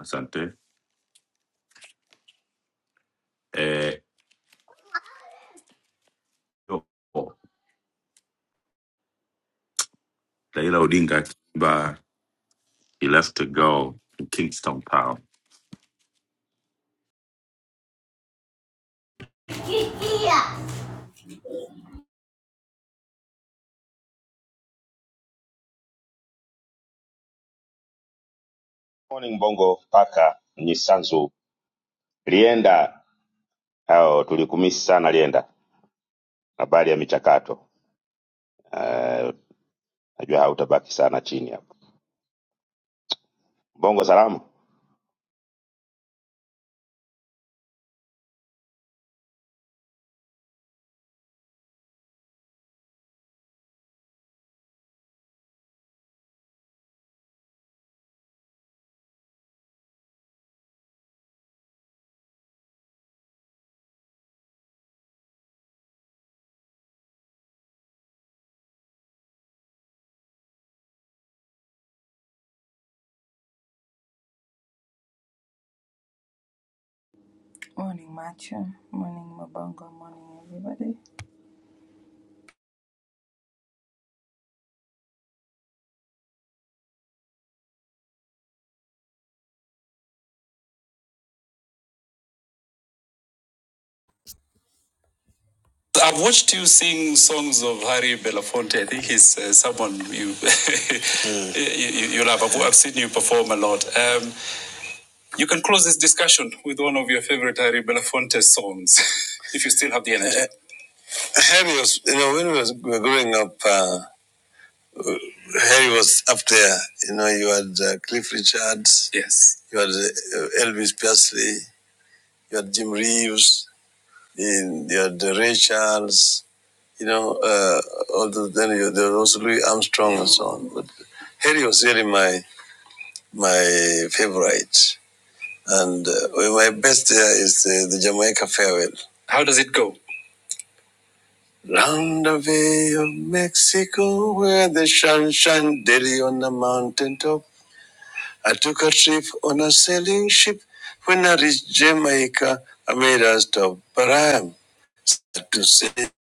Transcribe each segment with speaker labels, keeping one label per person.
Speaker 1: Asante. Eh, yo, Raila Odinga Akiba, he left to go to Kingston Town.
Speaker 2: morning bongo paka nyisanzu lienda hao tulikumisi sana lienda habari ya michakato Eh, najua hautabaki sana chini hapo bongo salamu
Speaker 3: Morning, Matcha. Morning, Mabongo. Morning, everybody.
Speaker 1: I've watched you sing songs of Harry Belafonte. I think he's uh, someone you, Mm. you, you you love. I've, I've seen you perform a lot. Um, you can close this discussion with one of your favorite Harry Belafonte songs, if you still have the energy. Uh, Harry was, you know, when we was- we were growing up. uh, Harry was up there. You know, you had uh, Cliff Richards. Yes. You had uh, Elvis Presley. You had Jim Reeves. You had uh, Ray Charles. You know, uh, all the, then you, there was also Louis Armstrong and so on. But Harry was really my my favorite. And uh, well, my best there is uh, the Jamaica Farewell. How does it go? Round the Bay of Mexico, where the sun shines daily on the mountain top. I took a trip on a sailing ship. When I reached Jamaica, I made a stop, but I am to sail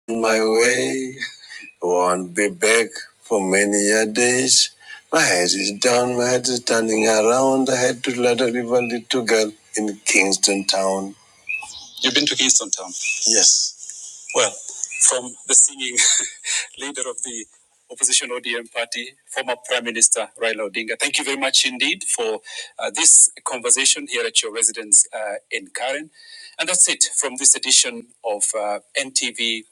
Speaker 1: my way. Won't be back for many a days. My head is down, my head is turning around. I had to let a little girl in Kingston Town. You've been to Kingston Town? Yes. Well, from the singing leader of the opposition ODM party, former Prime Minister Raila Odinga. Thank you very much indeed for uh, this conversation here at your residence uh, in Karen. And that's it from this edition of uh, NTV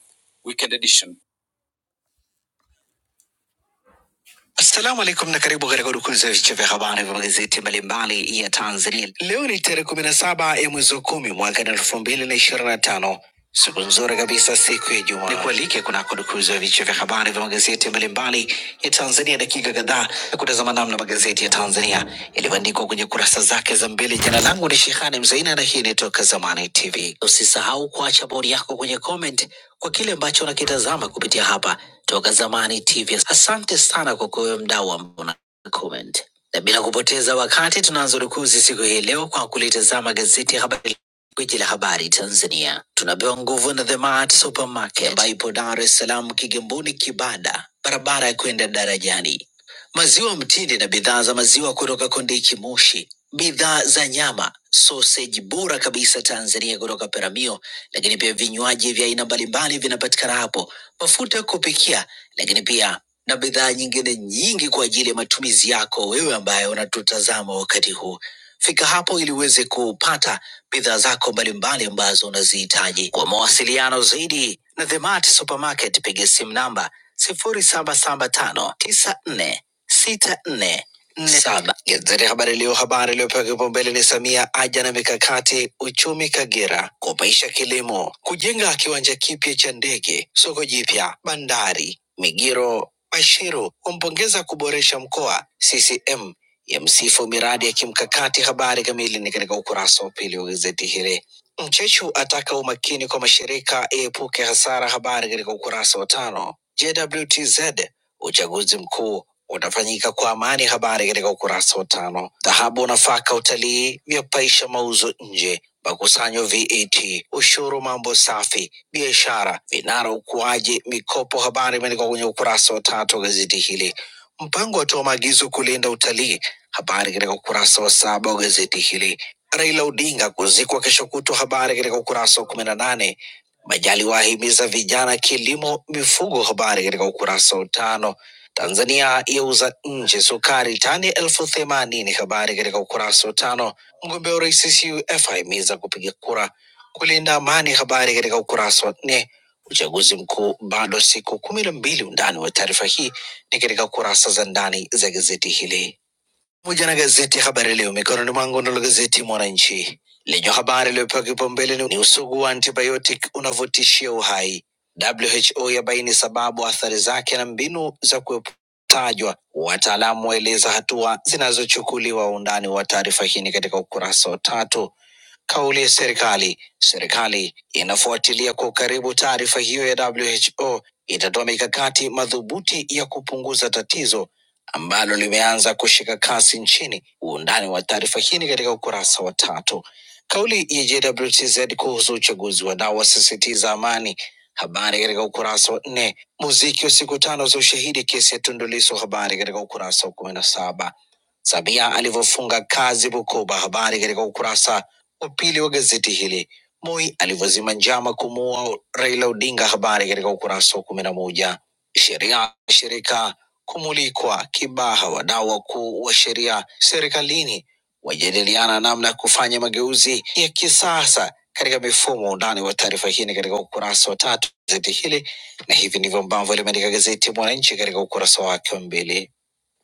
Speaker 1: Weekend Edition. Assalamu alaikum na karibu katika udukuzi ya vichwa vya habari vya magazeti mbalimbali ya Tanzania. Leo ni tarehe kumi na saba ya mwezi wa kumi mwaka elfu mbili na ishirini na tano. Siku nzuri kabisa, siku ya Ijumaa. Nikualike kunako dukuzi ya vichwa vya habari vya magazeti mbalimbali ya Tanzania, dakika kadhaa ya kutazama namna magazeti ya Tanzania yalivyoandikwa kwenye kurasa zake za mbele. Jina langu ni Shehani Mzaina na hii ni Toka Zamani TV hivi. Usisahau kuacha bodi yako kwenye comment kwa kile ambacho unakitazama kupitia hapa Toka Zamani TV. Asante sana kwa kuwe mdau ambao una comment, na bila kupoteza wakati tunaanza rukuzi siku hii leo kwa kulitazama gazeti ya Habari Gwiji la habari Tanzania tunapewa nguvu na The Mart Supermarket ambayo ipo Dar es Salaam, Kigamboni, Kibada, barabara ya kwenda darajani maziwa mtindi na bidhaa za maziwa kutoka Kondiki Moshi, bidhaa za nyama, soseji bora kabisa Tanzania kutoka Peramio, lakini pia vinywaji vya aina mbalimbali vinapatikana hapo, mafuta ya kupikia, lakini pia na bidhaa nyingine nyingi kwa ajili ya matumizi yako wewe ambaye unatutazama wakati huu. Fika hapo ili uweze kupata bidhaa zako mbalimbali ambazo unazihitaji. Kwa mawasiliano zaidi na The Mart Supermarket, piga simu namba sifuri saba saba tano tisa nne sita nne nne saba. Gazeti Habari Leo, habari iliyopewa kipaumbele ni Samia aja na mikakati uchumi Kagera, kupaisha kilimo, kujenga kiwanja kipya cha ndege, soko jipya, bandari Migiro. Bashiru wampongeza kuboresha mkoa. CCM ya msifu miradi ya kimkakati. Habari kamili ni katika ukurasa wa pili wa gazeti hili. Mchechu ataka umakini kwa mashirika iepuke hasara. Habari katika ukurasa wa tano. JWTZ uchaguzi mkuu utafanyika kwa amani. Habari katika ukurasa wa tano. Dhahabu, nafaka, utalii vyapaisha mauzo nje. Makusanyo VAT, ushuru, mambo safi, biashara, vinara ukuaji, mikopo. Habari imeandikwa kwenye ukurasa wa tatu wa gazeti hili. Mpango watoa maagizo kulinda utalii, habari katika ukurasa wa saba wa gazeti hili. Raila Odinga kuzikwa kesho kutwa, habari katika ukurasa wa kumi na nane. Majaliwa ahimiza vijana kilimo, mifugo, habari katika ukurasa wa tano. Tanzania yauza nje sukari tani elfu themanini, habari katika ukurasa wa tano. Mgombea urais CUF ahimiza kupiga kura kulinda amani, habari katika ukurasa wa nne uchaguzi mkuu bado siku kumi na mbili. Undani wa taarifa hii ni katika kurasa za ndani za gazeti hili pamoja na gazeti ya Habari Leo mikononi mwangu, nalo gazeti Mwananchi lenye habari iliyopewa kipaumbele ni ni usugu wa antibiotic unavyotishia uhai. WHO yabaini sababu, athari zake na mbinu za kueputajwa. Wataalamu waeleza hatua zinazochukuliwa. Undani wa taarifa hii ni katika ukurasa wa tatu. Kauli ya serikali: serikali inafuatilia kwa ukaribu taarifa hiyo ya WHO, itatoa mikakati madhubuti ya kupunguza tatizo ambalo limeanza kushika kasi nchini. Uundani wa taarifa hii ni katika ukurasa wa tatu. Kauli ya JWTZ kuhusu uchaguzi wanaowasisitiza amani, habari katika ukurasa wa nne. Muziki wa siku tano za ushahidi kesi ya Tundu Lissu, habari katika ukurasa wa kumi na saba. Samia alivyofunga kazi Bukoba, habari katika ukurasa wa pili wa gazeti hili. Moi alivyozima njama kumuua Raila Odinga, habari katika ukurasa wa kumi na moja sheria shirika kumulikwa Kibaha. Wadau wakuu wa sheria serikalini wajadiliana namna ya kufanya mageuzi ya kisasa katika mifumo. Undani wa taarifa hii ni katika ukurasa wa tatu wa gazeti hili, na hivi ndivyo ambavyo limeandika gazeti Mwananchi katika ukurasa wake wa mbele.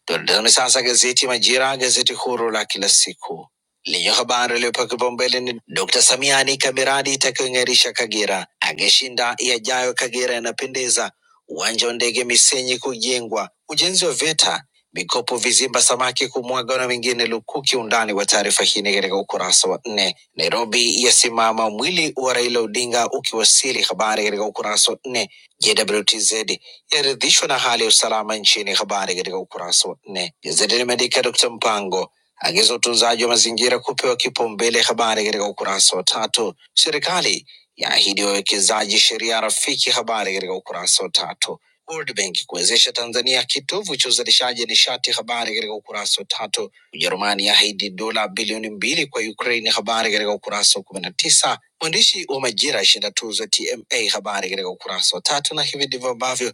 Speaker 1: Tuendeni sasa gazeti Majira, gazeti huru la kila siku lenye habari iliyopewa kipaumbele ni Dkt. Samia anika miradi itakayong'arisha Kagera, angeshinda yajayo Kagera yanapendeza, uwanja wa ndege Misenyi kujengwa, ujenzi wa VETA, mikopo vizimba samaki kumwaga na mengine lukuki. Undani wa taarifa hii ni katika ukurasa wa nne. Nairobi yasimama mwili wa Raila Odinga ukiwasili, habari katika ukurasa wa nne. JWTZ yaridhishwa na hali ya usalama nchini. Habari katika ukurasa wa nne. Gazeti limeandika Dkt. Mpango agiza utunzaji wa mazingira kupewa kipaumbele. Habari katika ukurasa wa tatu. Serikali yaahidi wawekezaji sheria rafiki. Habari katika ukurasa wa tatu. World Bank kuwezesha Tanzania kitovu cha uzalishaji nishati. Habari katika ukurasa wa tatu. Ujerumani yaahidi dola bilioni mbili kwa Ukraine. Habari katika ukurasa wa kumi na tisa. Mwandishi wa Majira ashinda tuzo ya TMA. Habari katika ukurasa wa tatu, na hivi ndivyo ambavyo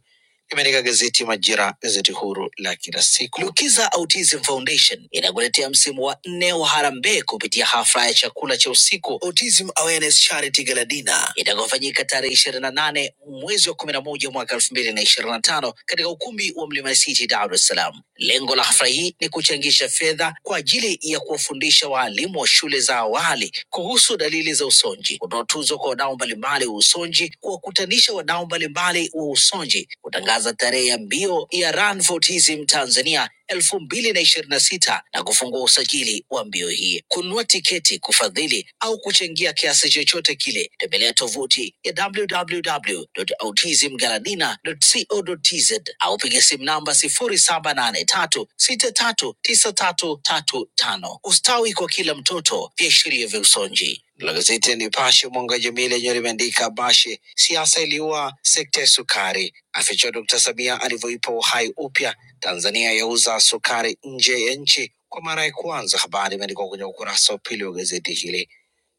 Speaker 1: Limeandika gazeti Majira, gazeti huru la kila siku. Lukiza Autism Foundation inakuletea msimu wa nne wa harambee kupitia hafla ya chakula cha usiku Autism Awareness Charity Gala Dinner itakayofanyika tarehe ishirini na nane mwezi wa kumi na moja mwaka elfu mbili na ishirini na tano katika ukumbi wa Mlima City, Dar es Salaam. Lengo la hafla hii ni kuchangisha fedha kwa ajili ya kuwafundisha waalimu wa shule za awali awali kuhusu dalili za usonji, kutoa tuzo kwa wadau mbalimbali wa usonji, kuwakutanisha wadau mbalimbali wa usonji, kutangaza tarehe ya mbio ya Run for Autism Tanzania elfu mbili na ishirini na sita na kufungua usajili wa mbio hii. Kununua tiketi, kufadhili au kuchangia kiasi chochote kile, tembelea tovuti ya www.autismgaladina.co.tz Limited au piga simu namba sifuri saba nane tatu sita tatu tisa tatu tatu tano. Ustawi kwa kila mtoto, viashiria vya usonji. La gazeti ya Nipashe mwanga wa jamii lenyewe limeandika Bashe, siasa iliua sekta ya sukari, afichwa Dkt Samia alivyoipa uhai upya. Tanzania yauza sukari nje ya nchi kwa mara ya kwanza. Habari imeandikwa kwenye ukurasa wa pili wa gazeti hili.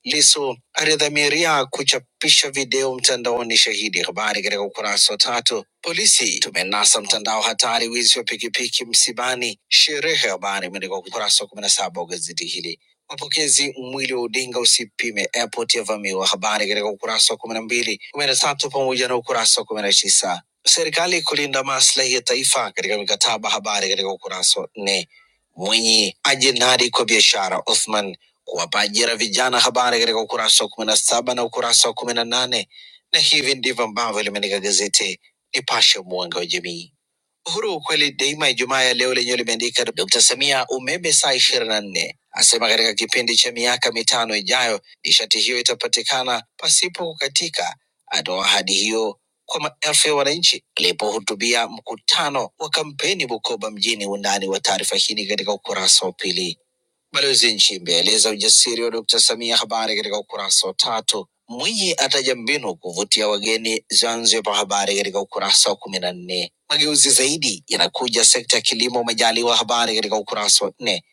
Speaker 1: Lissu alidhamiria kuchapisha video mtandaoni. Shahidi habari katika ukurasa wa tatu. Polisi tumenasa mtandao hatari, wizi wa pikipiki msibani, sherehe. Habari imeandikwa ukurasa wa kumi na saba wa gazeti hili. Mapokezi, mwili wa Odinga usipime, airport yavamiwa. Habari katika ukurasa wa kumi na mbili, kumi na tatu pamoja na ukurasa wa kumi na tisa. Serikali kulinda maslahi ya taifa katika mikataba. Habari katika ukurasa wa nne. Mwenye ajinadi kwa biashara Othman kuwapa ajira vijana, habari katika ukurasa wa kumi na saba na ukurasa wa kumi na nane na hivi ndivyo ambavyo limeandika gazeti Nipashe, mwanga wa jamii. Uhuru kweli daima, Ijumaa ya leo lenyewe limeandika Dkt. Samia umeme saa ishirini na nne asema katika kipindi cha miaka mitano ijayo nishati hiyo itapatikana pasipo kukatika. Atoa ahadi hiyo kwa maelfu ya wananchi alipohutubia mkutano wa kampeni Bukoba mjini. Undani wa taarifa hii ni katika ukurasa wa pili. Balozi Nchimbi aeleza ujasiri wa Dkt. Samia, habari katika ukurasa wa tatu. Mwinyi ataja mbinu kuvutia wageni Zanzibar, habari katika ukurasa wa kumi na nne. Mageuzi zaidi yanakuja sekta ya kilimo, Majaliwa, habari katika ukurasa wa nne.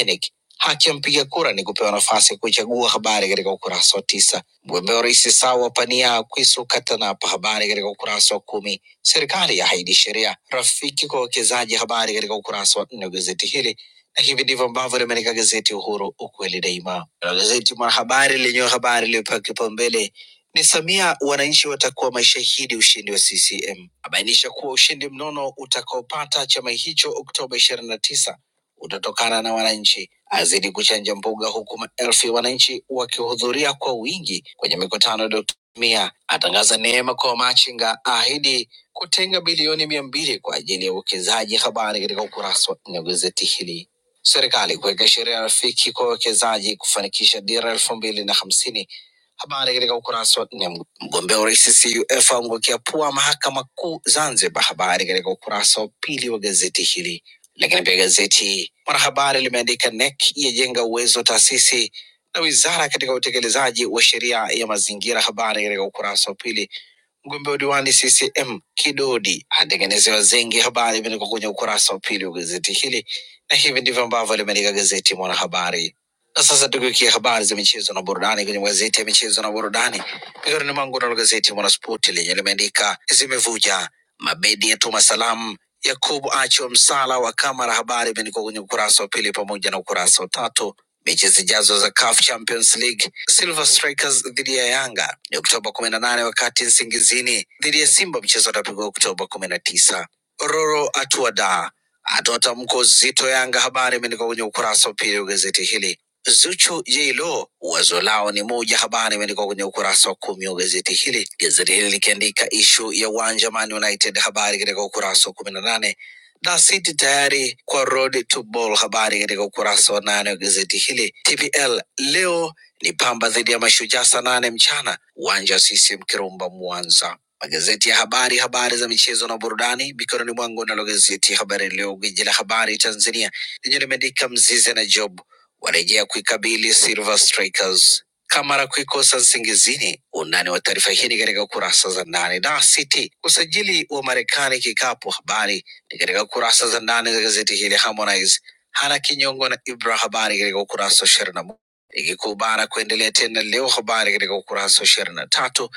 Speaker 1: INEC, haki ya mpiga kura ni kupewa nafasi ya kuchagua, habari katika ukurasa wa tisa. Mgombea wa urais sawa pania Kwisu Katanapa, habari katika ukurasa wa kumi. Serikali yahaidi sheria rafiki kwa wawekezaji, habari katika ukurasa wa nne wa gazeti hili na hivi ndivyo ambavyo limeandika gazeti Uhuru, ukweli daima. Na gazeti Mwanahabari lenyewe habari iliyopewa kipaumbele ni Samia, wananchi watakuwa mashahidi ushindi wa CCM, abainisha kuwa ushindi mnono utakaopata chama hicho Oktoba ishirini na tisa utatokana na wananchi, azidi kuchanja mbuga, huku maelfu ya wananchi wakihudhuria kwa wingi kwenye mikutano ya Dkt. Samia, atangaza neema kwa wamachinga, ahidi kutenga bilioni mia mbili kwa ajili ya uwekezaji. Habari katika ukurasa wa nne wa gazeti hili Serikali kuweka sheria rafiki kwa wawekezaji kufanikisha dira elfu mbili na hamsini. Habari katika ukurasa wa nne. Mgombea urais CUF aangukia pua mahakama kuu Zanzibar. Habari katika ukurasa wa pili wa gazeti hili. Lakini pia gazeti Mwanahabari limeandika NEC yajenga uwezo wa taasisi na wizara katika utekelezaji wa sheria ya mazingira. Habari katika ukurasa wa pili Mgombea udiwani CCM Kidodi atengenezewa zengi. Habari imeandikwa kwenye ukurasa wa pili wa gazeti hili, na hivi ndivyo ambavyo limeandika gazeti Mwanahabari. Na sasa tugeukia habari za michezo na burudani kwenye magazeti ya michezo na burudani. Mikononi mwangu nalo gazeti Mwanaspoti lenye limeandika zimevuja, mabedi yatuma salamu, Yakubu achwa msala wa Kamara. Habari imeandikwa kwenye ukurasa wa pili pamoja na ukurasa wa tatu. Mechi zijazo za CAF Champions League, Silver Strikers dhidi ya Yanga ni Oktoba kumi na nane, wakati Nsingizini dhidi ya Simba mchezo utapigwa Oktoba kumi na tisa. Roro Atuada atoa tamko zito Yanga. Habari imeandikwa kwenye ukurasa wa pili wa gazeti hili. Zuchu Jilo wazo lao ni moja, habari imeandikwa kwenye ukurasa wa kumi wa gazeti hili. Gazeti hili likiandika ishu ya uwanja Man United, habari katika ukurasa wa kumi na nane na City tayari kwa road to ball, habari katika ukurasa wa nane wa gazeti hili. TPL leo ni Pamba dhidi ya Mashujaa saa nane mchana, uwanja wa CCM Kirumba, Mwanza. Magazeti ya habari, habari za michezo na burudani mikononi mwangu, nalo gazeti Habari Leo, gwiji la habari Tanzania, lenye limeandika Mzize na Job warejea kuikabili Silver Strikers. Kamara kuikosa nsingizini. Undani wa taarifa hii ni katika kurasa za ndani. Na City usajili wa Marekani kikapu, habari ni katika kurasa za ndani za gazeti hili. Harmonize hana kinyongo na Ibra, habari katika ukurasa wa 21. Ligi kuu bara kuendelea tena leo, habari katika ukurasa wa ishirini na tatu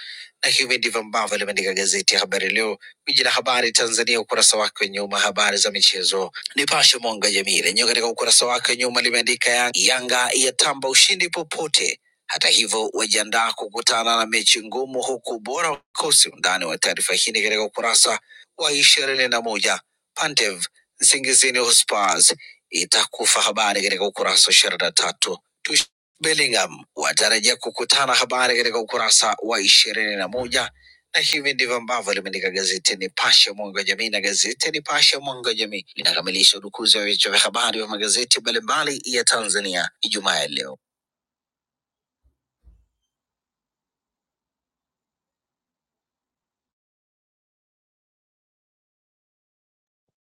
Speaker 1: na hivi ndivyo ambavyo limeandika gazeti ya Habari Leo, gwiji la habari Tanzania, ukurasa wake wa nyuma, habari za michezo. Nipashe Mwanga wa Jamii lenyewe katika ukurasa wake wa nyuma limeandika ya Yanga yatamba ushindi popote. Hata hivyo wajiandaa kukutana na mechi ngumu, huku ubora ukosi. Undani wa taarifa hii ni katika ukurasa wa ishirini na moja. Pantev Nsingizini Hotspurs itakufa, habari katika ukurasa wa ishirini na tatu. Bellingham watarajia kukutana, habari katika ukurasa wa ishirini na moja na hivi ndivyo ambavyo limeandika gazeti Nipashe mwanga wa jamii, na gazeti Nipashe mwanga wa jamii linakamilisha udukuzi wa vichwa vya habari vya magazeti mbalimbali ya Tanzania Ijumaa ya leo.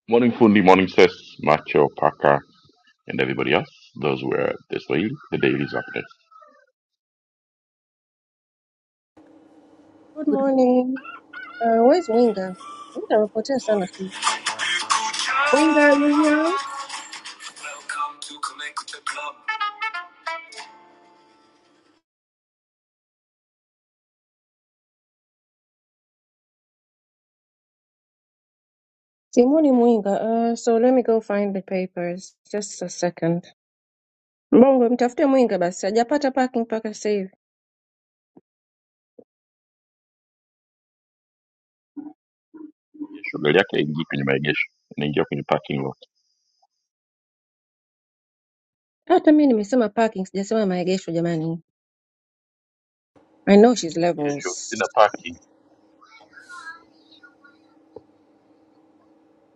Speaker 4: Morning, Fundi. Morning, Sis, Macho, Paka, and everybody else. Those were the Swahili, the dailies of this.
Speaker 5: Good morning. Uh, where's Winga? Nitawapotea sana siku hizi. Winga, are you here?
Speaker 3: Welcome to Kumekucha Club.
Speaker 5: Simoni Mwinga. Uh, so let me go find the papers. Just a second. Mbongo, mtafute Mwinga basi. Hajapata parking mpaka sasa hivi.
Speaker 4: Kesho gari yake haingii kwenye maegesho, inaingia kwenye parking lot.
Speaker 5: Hata mimi nimesema parking, sijasema maegesho jamani. I know she's
Speaker 4: Kesho
Speaker 5: levels.
Speaker 4: sina parking.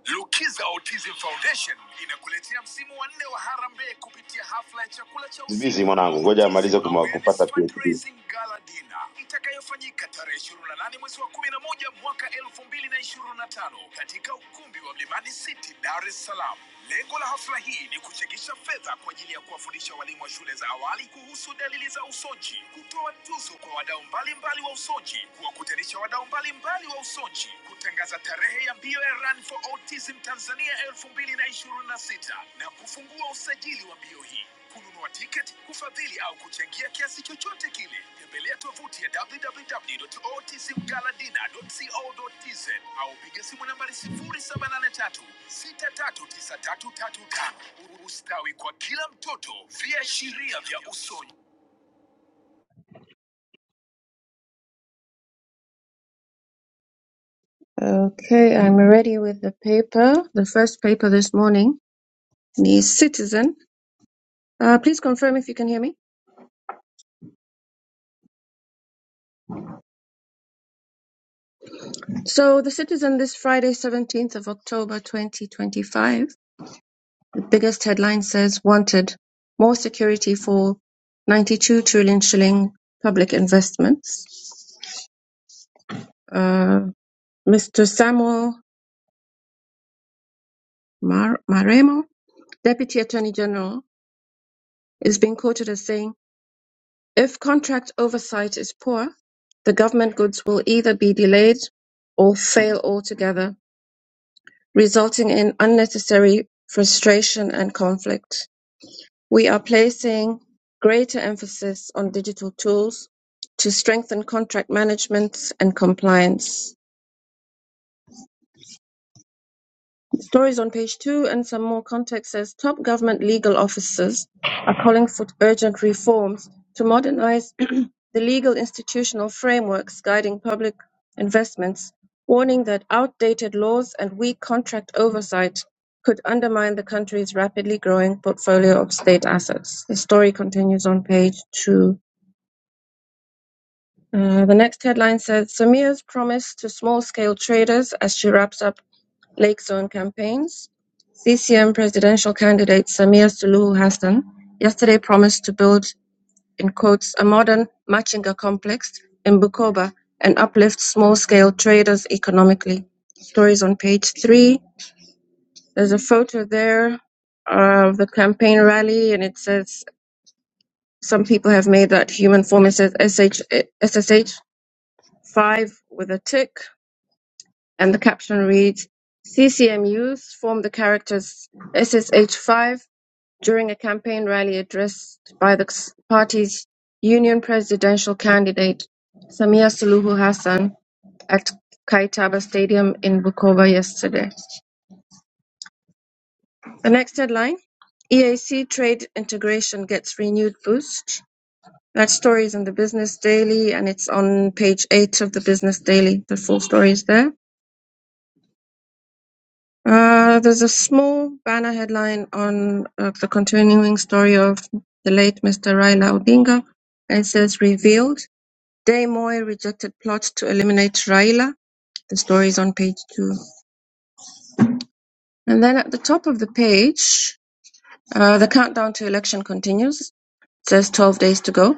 Speaker 3: Lukiza Autism Foundation inakuletea msimu wa nne wa harambee kupitia hafla ya chakula cha
Speaker 2: bizi
Speaker 3: usiku
Speaker 2: mwanangu ngoja
Speaker 3: Autism
Speaker 2: amalize kuma- kupata
Speaker 3: Awareness
Speaker 2: PhD.
Speaker 3: Fundraising Gala Dinner itakayofanyika tarehe 28 mwezi wa 11 mwaka 2025 katika ukumbi wa Mlimani City, Dar es Salaam. Lengo la hafla hii ni kuchangisha fedha kwa ajili ya kuwafundisha walimu wa shule za awali kuhusu dalili za usonji, kutoa tuzo kwa wadau mbalimbali wa usonji, kuwakutanisha wadau mbalimbali wa usonji, kutangaza tarehe ya mbio ya Run for Autism Tanzania 2026 na ishirini na sita na kufungua usajili wa mbio hii. Kununua tiketi, kufadhili au kuchangia kiasi chochote kile Tembelea tovuti ya www.otismgaladina.co.tz au piga simu nambari 0783 6393335. Ustawi kwa kila mtoto, viashiria vya usoni.
Speaker 5: Okay, I'm ready with the paper. The first paper this morning the Citizen. Uh, please confirm if you can hear me. So, the Citizen this Friday, 17th of October 2025 biggest headline says "Wanted: More security for 92 trillion shilling public investments." Uh, Mr. Samuel Mar- Maremo, Deputy Attorney General, is being quoted as saying, "If contract oversight is poor, the government goods will either be delayed or fail altogether, resulting in unnecessary frustration and conflict." We are placing greater emphasis on digital tools to strengthen contract management and compliance. The Stories on page two and some more context says top government legal officers are calling for urgent reforms to modernize the legal institutional frameworks guiding public investments, warning that outdated laws and weak contract oversight could undermine the country's rapidly growing portfolio of state assets. The story continues on page two. Uh, the next headline says Samia's promise to small scale traders as she wraps up Lake Zone campaigns. CCM presidential candidate Samia Suluhu Hassan yesterday promised to build, in quotes, a modern Machinga complex in Bukoba and uplift small scale traders economically. Stories on page three. There's a photo there of the campaign rally, and it says some people have made that human form. It says SH, SSH five with a tick, and the caption reads, CCM youth formed the characters SSH5 during a campaign rally addressed by the s- party's union presidential candidate Samia Suluhu Hassan at Kaitaba Stadium in Bukova yesterday. The next headline, EAC trade integration gets renewed boost. That story is in the Business Daily and it's on page eight of the Business Daily. The full story is there. Uh, there's a small banner headline on uh, the continuing story of the late Mr. Raila Odinga, and it says revealed. Day Moy rejected plot to eliminate Raila. The story is on page two. And then at the top of the page, uh, the countdown to election continues. It says 12 days to go.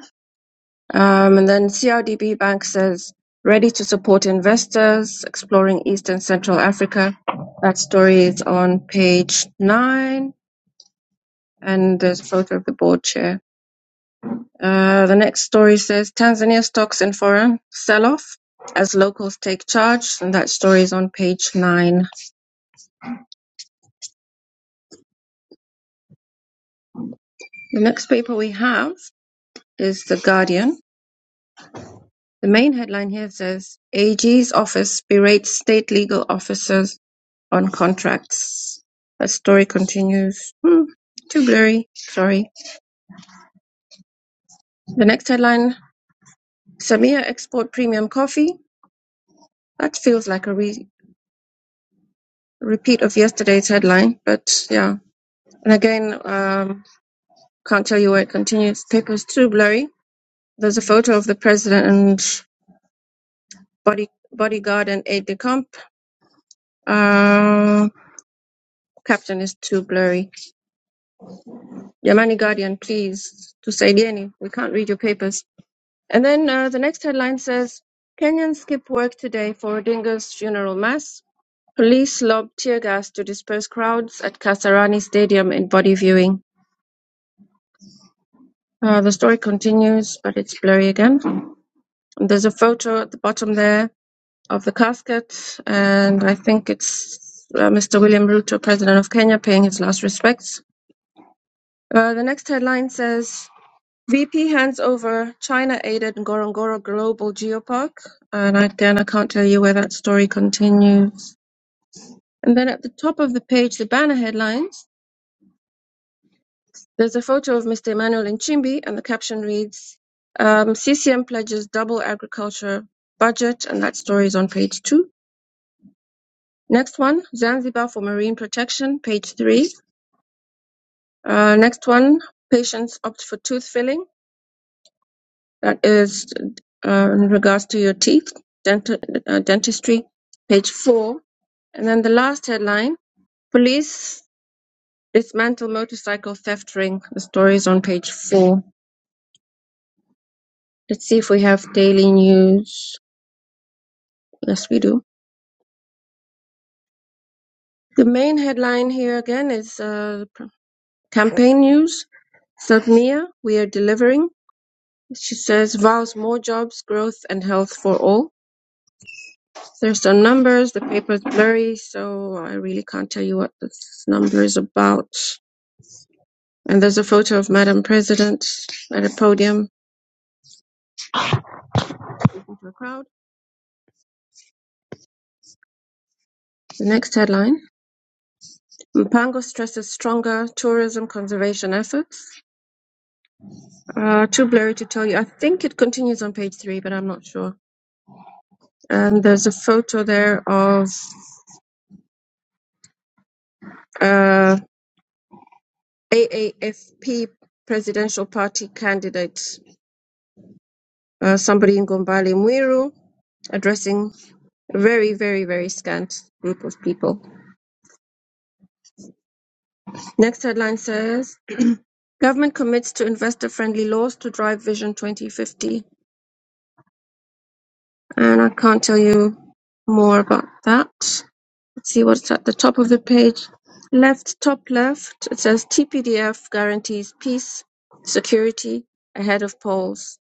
Speaker 5: Um, and then CRDB Bank says ready to support investors exploring East and Central Africa. That story is on page nine. and there's a photo of the board chair. Uh, the next story says Tanzania stocks in foreign sell off as locals take charge, and that story is on page nine. The next paper we have is The Guardian. The main headline here says AG's office berates state legal officers on contracts. That story continues. Hmm, too blurry. Sorry. The next headline Samia export premium coffee. That feels like a re- repeat of yesterday's headline, but yeah And again, um, can't tell you where it continues. Papers too blurry. There's a photo of the president and body bodyguard and aide de camp. Uh, captain is too blurry. Yamani Guardian, please, to Saidieni, we can't read your papers. And then uh, the next headline says Kenyans skip work today for Odinga's funeral mass. Police lob tear gas to disperse crowds at Kasarani Stadium in body viewing. Uh, the story continues, but it's blurry again. And there's a photo at the bottom there of the casket, and I think it's uh, Mr. William Ruto, President of Kenya, paying his last respects. Uh, the next headline says VP hands over China aided Ngorongoro Global Geopark. And again, I can't tell you where that story continues. And then at the top of the page, the banner headlines, there's a photo of Mr. Emmanuel Nchimbi, and the caption reads um, CCM pledges double agriculture budget, and that story is on page two. Next one, Zanzibar for Marine Protection, page three. Uh, next one, patients opt for tooth filling. That is uh, in regards to your teeth, dental, uh, dentistry, page four. And then the last headline, police dismantle motorcycle theft ring. The story is on page four. Let's see if we have daily news. Yes, we do. The main headline here again is uh, campaign news. South Mia, we are delivering. She says vows more jobs, growth, and health for all. There's some numbers. The paper's blurry, so I really can't tell you what this number is about. And there's a photo of Madam President at a podium talking to a crowd. The next headline: Mpango stresses stronger tourism conservation efforts. Uh, too blurry to tell you. I think it continues on page three, but I'm not sure. And there's a photo there of uh, AAFP presidential party candidate uh, somebody in Gombale Muiru addressing a very, very, very scant group of people. Next headline says Government commits to investor friendly laws to drive Vision 2050. And I can't tell you more about that. Let's see what's at the top of the page. Left, top left, it says TPDF guarantees peace, security ahead of polls.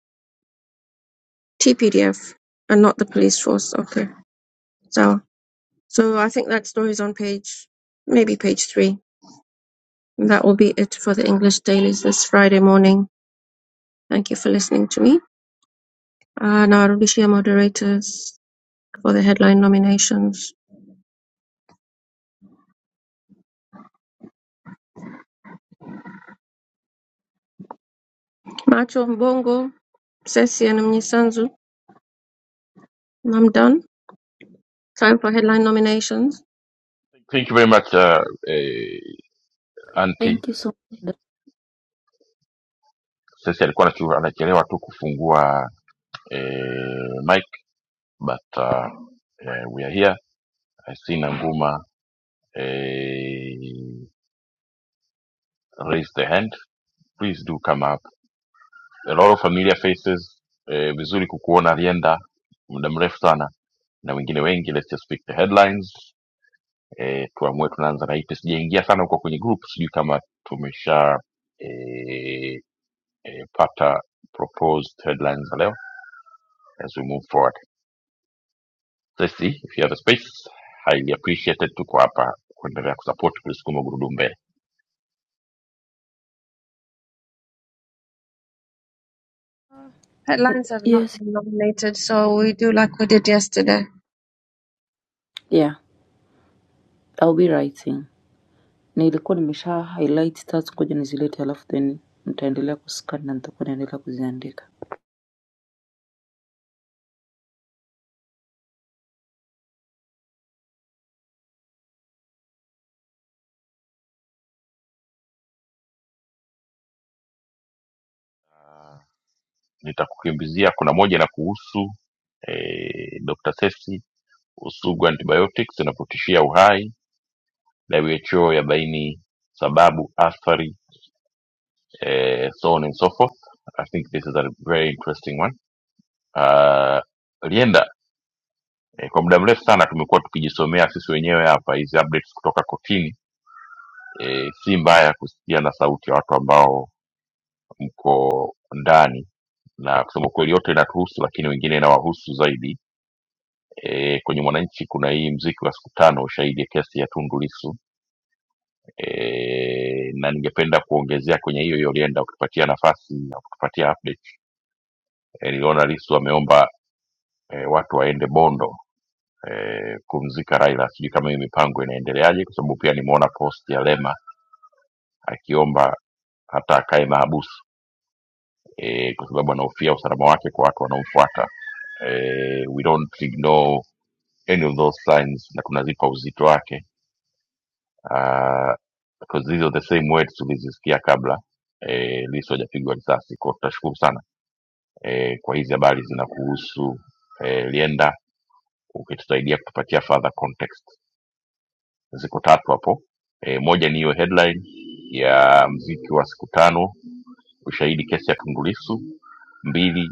Speaker 5: TPDF and not the police force. Okay. So So I think that story's on page, maybe page three. And that will be it for the English dailies this Friday morning. Thank you for listening to me. Uh, now I'll be share moderators for the headline nominations. Macho Mbongo, Sesi and Mnisanzu. And I'm done. Time for headline nominations.
Speaker 4: Thank you very much uh, eh, auntie.
Speaker 6: Thank you so much.
Speaker 4: Sisi alikuwa anachu- anachelewa tu kufungua eh, mic but uh, eh, we are here. I see Nanguma eh, raise the hand. Please do come up a lot of familiar faces eh, vizuri kukuona alienda muda mrefu sana na wengine wengi let's just pick the headlines eh, tuamue tunaanza na ipi sijaingia sana huko kwenye group sijui kama tumesha eh, eh, pata proposed headlines za leo as we move forward let's see if you have a space highly appreciated tuko hapa kuendelea kusupport kulisukuma gurudumu mbele
Speaker 5: Headlines have not
Speaker 6: Yes.
Speaker 5: been nominated, so we do like we did yesterday.
Speaker 6: Yeah, I'll be writing. Nilikuwa nimesha highlight stats ngoja nizilete alafu then nitaendelea kuscan na nitakuwa naendelea kuziandika.
Speaker 4: Ah, nitakukimbizia kuna moja na kuhusu eh, dr sesi usugu antibiotics inapotishia uhai WHO yabaini sababu, athari, eh, so on and so forth. I think this is a very interesting one. Uh, Lienda, eh, kwa muda mrefu sana tumekuwa tukijisomea sisi wenyewe hapa hizi updates kutoka kotini. Eh, si mbaya kusikia na sauti ya watu ambao mko ndani na kusema kweli yote inatuhusu, lakini wengine inawahusu zaidi. E, kwenye Mwananchi kuna hii mziki wa siku tano, ushahidi ya kesi ya Tundu Lissu e, na ningependa kuongezea kwenye hiyo hiyo Lienda, ukipatia nafasi na ukipatia update e, niliona Lissu ameomba e, watu waende Bondo e, kumzika Raila. Sijui kama hiyo mipango inaendeleaje, kwa sababu pia nimeona post ya Lema akiomba hata akae mahabusu e, kwa sababu anahofia usalama wake kwa watu wanaomfuata. E, we don't ignore any of those signs, na tunazipa uzito wake uh, because these are the same words tulizisikia kabla eh, Lissu hajapigwa risasi. Kwa hiyo tutashukuru sana eh, kwa hizi habari zinakuhusu eh, Lienda, ukitusaidia kutupatia further context. Ziko tatu hapo eh, moja ni hiyo headline ya mziki wa siku tano ushahidi kesi ya Tundu Lissu, mbili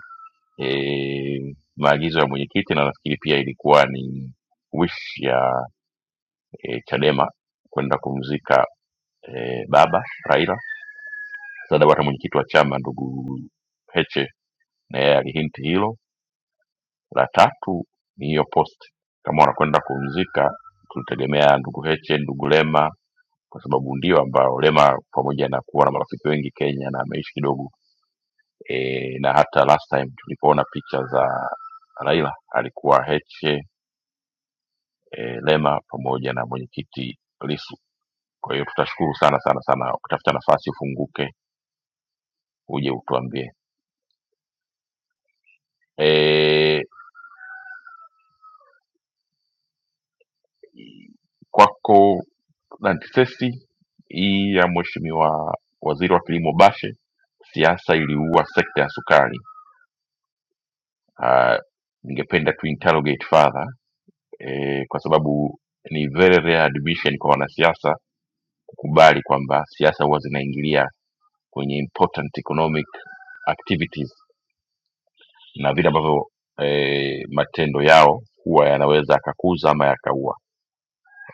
Speaker 4: e, maagizo ya mwenyekiti na nafikiri pia ilikuwa ni wish ya e, Chadema kwenda kumzika eh, baba Raila. Sasa hata mwenyekiti wa chama ndugu Heche na yeye alihinti hilo. La tatu ni hiyo post, kama wanakwenda kumzika, tulitegemea ndugu Heche, ndugu Lema, kwa sababu ndio ambao Lema pamoja na kuwa na marafiki wengi Kenya na ameishi kidogo e, na hata last time tulipoona picha za Raila alikuwa Heche e, Lema pamoja na mwenyekiti Lisu. Kwa hiyo tutashukuru sana sana sana, ukitafuta nafasi ufunguke uje utuambie. E, Kwako Dantessi, hii ya Mheshimiwa Waziri wa Kilimo Bashe, siasa iliua sekta ya sukari. Ah, Ningependa tu interrogate further eh, kwa sababu ni very rare admission kwa wanasiasa kukubali kwamba siasa huwa zinaingilia kwenye important economic activities na vile ambavyo eh, matendo yao huwa yanaweza yakakuza ama yakaua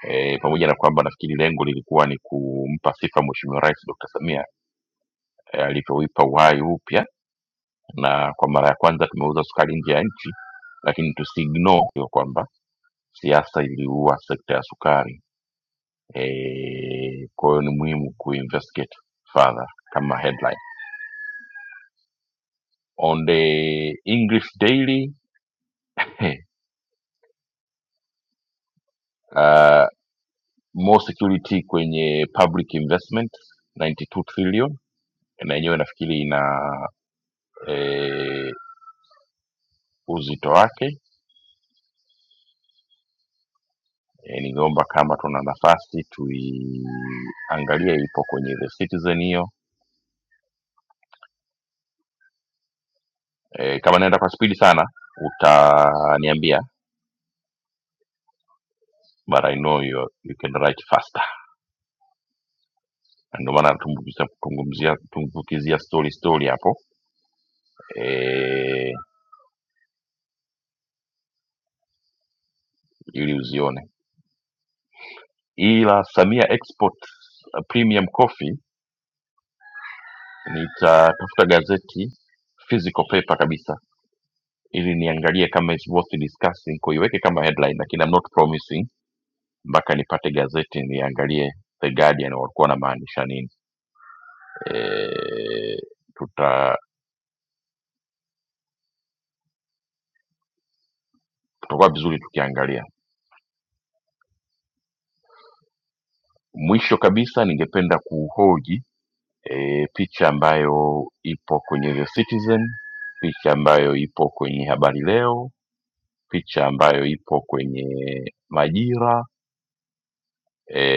Speaker 4: eh, pamoja na kwamba nafikiri lengo lilikuwa ni kumpa sifa Mheshimiwa Rais Dr. Samia eh, alivyouipa uhai upya, na kwa mara ya kwanza tumeuza sukari nje ya nchi, lakini tusiignore hiyo kwamba siasa iliua sekta ya sukari. Eh, kwa hiyo ni muhimu kuinvestigate further kama headline on the English Daily eh, uh, more security kwenye public investment 92 trillion na yenyewe nafikiri ina eh, uzito wake E, ningeomba kama tuna nafasi tuiangalie, ipo kwenye the Citizen hiyo. E, kama naenda kwa spidi sana utaniambia, but I know you, you can write faster. Na Ndio maana tumbukiza- tungumzia- tumbukiza story story hapo e, ili uzione. Ila Samia Export uh, Premium Coffee nitatafuta gazeti physical paper kabisa ili niangalie kama is worth discussing, kuiweke kama headline, lakini I'm not promising mpaka nipate gazeti niangalie The Guardian walikuwa wanamaanisha nini. E, tuta tutakuwa vizuri tukiangalia. Mwisho kabisa, ningependa kuhoji e, picha ambayo ipo kwenye The Citizen, picha ambayo ipo kwenye Habari Leo, picha ambayo ipo kwenye Majira e,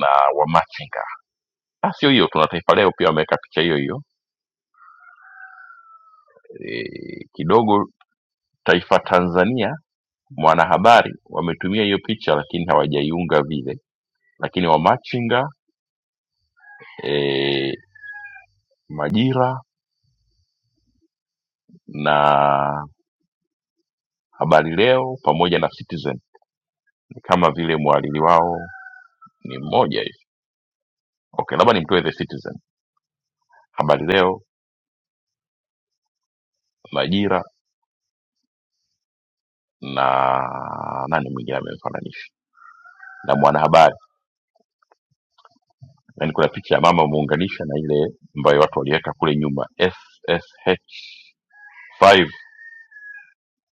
Speaker 4: na Wamachinga. Na sio hiyo, tuna Taifa Leo pia wameweka picha hiyo hiyo e, kidogo Taifa Tanzania mwanahabari wametumia hiyo picha lakini hawajaiunga vile lakini wamachinga e, majira na habari leo pamoja na citizen ni kama vile mhariri wao ni mmoja hivi okay labda nimtoe the citizen habari leo majira na nani mwingine amemfananisha na mwanahabari yani kuna picha ya mama ameunganisha na ile ambayo watu waliweka kule nyuma ssh5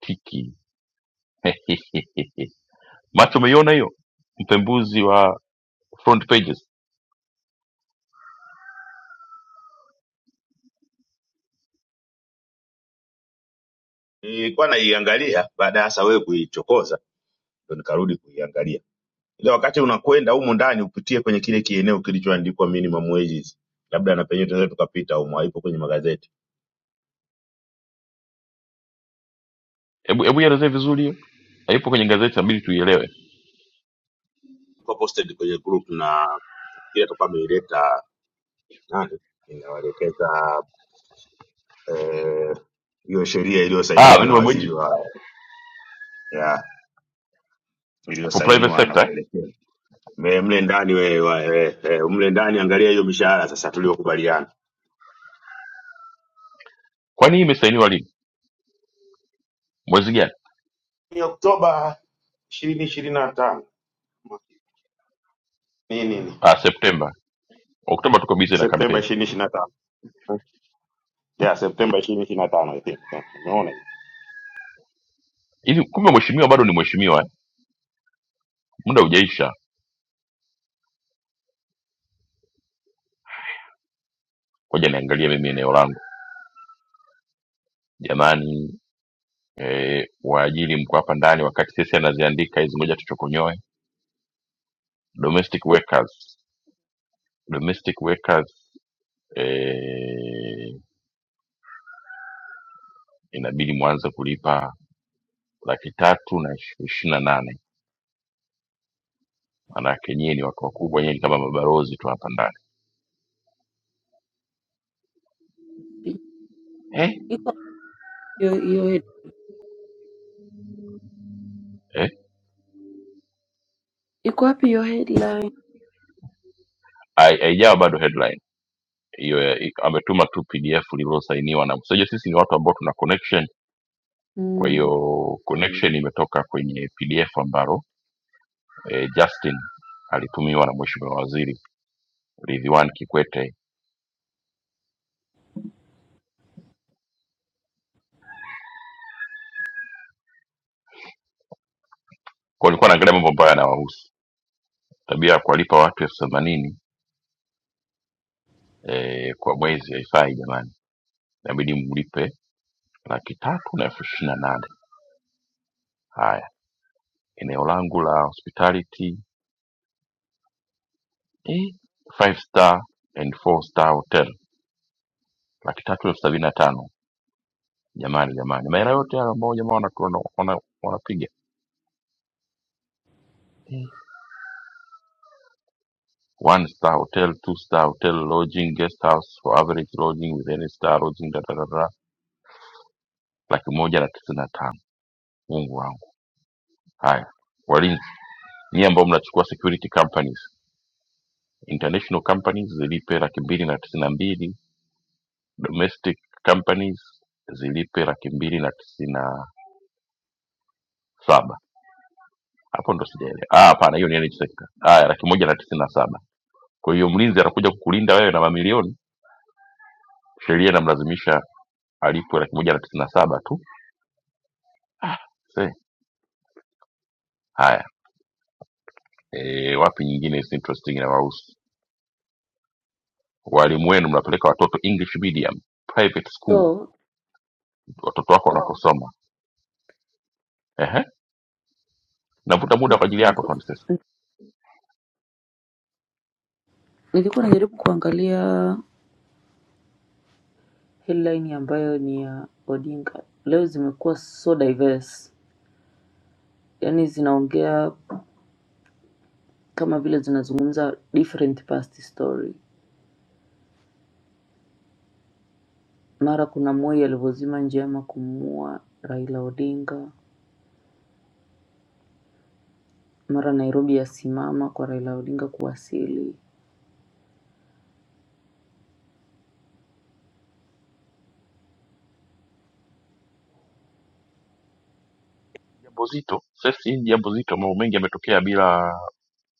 Speaker 4: tiki macho umeiona hiyo mpembuzi wa front pages
Speaker 2: nilikuwa naiangalia baada hasa wewe kuichokoza ndo nikarudi kuiangalia ile wakati unakwenda humu ndani upitie kwenye kile kieneo kilichoandikwa minimum wages labda na penyewe tunaweza tukapita humo haipo kwenye magazeti
Speaker 4: hebu hebu ielezee vizuri hiyo haipo kwenye gazeti inabidi tuielewe
Speaker 2: Ilikuwa posted kwenye group na nafikiri hata kama ileta nane inawaelekeza eh, hiyo sheria
Speaker 4: ah
Speaker 2: iliyosainiwa na
Speaker 4: minimum wage
Speaker 2: waziri wa ya
Speaker 4: for private
Speaker 2: iliyosainiwa na
Speaker 4: sector eh?
Speaker 2: kuelekea Me- mle ndani we, wa- eh, eh, mle ndani angalia hiyo mishahara sasa tuliyokubaliana
Speaker 4: kwani hii imesainiwa lini mwezi gani
Speaker 2: ni Oktoba ishirini ishirini na tano ni nini
Speaker 4: ah september oktoba tuko busy na
Speaker 2: Septemba
Speaker 4: kampeni
Speaker 2: ishirini ishirini na tano ya Septemba ishirini ishirini na tano I think. Yeah, umeona hiyo
Speaker 4: hivi kumbe mheshimiwa bado ni mheshimiwa eh? muda hujaisha ngoja niangalie mimi eneo langu jamani eh, waajiri mko hapa ndani wakati sisi anaziandika hizi ngoja tuchokonyoe domestic workers domestic workers eh, inabidi mwanze kulipa laki tatu na ishirini na nane manake nyie ni watu wakubwa, nyie ni kama mabalozi tu hapa ndani eh?
Speaker 6: Iko hiyo hiyo head.
Speaker 4: Eh?
Speaker 6: Iko wapi hiyo headline?
Speaker 4: Hai- Haijawa bado headline hiyo, ya- i- ametuma tu PDF lililosainiwa na mseja. Sisi ni watu ambao tuna connection, kwa hiyo
Speaker 6: Mm,
Speaker 4: connection imetoka kwenye PDF ambalo eh, Justin alitumiwa na Mheshimiwa Waziri Ridhiwani Kikwete. Kwa nilikuwa naangalia mambo ambayo yanawahusu, tabia ya kuwalipa watu elfu themanini eh, kwa mwezi haifai jamani, inabidi mlipe laki tatu na elfu ishirini na nane. Haya, eneo langu la hospitality eh, five star and four star hotel laki tatu elfu sabini na tano jamani jamani maeneo yote hayo ambao jamaa wanapiga wana, wana wanapiga. Eh. one star hotel two star hotel lodging guest house for average lodging with any star lodging da, da, da, da. laki moja na tisini na tano mungu wangu haya walinzi nyie ambao mnachukua security companies international companies zilipe laki mbili na tisini na mbili domestic companies zilipe laki mbili na tisini na saba hapo ndo sijaelewa. Ah, hapana, hiyo ni NHIF. Haya, laki moja na tisini na saba. Kwa hiyo mlinzi anakuja kukulinda wewe na mamilioni, sheria inamlazimisha alipwe laki moja na tisini na saba tu. See, haya e, wapi nyingine is interesting inawahusu walimu wenu, mnapeleka watoto English medium private school,
Speaker 6: so
Speaker 4: watoto wako wanakosoma. Ehe, navuta muda kwa ajili yako tu
Speaker 6: mfungo.
Speaker 4: Antipas.
Speaker 6: Nilikuwa najaribu kuangalia headline ambayo ni ya Odinga. Leo zimekuwa so diverse. Yaani zinaongea kama vile zinazungumza different past story. Mara kuna Moi alivyozima njama kumuua Raila Odinga, mara Nairobi yasimama kwa Raila Odinga kuwasili.
Speaker 4: Jambo zito sasa, hii ni jambo zito, mambo mengi yametokea bila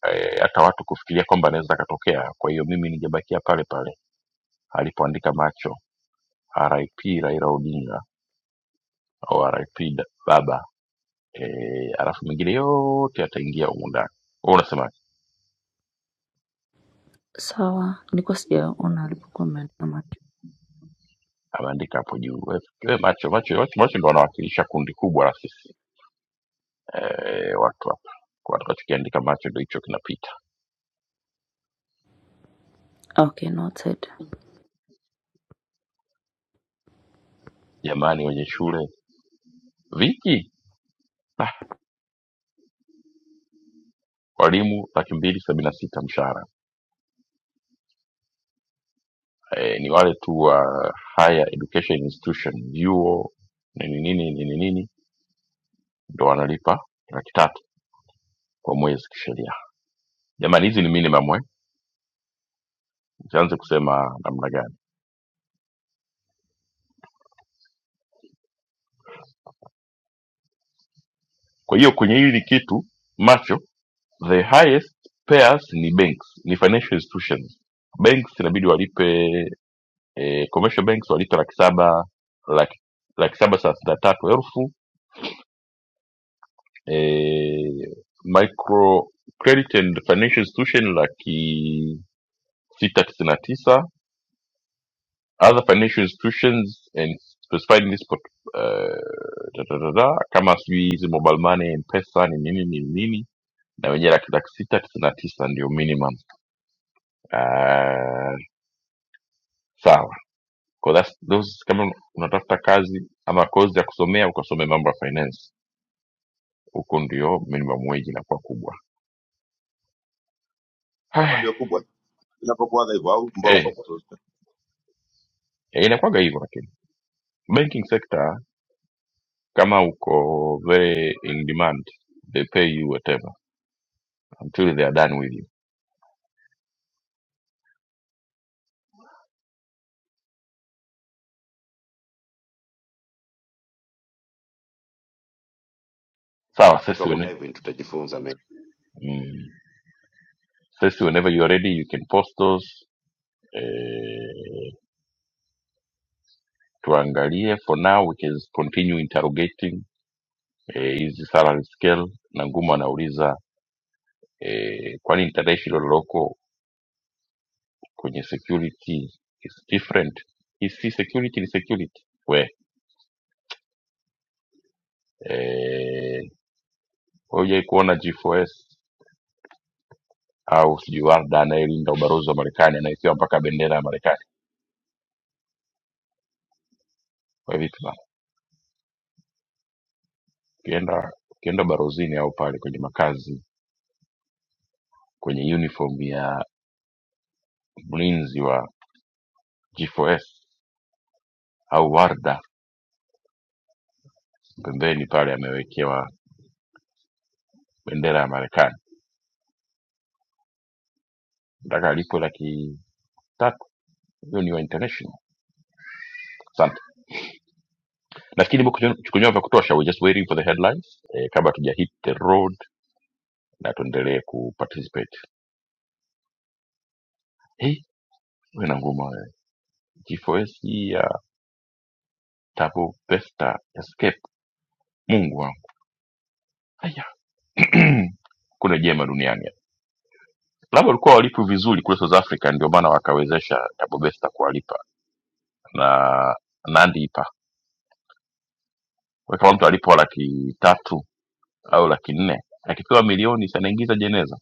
Speaker 4: eh, hata watu kufikiria kwamba anaweza akatokea. Kwa hiyo mimi ningebakia pale pale alipoandika macho RIP Raila Odinga au RIP da- baba eh, alafu mengine yote yataingia humu ndani. Wewe unasema
Speaker 6: Sawa, nilikuwa sijaona alipokuwa ameandika macho.
Speaker 4: ameandika hapo juu we, we macho, macho, macho, macho ndo wanawakilisha kundi kubwa la sisi eh, watu hapa kwa tukachokiandika macho ndo hicho kinapita.
Speaker 6: Okay, noted.
Speaker 4: Jamani, wenye shule viki ah, walimu laki mbili sabini na sita mshahara eh, ni wale tu wa higher education institution vyuo nini nini nini nini ndo wanalipa laki tatu kwa mwezi kisheria jamani hizi ni minimum eh? usianze kusema namna gani kwa hiyo kwenye hili kitu macho the highest payers ni banks ni financial institutions banks inabidi walipe eh, commercial banks walipe laki saba laki, laki saba thelathini na tatu elfu eh, micro credit and financial institution laki sita tisini na tisa other financial institutions and specified in this pot, uh, da, da, da, da, kama sijui hizi mobile money mpesa ni nini ni nini na wenyewe laki laki sita tisini na tisa ndio minimum uh, sawa Kwa that's, those, kama unatafuta kazi ama kozi ya kusomea ukasome mambo ya finance huko ndio minimum wage inakuwa kubwa
Speaker 2: saba
Speaker 4: Hai,
Speaker 2: ndio kubwa inapokuwaga hivyo au
Speaker 4: eh,
Speaker 2: mbongo
Speaker 4: eh, inakuwaga hivyo lakini banking sector kama uko very in demand they pay you whatever until they are done with you Sawa,
Speaker 2: wakati
Speaker 4: sisi
Speaker 2: wa
Speaker 4: wene,
Speaker 2: kudive in tutajifunza mengi
Speaker 4: mm, sisi whenever you are ready you can post those eh, tuangalie. For now we can continue interrogating eh, hizi salary scale na ngumu anauliza eh, kwani international loko kwenye security is different. Hii si security ni security we eh, hujai kuona G4S au sijui Warda anayelinda ubalozi wa Marekani anayepewa mpaka bendera ya Marekani kwa vitu bana, ukienda ukienda ubalozini au pale kwenye makazi kwenye uniform ya mlinzi wa G4S au Warda. Pembeni pale amewekewa bendera ya Marekani, nataka alipo laki tatu. Hiyo ni wa international. Asante, nafikiri nimekuchukua vya kutosha. We just waiting for the headlines eh, kabla tuja hit the road, na tuendelee kuparticipate. Hey, wewe na ngoma wewe. G4S hii ya Tabo Besta Escape, Mungu wangu, haya kuna jema duniani labda walikuwa walipu vizuri kule South Africa, ndio maana wakawezesha Tabo Besta kuwalipa na Nandi ipa. Kwa hiyo kama mtu alipo laki tatu au laki nne akipewa milioni si anaingiza jeneza.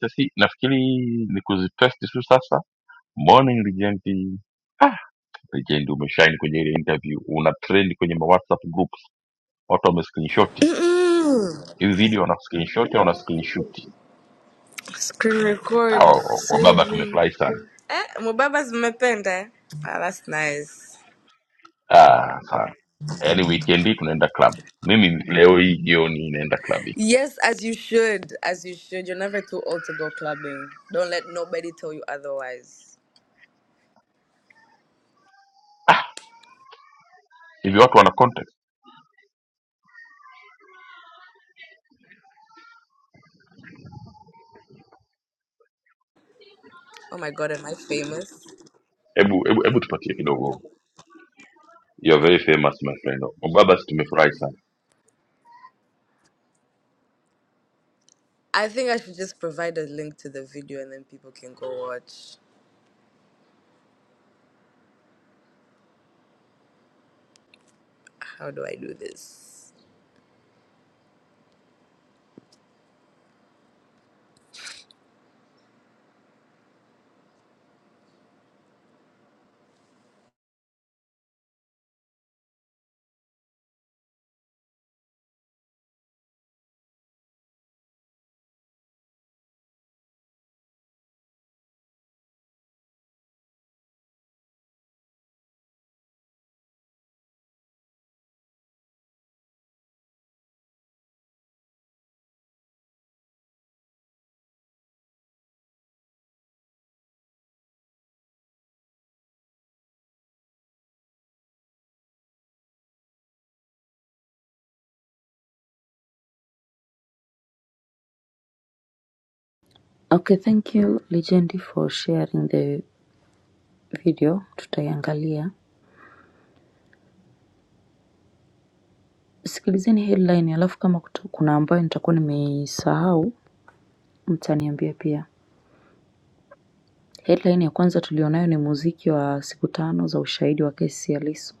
Speaker 4: Sasi nafikiri ni kuzitest tu sasa. Morning legend, ah, legend umeshine kwenye ile interview, una trend kwenye ma WhatsApp groups, watu wame screenshot
Speaker 7: Mm-mm.
Speaker 4: hivi video, wana screenshot au wana screenshot.
Speaker 7: Screen record,
Speaker 4: Hao wababa
Speaker 7: saving.
Speaker 4: tumefurahi sana,
Speaker 7: Eh, Mubaba's mmependa. eh? Ah, that's nice.
Speaker 4: ah, sana yaani weekend hii tunaenda club. Mimi leo hii jioni naenda club.
Speaker 7: Yes, as you should. As you should. You're never too old to go clubbing. Don't let nobody tell you otherwise.
Speaker 4: Ah, hivi watu wana context.
Speaker 7: Oh my god, am I famous?
Speaker 4: Hebu hebu hebu tupatie kidogo You are very famous my friend. Mbaba, si tumefurahi sana.
Speaker 7: I think I should just provide a link to the video and then people can go watch. How do I do this?
Speaker 6: Okay, thank you Legendi for sharing the video, tutaiangalia. Sikilizeni headline, alafu kama kutu- kuna ambayo nitakuwa nimeisahau mtaniambia pia. Headline ya kwanza tulionayo ni muziki wa siku tano za ushahidi wa kesi ya Lissu.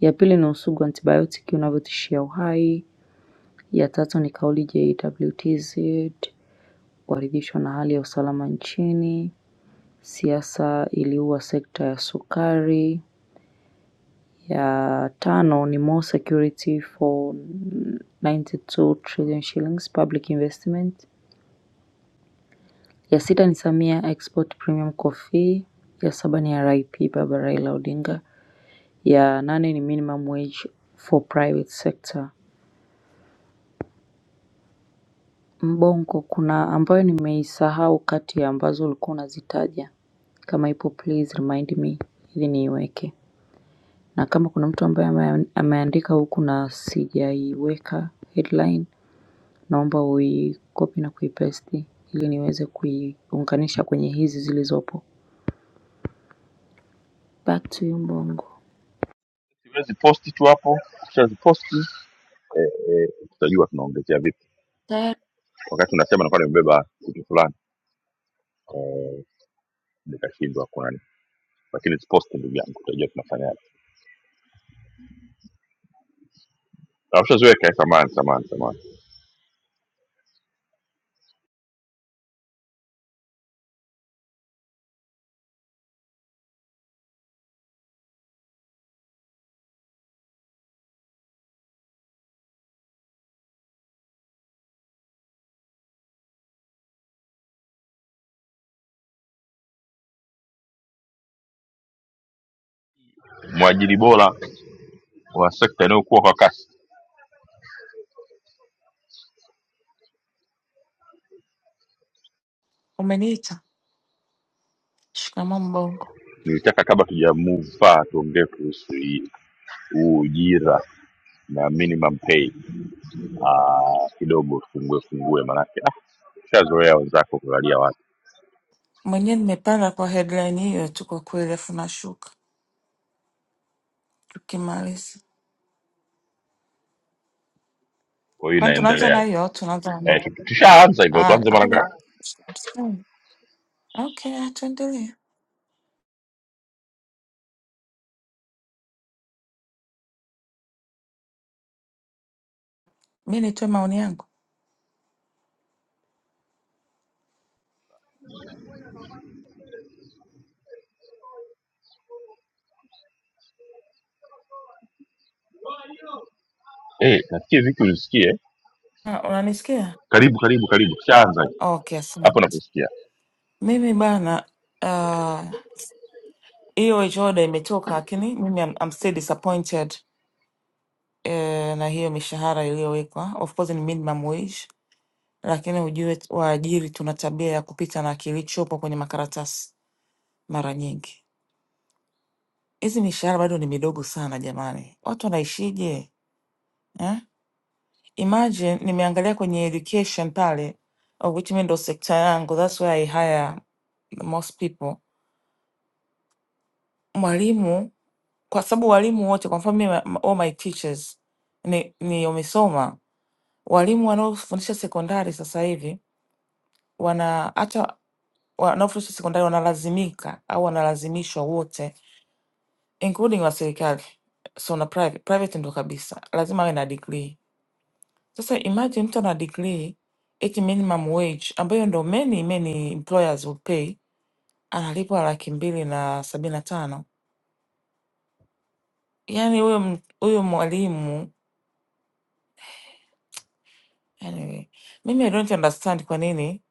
Speaker 6: Ya pili ni usugu wa antibiotic unavyotishia uhai. Ya tatu ni kauli JWTZ kuridhishwa na hali ya usalama nchini. Siasa iliua sekta ya sukari. Ya tano ni more security for 92 trillion shillings public investment. Ya sita ni Samia export premium coffee. Ya saba ni RIP Baba Raila Odinga. Ya nane ni minimum wage for private sector. Mbongo kuna ambayo nimeisahau kati ya ambazo ulikuwa unazitaja. Kama ipo please remind me ili niiweke. Na kama kuna mtu ambaye ameandika huku na sijaiweka headline naomba uicopy na kuipaste ili niweze kuiunganisha kwenye hizi zilizopo. Back to you Mbongo.
Speaker 4: Siwezi posti tu hapo, ukishaziposti eh, eh, tutajua tunaongezea vipi. Wakati unasema nakuwa nimebeba kitu fulani eh, nikashindwa kuna nini, lakini posti ndugu yangu, tutajua tunafanyaje. Na Ushazoeka eh, samahani, samahani, samahani. Mwajiri bora wa sekta inayokuwa kwa kasi.
Speaker 8: Umeniita? Shikamoo Mbongo.
Speaker 4: Nilitaka kabla tuja move far tuongee kuhusu hii huu ujira na minimum pay ah, kidogo tufungue fungue, manake ah, ushazoea wenzako kulalia watu,
Speaker 8: Mwenyewe nimepanda kwa headline hiyo tu kwa kweli, afu nashuka tukimaliza.
Speaker 4: kwa hiyo
Speaker 8: Kwani tunaanza
Speaker 4: inaendelea
Speaker 8: na hiyo au tunaanza na
Speaker 4: eh,
Speaker 8: nini?
Speaker 4: tu- tushaanza hivyo
Speaker 8: Ah,
Speaker 4: tuanze mara
Speaker 8: lakini
Speaker 4: ngapi
Speaker 8: mm, okay, ah, tuendelee. Mi nitoe maoni yangu.
Speaker 4: eh, nasikia viki ulisikie
Speaker 8: Ah, unanisikia?
Speaker 4: karibu karibu karibu tushaanza
Speaker 8: Okay,
Speaker 4: hapo
Speaker 8: asante.
Speaker 4: nakusikia
Speaker 8: Mimi bana, ah, hiyo wage order imetoka, lakini mimi I'm, I'm still disappointed eh, na hiyo mishahara iliyowekwa. Of course ni minimum wage, lakini ujue waajiri tuna tabia ya kupita na kilichopo kwenye makaratasi. mara nyingi. Hizi mishahara bado ni midogo sana jamani, watu wanaishije eh? Imagine nimeangalia kwenye education pale, of which mi ndo sekta yangu, that's where I hire the most people. Mwalimu kwa sababu walimu wote, kwa mfano mimi, ma- all my teachers ni, ni wamesoma. Walimu wanaofundisha sekondari sasa hivi wana hata wanaofundisha sekondari wanalazimika au wanalazimishwa wote including wa serikali, so na private private ndo kabisa, lazima awe na degree. Sasa imagine mtu ana degree eti minimum wage ambayo ndo many many employers will pay, analipwa laki mbili na sabini na tano. Yani huyo m- huyo mwalimu anyway, mimi I don't understand kwa nini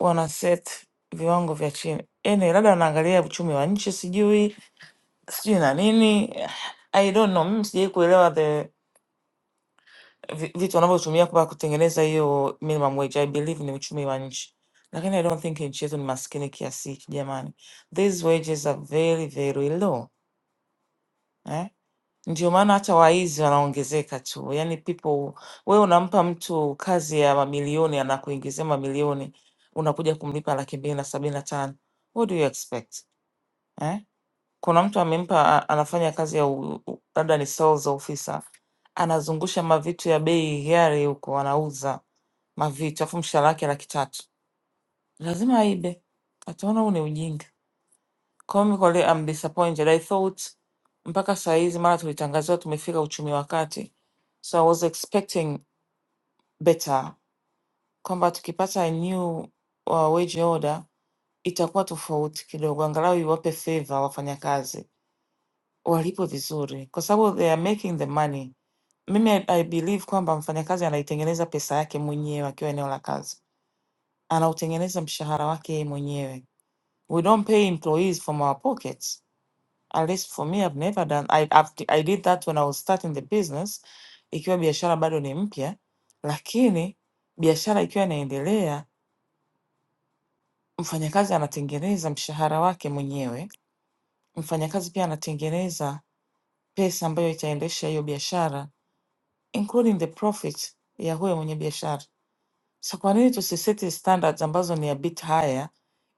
Speaker 8: wana set viwango vya chini. Anyway, labda wanaangalia uchumi wa nchi, sijui sijui na nini. I don't know, mimi sijai kuelewa the vi- vitu wanavyotumia kwa kutengeneza hiyo minimum wage. I believe ni uchumi wa nchi, lakini I don't think nchi yetu ni maskini kiasi hiki jamani. These wages are very very low eh? Ndio maana hata waizi wanaongezeka tu, yani people, wewe unampa mtu kazi ya mamilioni, anakuingizia mamilioni, unakuja kumlipa laki mbili na sabini na tano. What do you expect eh? kuna mtu amempa a- anafanya kazi ya u- u- labda ni sales officer, anazungusha mavitu ya bei hiari huko, anauza mavitu afu mshahara wake laki tatu, lazima aibe. Ataona huu ni ujinga. Kwa hiyo mimi kwa leo I'm disappointed. I thought mpaka saa hizi mara tulitangaziwa tumefika uchumi wa kati, so I was expecting better kwamba tukipata a new uh, wage order itakuwa tofauti kidogo, angalau iwape favor wafanyakazi walipwe vizuri, kwa sababu they are making the money. Mimi I, I believe kwamba mfanyakazi anaitengeneza pesa yake mwenyewe akiwa eneo la kazi, anautengeneza mshahara wake yeye mwenyewe. We don't pay employees from our pockets. At least for me I've never done I, I've, I did that when I was starting the business, ikiwa biashara bado ni mpya, lakini biashara ikiwa inaendelea, mfanyakazi anatengeneza mshahara wake mwenyewe. Mfanyakazi pia anatengeneza pesa ambayo itaendesha hiyo biashara including the profit ya huyo mwenye biashara. Sasa kwa nini tusiseti standards ambazo ni a bit higher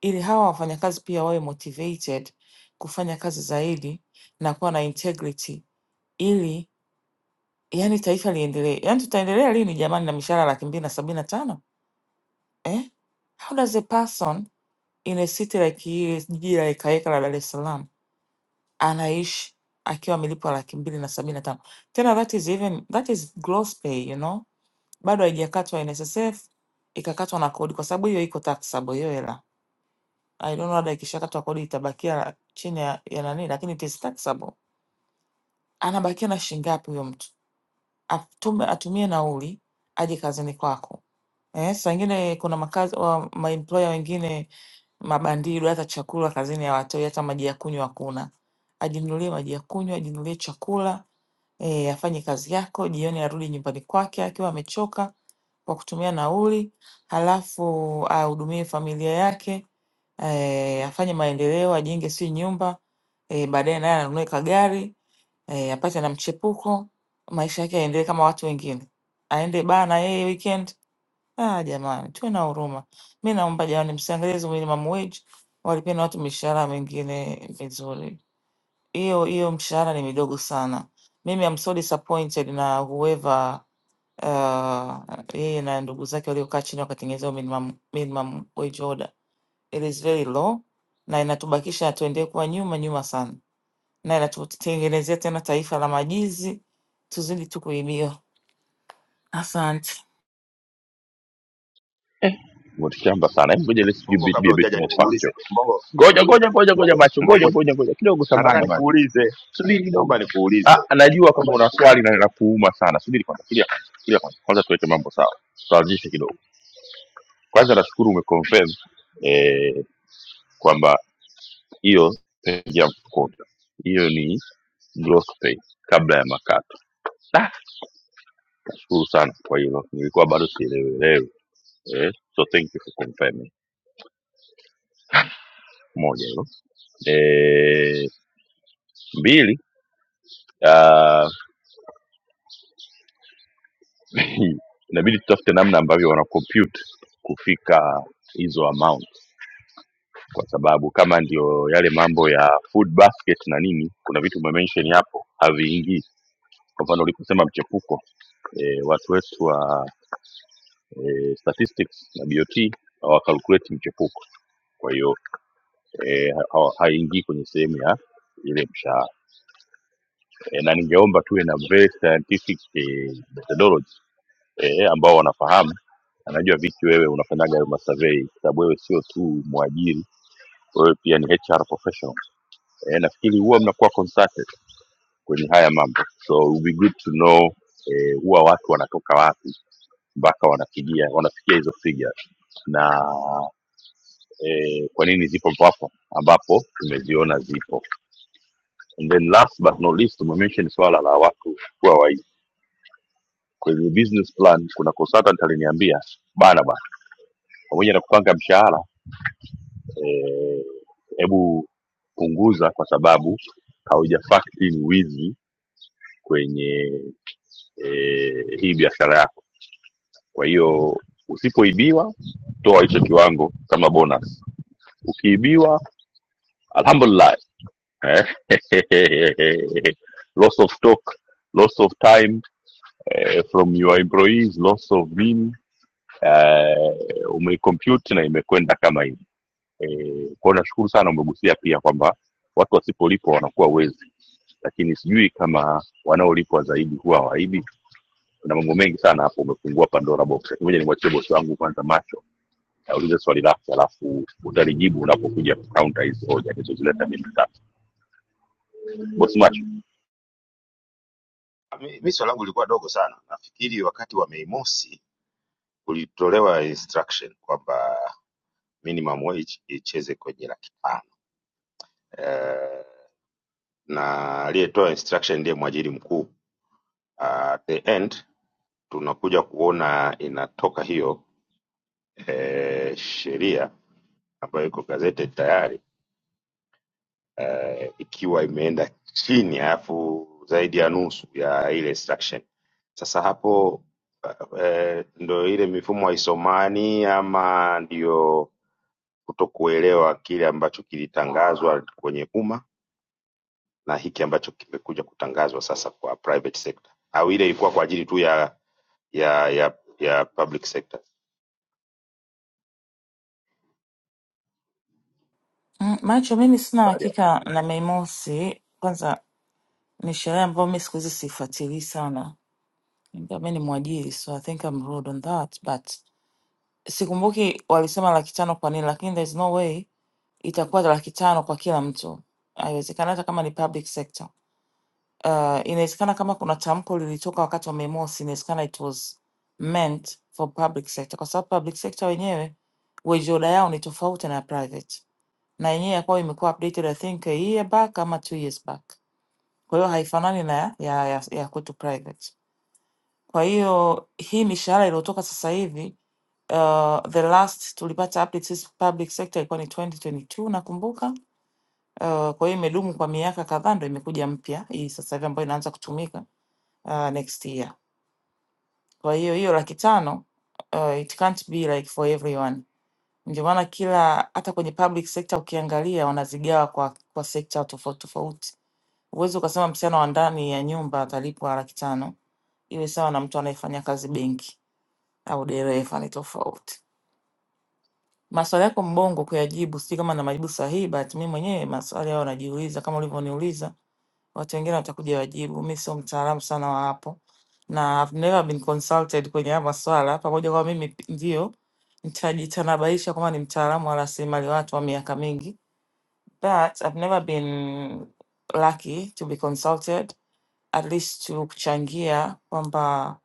Speaker 8: ili hawa wafanyakazi pia wawe motivated kufanya kazi zaidi na kuwa na integrity ili yani taifa liendelee. Yani tutaendelea lini jamani na mishahara laki mbili na sabini na tano eh? How does a person in a city like hii jiji la ekaeka la Dar es Salaam anaishi akiwa amelipwa laki mbili na sabini na tano? Tena that is even that is gross pay, you know? bado haijakatwa NSSF, ikakatwa na kodi, kwa sababu hiyo iko taxable hiyo hela. I don't know hata ikishakatwa kodi itabakia chini ya, ya nani, lakini it is taxable. Anabakia na shilingi ngapi huyo mtu? Atume, atumie nauli aje kazini kwako. Eh, saa ingine kuna makazi wa maemployer wengine mabandido, hata chakula kazini hawatoi, hata maji ya kunywa hakuna. Ajinunulie maji ya kunywa, ajinunulie chakula, eh, afanye kazi yako, jioni arudi nyumbani kwake akiwa amechoka kwa kutumia nauli, halafu ahudumie familia yake eh, afanye maendeleo, ajenge si nyumba eh, baadaye naye anunue kagari eh, apate na mchepuko, maisha yake yaendelee kama watu wengine, aende baa na yeye weekend. Ah, jamani, tuwe na huruma. Mi naomba jamani, msiangalie hizo minimum wage, walipeni watu mishahara mingine mizuri hiyo hiyo mshahara ni midogo sana. Mimi I'm so disappointed na whoever uh, yeye na ndugu zake waliokaa chini wakatengeneza hiyo minimum, minimum wage order. It is very low na inatubakisha tuendelee kuwa nyuma nyuma sana, na inatutengenezea tena taifa la majizi, tuzidi tu kuibiwa. Asante
Speaker 4: Ngo, tushaanza sana Hebu ngoja let's give
Speaker 2: mbongo
Speaker 4: it be
Speaker 2: kabla
Speaker 4: a bit
Speaker 2: hujaja
Speaker 4: more
Speaker 2: nikuulize
Speaker 4: factual
Speaker 2: mbongo
Speaker 4: ngoja ngoja ngoja ngoja macho ngoja
Speaker 2: mbongo
Speaker 4: ngoja ngoja kidogo
Speaker 2: Nataka
Speaker 4: samahani macho
Speaker 2: nikuulize,
Speaker 4: subiri kidogo
Speaker 2: naomba nikuulize
Speaker 4: ah najua kama una swali na linakuuma sana subiri kwanza kilia kwanza kilia kwanza kwanza tuweke mambo sawa tuanzishe kidogo kwanza nashukuru umeconfirm eh kwamba hiyo page ya mkopo hiyo ni gross pay kabla ya makato Ah, Nashukuru sana kwa hilo, nilikuwa bado sielewelewi eh, so thank you for confirming. Moja hilo eh, mbili, ah, inabidi tutafute namna ambavyo wana compute kufika hizo amount, kwa sababu kama ndio yale mambo ya food basket na nini, kuna vitu umemention hapo haviingii. Kwa mfano uliposema mchepuko eh, watu wetu wa eh, statistics na BOT hawa calculate mchepuko kwa hiyo eh, ha- haingii kwenye sehemu ya ile mshahara eh, na ningeomba tuwe na very scientific eh, methodology eh, ambao wanafahamu anajua vipi wewe unafanyaga hayo masurvey kwa sababu wewe sio tu mwajiri wewe pia ni HR professional eh, nafikiri huwa mnakuwa consulted kwenye haya mambo so it would be good to know eh, huwa watu wanatoka wapi mpaka wanafikia wanafikia hizo figures na eh, kwa nini zipo papo ambapo tumeziona zipo And then last but not least umemention swala la watu kuwa waizi. Kwenye business plan kuna consultant aliniambia bana bana, pamoja na kupanga mshahara eh, hebu punguza kwa sababu hauja factor in wizi kwenye eh, hii biashara yako. Kwa hiyo usipoibiwa, toa hicho kiwango kama bonus. Ukiibiwa, alhamdulillah eh, loss of stock, loss of time eh, from your employees loss of mean eh, umecompute na imekwenda kama hivi eh, kwao nashukuru sana umegusia pia kwamba watu wasipolipwa wanakuwa wezi lakini sijui kama wanaolipwa zaidi huwa hawaibi kuna mambo mengi sana hapo umefungua pandora box Lakini ngoja nimwachie bosi wangu kwanza macho aulize swali lake alafu utalijibu unapokuja kukaunta hizi hoja nilizozileta mimi tatu bosi macho
Speaker 2: Mi mi swali langu lilikuwa dogo sana. Nafikiri wakati wa Mei Mosi kulitolewa instruction kwamba minimum wage icheze kwenye laki tano Eh, na aliyetoa instruction ndiye mwajiri mkuu. Ah, At the end tunakuja kuona inatoka hiyo eh, sheria ambayo iko gazetted tayari eh, ikiwa imeenda chini alafu zaidi ya nusu ya ile extraction. Sasa hapo eh, ndo ile mifumo haisomani ama ndio kutokuelewa kile ambacho kilitangazwa kwenye umma na hiki ambacho kimekuja kutangazwa sasa kwa private sector, au ile ilikuwa kwa ajili tu ya ya ya ya public sector.
Speaker 8: Mm, macho. Mimi sina
Speaker 2: Habari ya-
Speaker 8: hakika na Mei Mosi, kwanza ni sherehe ambayo mi siku hizi sifuatilii sana, ingawa mi ni mwajiri so I think I'm rude on that but sikumbuki walisema laki tano kwa nini, lakini there's no way itakuwa laki tano kwa kila mtu, haiwezekana, hata kama ni public sector. Uh, inawezekana kama kuna tamko lilitoka wakati wa Mei Mosi, inawezekana it was meant for public sector, kwa sababu public sector wenyewe wejoda yao ni tofauti na ya private, na yenyewe yakuwa imekuwa updated I think a year back ama two years back, kwa hiyo haifanani na ya, ya, ya, ya kwetu private. Kwa hiyo hii mishahara iliyotoka sasa hivi uh, the last tulipata update sisi public sector ilikuwa ni 2022 nakumbuka. Uh, kwa hiyo imedumu kwa miaka kadhaa, ndo imekuja mpya hii sasa hivi ambayo inaanza kutumika uh, next year. Kwa hiyo hiyo laki tano uh, it can't be like for everyone. Ndio maana kila hata kwenye public sector ukiangalia wanazigawa kwa, kwa sekta tofauti tofauti. Huwezi ukasema msichana wa ndani ya nyumba atalipwa laki tano iwe sawa na mtu anayefanya kazi benki au dereva ni tofauti. Maswali yako mbongo kuyajibu, sijui kama na majibu sahihi, but mimi mwenyewe maswali hayo najiuliza kama ulivyoniuliza. Watu wengine watakuja wajibu, mi sio mtaalamu sana wa hapo na I've never been consulted kwenye haya maswala, pamoja kwamba mimi p- ndio nitajitanabaisha kwamba ni mtaalamu wa rasilimali watu wa miaka mingi, but I've never been lucky to be consulted at least to kuchangia kwamba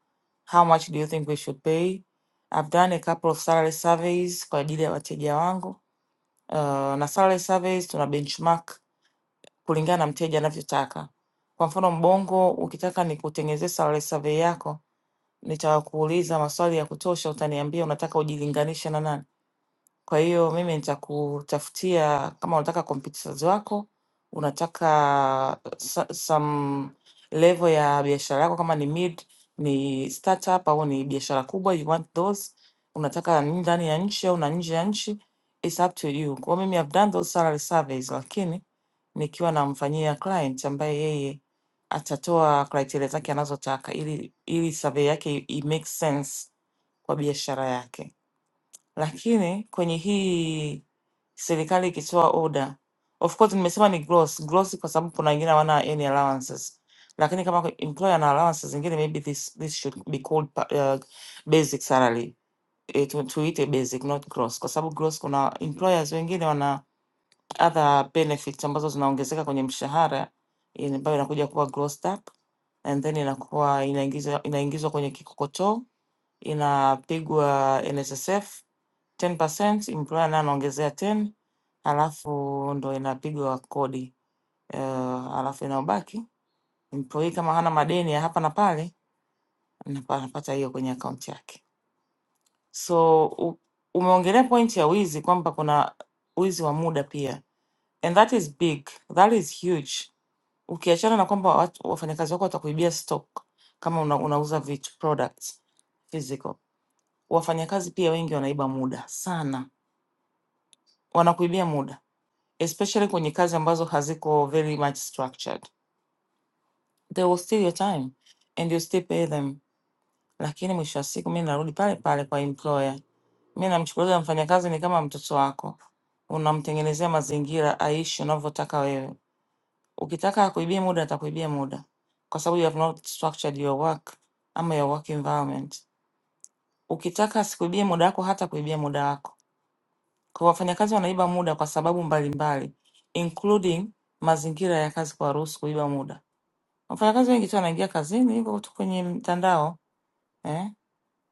Speaker 8: how much do you think we should pay. I've done a couple of salary surveys kwa ajili ya wateja wangu. Uh, na salary surveys tuna benchmark kulingana na mteja anavyotaka. Kwa mfano Mbongo, ukitaka nikutengenezee salary survey yako, nitakuuliza maswali ya kutosha, utaniambia unataka ujilinganishe na nani kwa hiyo mimi nitakutafutia kama unataka competitors wako, unataka so- some level ya biashara yako, kama ni mid, ni startup au ni biashara kubwa, you want those, unataka ni ndani ya nchi au na nje ya nchi, it's up to you. Kwa hiyo mimi I've done those salary surveys, lakini nikiwa namfanyia client ambaye yeye atatoa criteria zake anazotaka ili ili survey yake i i make sense kwa biashara yake lakini kwenye hii serikali ikitoa oda, of course nimesema ni gross gross, kwa sababu kuna wengine hawana any allowances, lakini kama kwa- employer ana allowances zingine, maybe this this should be called pa- uh, basic salary eh, tu- tuite basic not gross, kwa sababu gross kuna employers wengine wana other benefits ambazo zinaongezeka kwenye mshahara in- ambayo inakuja kuwa grossed up and then inakuwa inaingizwa inaingizwa kwenye kikokotoo inapigwa NSSF 10%, employer naye anaongezea 10, halafu ndo inapigwa kodi uh, halafu inayobaki employee kama hana madeni ya hapa na pale anapa- anapata hiyo kwenye akaunti yake. So u- umeongelea point ya wizi kwamba kuna wizi wa muda pia, and that is big, that is huge. Ukiachana na kwamba watu- wafanyakazi wako watakuibia stock kama una, unauza vitu products physical Wafanyakazi pia wengi wanaiba muda sana, wanakuibia muda especially kwenye kazi ambazo haziko very much structured. They will steal your time and you still pay them, lakini mwisho wa siku mi narudi pale pale kwa employer. Mi namchukulia mfanyakazi ni kama mtoto wako, unamtengenezea mazingira aishi unavyotaka wewe. Ukitaka akuibie muda, atakuibia muda kwa sababu you have not structured your work ama your work environment. Ukitaka asikuibie muda wako, hata kuibia muda wako kwa wafanyakazi wanaiba muda kwa sababu mbalimbali including mazingira ya kazi kuwaruhusu kuiba muda. Wafanyakazi wengi tu wanaingia kazini, yuko tu kwenye mtandao eh,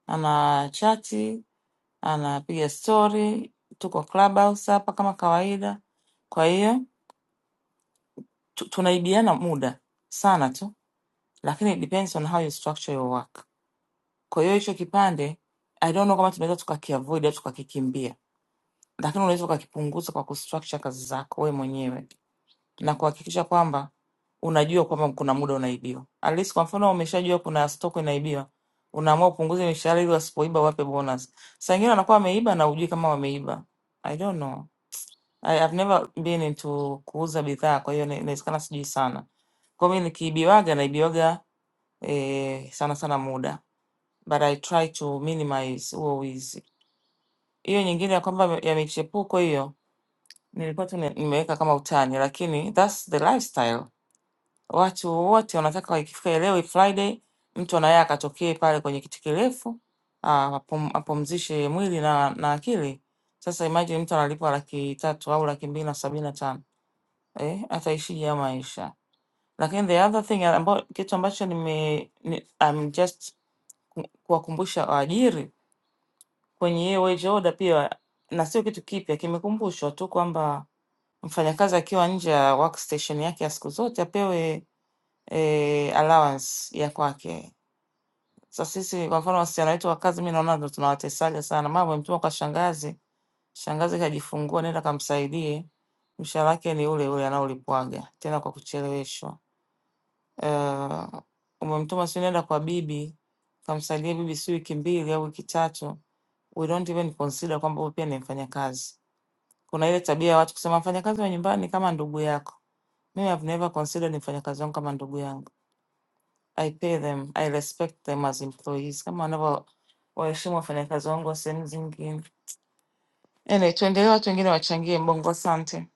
Speaker 8: ana chati, anapiga story, tuko clubhouse hapa kama kawaida. Kwa hiyo tu- tunaibiana muda sana tu, lakini it depends on how you structure your work. Kwa hiyo hicho kipande I don't know kama tunaweza tukakiavoid au tukakikimbia, lakini unaweza ukakipunguza kwa kustructure kazi zako wewe mwenyewe na kuhakikisha kwamba unajua kwamba kuna muda unaibiwa. At least kwa mfano umeshajua kuna stock inaibiwa, unaamua upunguze mishahara ili wasipoiba wape bonus. Saa ingine wanakuwa wameiba na hujui kama wameiba. I don't know. I have never been into kuuza bidhaa, kwa hiyo ina- inawezekana sijui sana. Kwa mimi nikiibiwaga naibiwaga eh, sana sana muda, but I try to minimize huo wizi. Hiyo nyingine ya kwamba ya michepuko hiyo nilikuwa tu ni- nimeweka kama utani, lakini that's the lifestyle Watu wote wanataka ikifika leo Friday, mtu anaye akatokee pale kwenye kiti kirefu ah, apum- apumzishe mwili na, na akili. Sasa imagine mtu analipwa laki tatu au laki mbili na sabini na tano eh, ataishije ya maisha? Lakini the other thing ambayo kitu ambacho nime ni, I'm just ku- kuwakumbusha waajiri kwenye hiyo wage order pia, na sio kitu kipya, kimekumbushwa tu kwamba mfanyakazi akiwa nje ya workstation yake ya siku zote apewe eh, allowance ya kwake. Sasa sisi kwa mfano wasichana wetu wa kazi, mi naona ndo tunawatesaga sana. Mama amemtuma kwa shangazi, shangazi kajifungua, nenda kamsaidie, mshahara wake ni ule ule anaolipwaga tena kwa kucheleweshwa. Uh, umemtuma si nenda kwa bibi kamsaidie bibi si wiki mbili au wiki tatu, we don't even consider kwamba huyu pia ni mfanyakazi. Kuna ile tabia ya watu kusema mfanyakazi wa nyumbani ni kama ndugu yako. Mimi I've never considered mfanyakazi wangu kama ndugu yangu. I pay them, I respect them as employees kama wanavyo waheshimu wafanyakazi wangu wa sehemu zingine. Anyway, tuendelee, watu wengine wachangie Mbongo. Asante,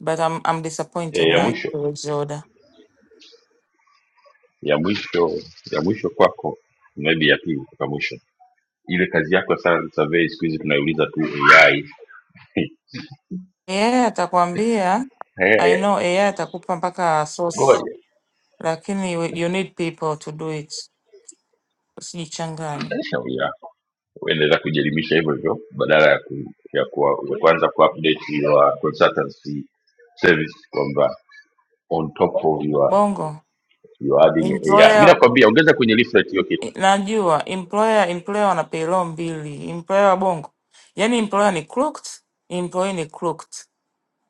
Speaker 8: but I'm, I'm
Speaker 4: E,
Speaker 8: disappointed
Speaker 4: ya
Speaker 8: na
Speaker 4: mwisho
Speaker 8: uwezo order.
Speaker 4: ya mwisho ya mwisho kwako, maybe ya pili kutoka mwisho. ile kazi yako ya salary survey siku hizi tunaiuliza tu ai
Speaker 8: AI atakwambia, I
Speaker 4: Eh,
Speaker 8: know AI atakupa mpaka source,
Speaker 4: ngoja
Speaker 8: lakini we- you need people to do it, usijichanganye.
Speaker 4: Eh, shauri yako uendelea kujielimisha hivyo hivyo badala ya, ku, ya, kuwa, ya kuanza kuupdate your consultancy service kwamba on top of your,
Speaker 8: Bongo
Speaker 4: your adding ai bila
Speaker 8: employer,
Speaker 4: kwambia ongeza kwenye leaflet hiyo kitu
Speaker 8: najua employer employer wana payroll mbili, employer wa Bongo, yani employer ni crooked, employee ni crooked.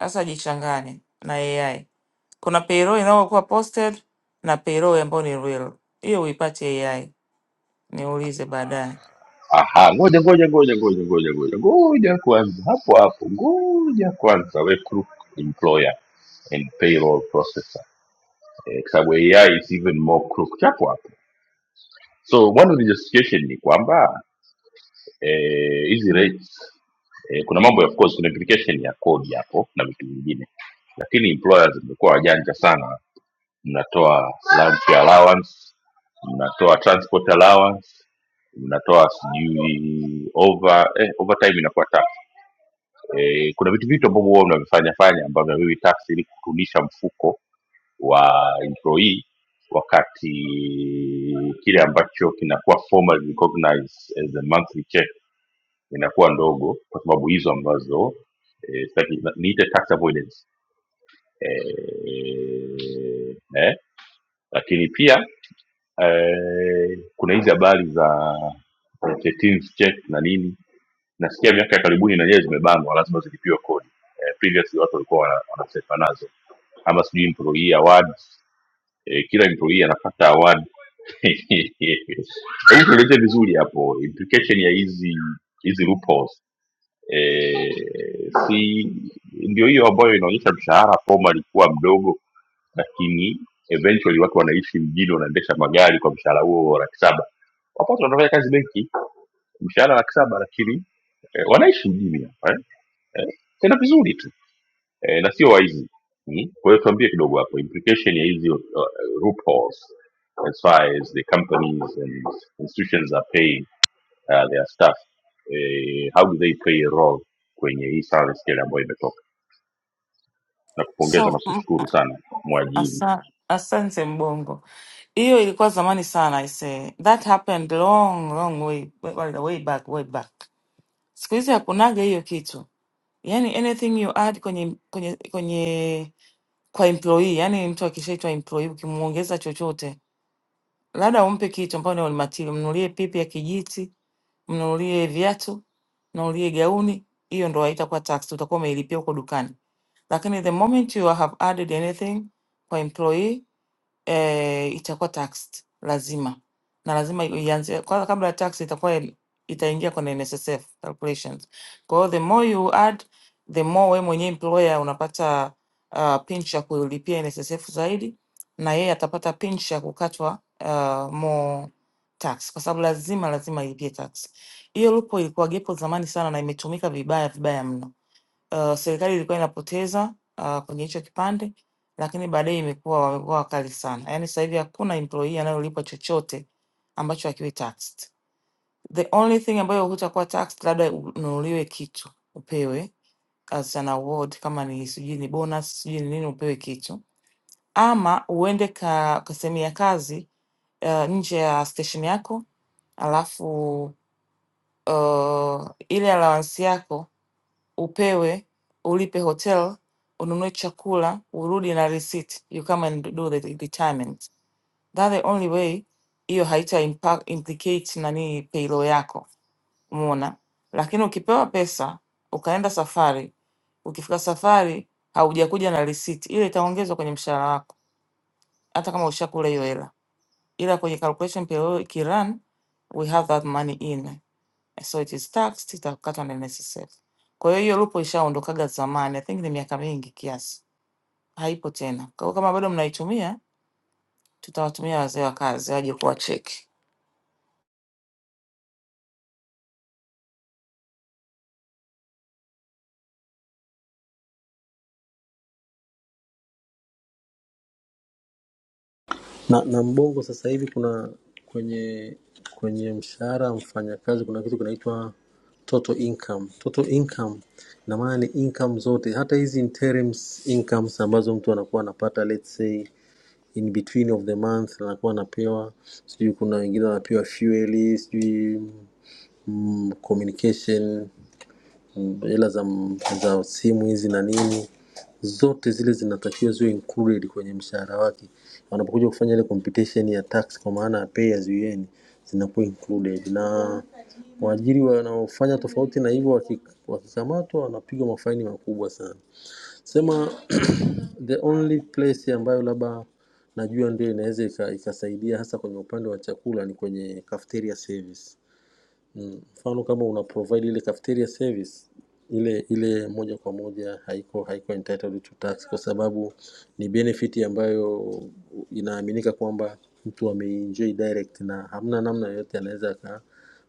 Speaker 8: Sasa jichanganye na AI. Kuna payroll inayokuwa posted na payroll ambayo ni real. Hiyo uipate AI, niulize baadaye.
Speaker 4: aha ngoja ngoja ngoja ngoja ngoja ngoja ngoja kwanza hapo hapo ngoja kwanza we crook employer and payroll processor eh, kwa sababu ai is even more crook chapo hapo. so one of the justification ni kwamba eh, hizi rates eh, kuna mambo ya of course kuna implication ya kodi hapo na vitu vingine lakini employers wamekuwa wajanja sana mnatoa lunch allowance mnatoa transport allowance mnatoa sijui over eh, overtime inakuwa tax eh, kuna vitu vitu ambavyo huwa mnavifanya fanya ambavyo haviwi tax ili kurudisha mfuko wa employee wakati kile ambacho kinakuwa formally recognized as a monthly check inakuwa ndogo kwa sababu hizo ambazo eh, sitaki- na- niite tax avoidance eh, eh, lakini pia eh, kuna hizi habari za 13th check na nini nasikia miaka ya karibuni nanyewe zimebanwa lazima zilipiwe kodi eh, previously watu walikuwa wana- wanasefa nazo ama sijui employee awards eh, kila employee anapata award hebu tueleze vizuri hapo implication ya hizi hizi loopholes eh, si ndio hiyo ambayo inaonyesha mshahara formal ilikuwa mdogo lakini eventually watu wanaishi mjini wanaendesha magari kwa mshahara huo wa laki saba wapoto wanafanya kazi benki mshahara laki saba lakini eh, wanaishi mjini hapa eh? Eh, tena vizuri tu eh, na sio waizi mm? kwa hiyo tuambie kidogo hapo implication ya hizi uh, loopholes as far as the companies and institutions are paying uh, their staff eh, how do they play a role kwenye hii salary scale ambayo imetoka na kupongeza na
Speaker 8: So, mm,
Speaker 4: kushukuru sana mwajiri
Speaker 8: asa, asante Mbongo. Hiyo ilikuwa zamani sana I say. That happened long long way way, way back way back. Siku hizi hakunaga hiyo kitu. Yaani anything you add kwenye kwenye kwenye kwa employee, yaani mtu akishaitwa employee ukimuongeza chochote labda umpe kitu ambayo ni olimatili, mnunulie pipi ya kijiti, mnunulie viatu, mnunulie gauni, hiyo ndo haitakuwa tax, utakuwa umeilipia huko dukani. Lakini the moment you have added anything kwa employee eh, itakuwa taxed lazima, na lazima ianze kwanza, kabla ya tax itakuwa in- itaingia kwenye NSSF calculations. Kwa hiyo the more you add the more wewe mwenyewe employer unapata uh, pinch ya kulipia NSSF zaidi, na yeye atapata pinch ya kukatwa uh, more tax, kwa sababu lazima lazima ilipie tax. Hiyo loophole ilikuwa gepo zamani sana na imetumika vibaya vibaya mno uh, serikali ilikuwa inapoteza uh, kwenye hicho kipande, lakini baadaye imekuwa wamekuwa wakali sana. Yaani sasa hivi hakuna employee anayolipwa chochote ambacho hakiwi taxed. The only thing ambayo hutakuwa taxed, labda ununuliwe kitu upewe as an award, kama ni sijui ni bonus sijui ni nini, upewe kitu ama uende ka, ka sehemu ya kazi uh, nje ya station yako alafu uh, ile allowance yako upewe, ulipe hotel, ununue chakula, urudi na receipt, you come and do the retirement. That the only way hiyo haita impact, implicate nani payroll yako, umeona? Lakini ukipewa pesa ukaenda safari, ukifika safari haujakuja na receipt, ile itaongezwa kwenye mshahara wako hata kama ushakula hiyo hela, ila kwenye calculation payroll ikirun, we have that money in so it is taxed, itakatwa na NSSF. Kwa hiyo hiyo lupo ishaondokaga zamani, I think ni miaka mingi kiasi, haipo tena. Kwa hiyo kama bado mnaitumia, tutawatumia wazee wa kazi waje kuwacheki.
Speaker 9: na, na Mbongo sasa hivi kuna kwenye kwenye mshahara wa mfanyakazi kuna kitu kinaitwa total income. Total income ina maana ni income zote, hata hizi interims incomes ambazo mtu anakuwa anapata let's say in between of the month anakuwa anapewa sijui, kuna wengine wanapewa fuel, sijui mm, communication hela za, za simu hizi na nini, zote zile zinatakiwa ziwe included kwenye mshahara wake. Wanapokuja kufanya ile computation ya tax, kwa maana ya pay as you earn, zinakuwa included na waajiri wanaofanya tofauti na hivyo waki- wakikamatwa wanapigwa mafaini makubwa sana. Sema the only place ambayo labda najua ndio inaweza ika- ikasaidia hasa kwenye upande wa chakula ni kwenye cafeteria service. Mm, mfano kama una provide ile cafeteria service ile ile moja kwa moja haiko haiko entitled to tax kwa sababu ni benefit ambayo inaaminika kwamba mtu ameenjoy direct na hamna namna yoyote anaweza aka-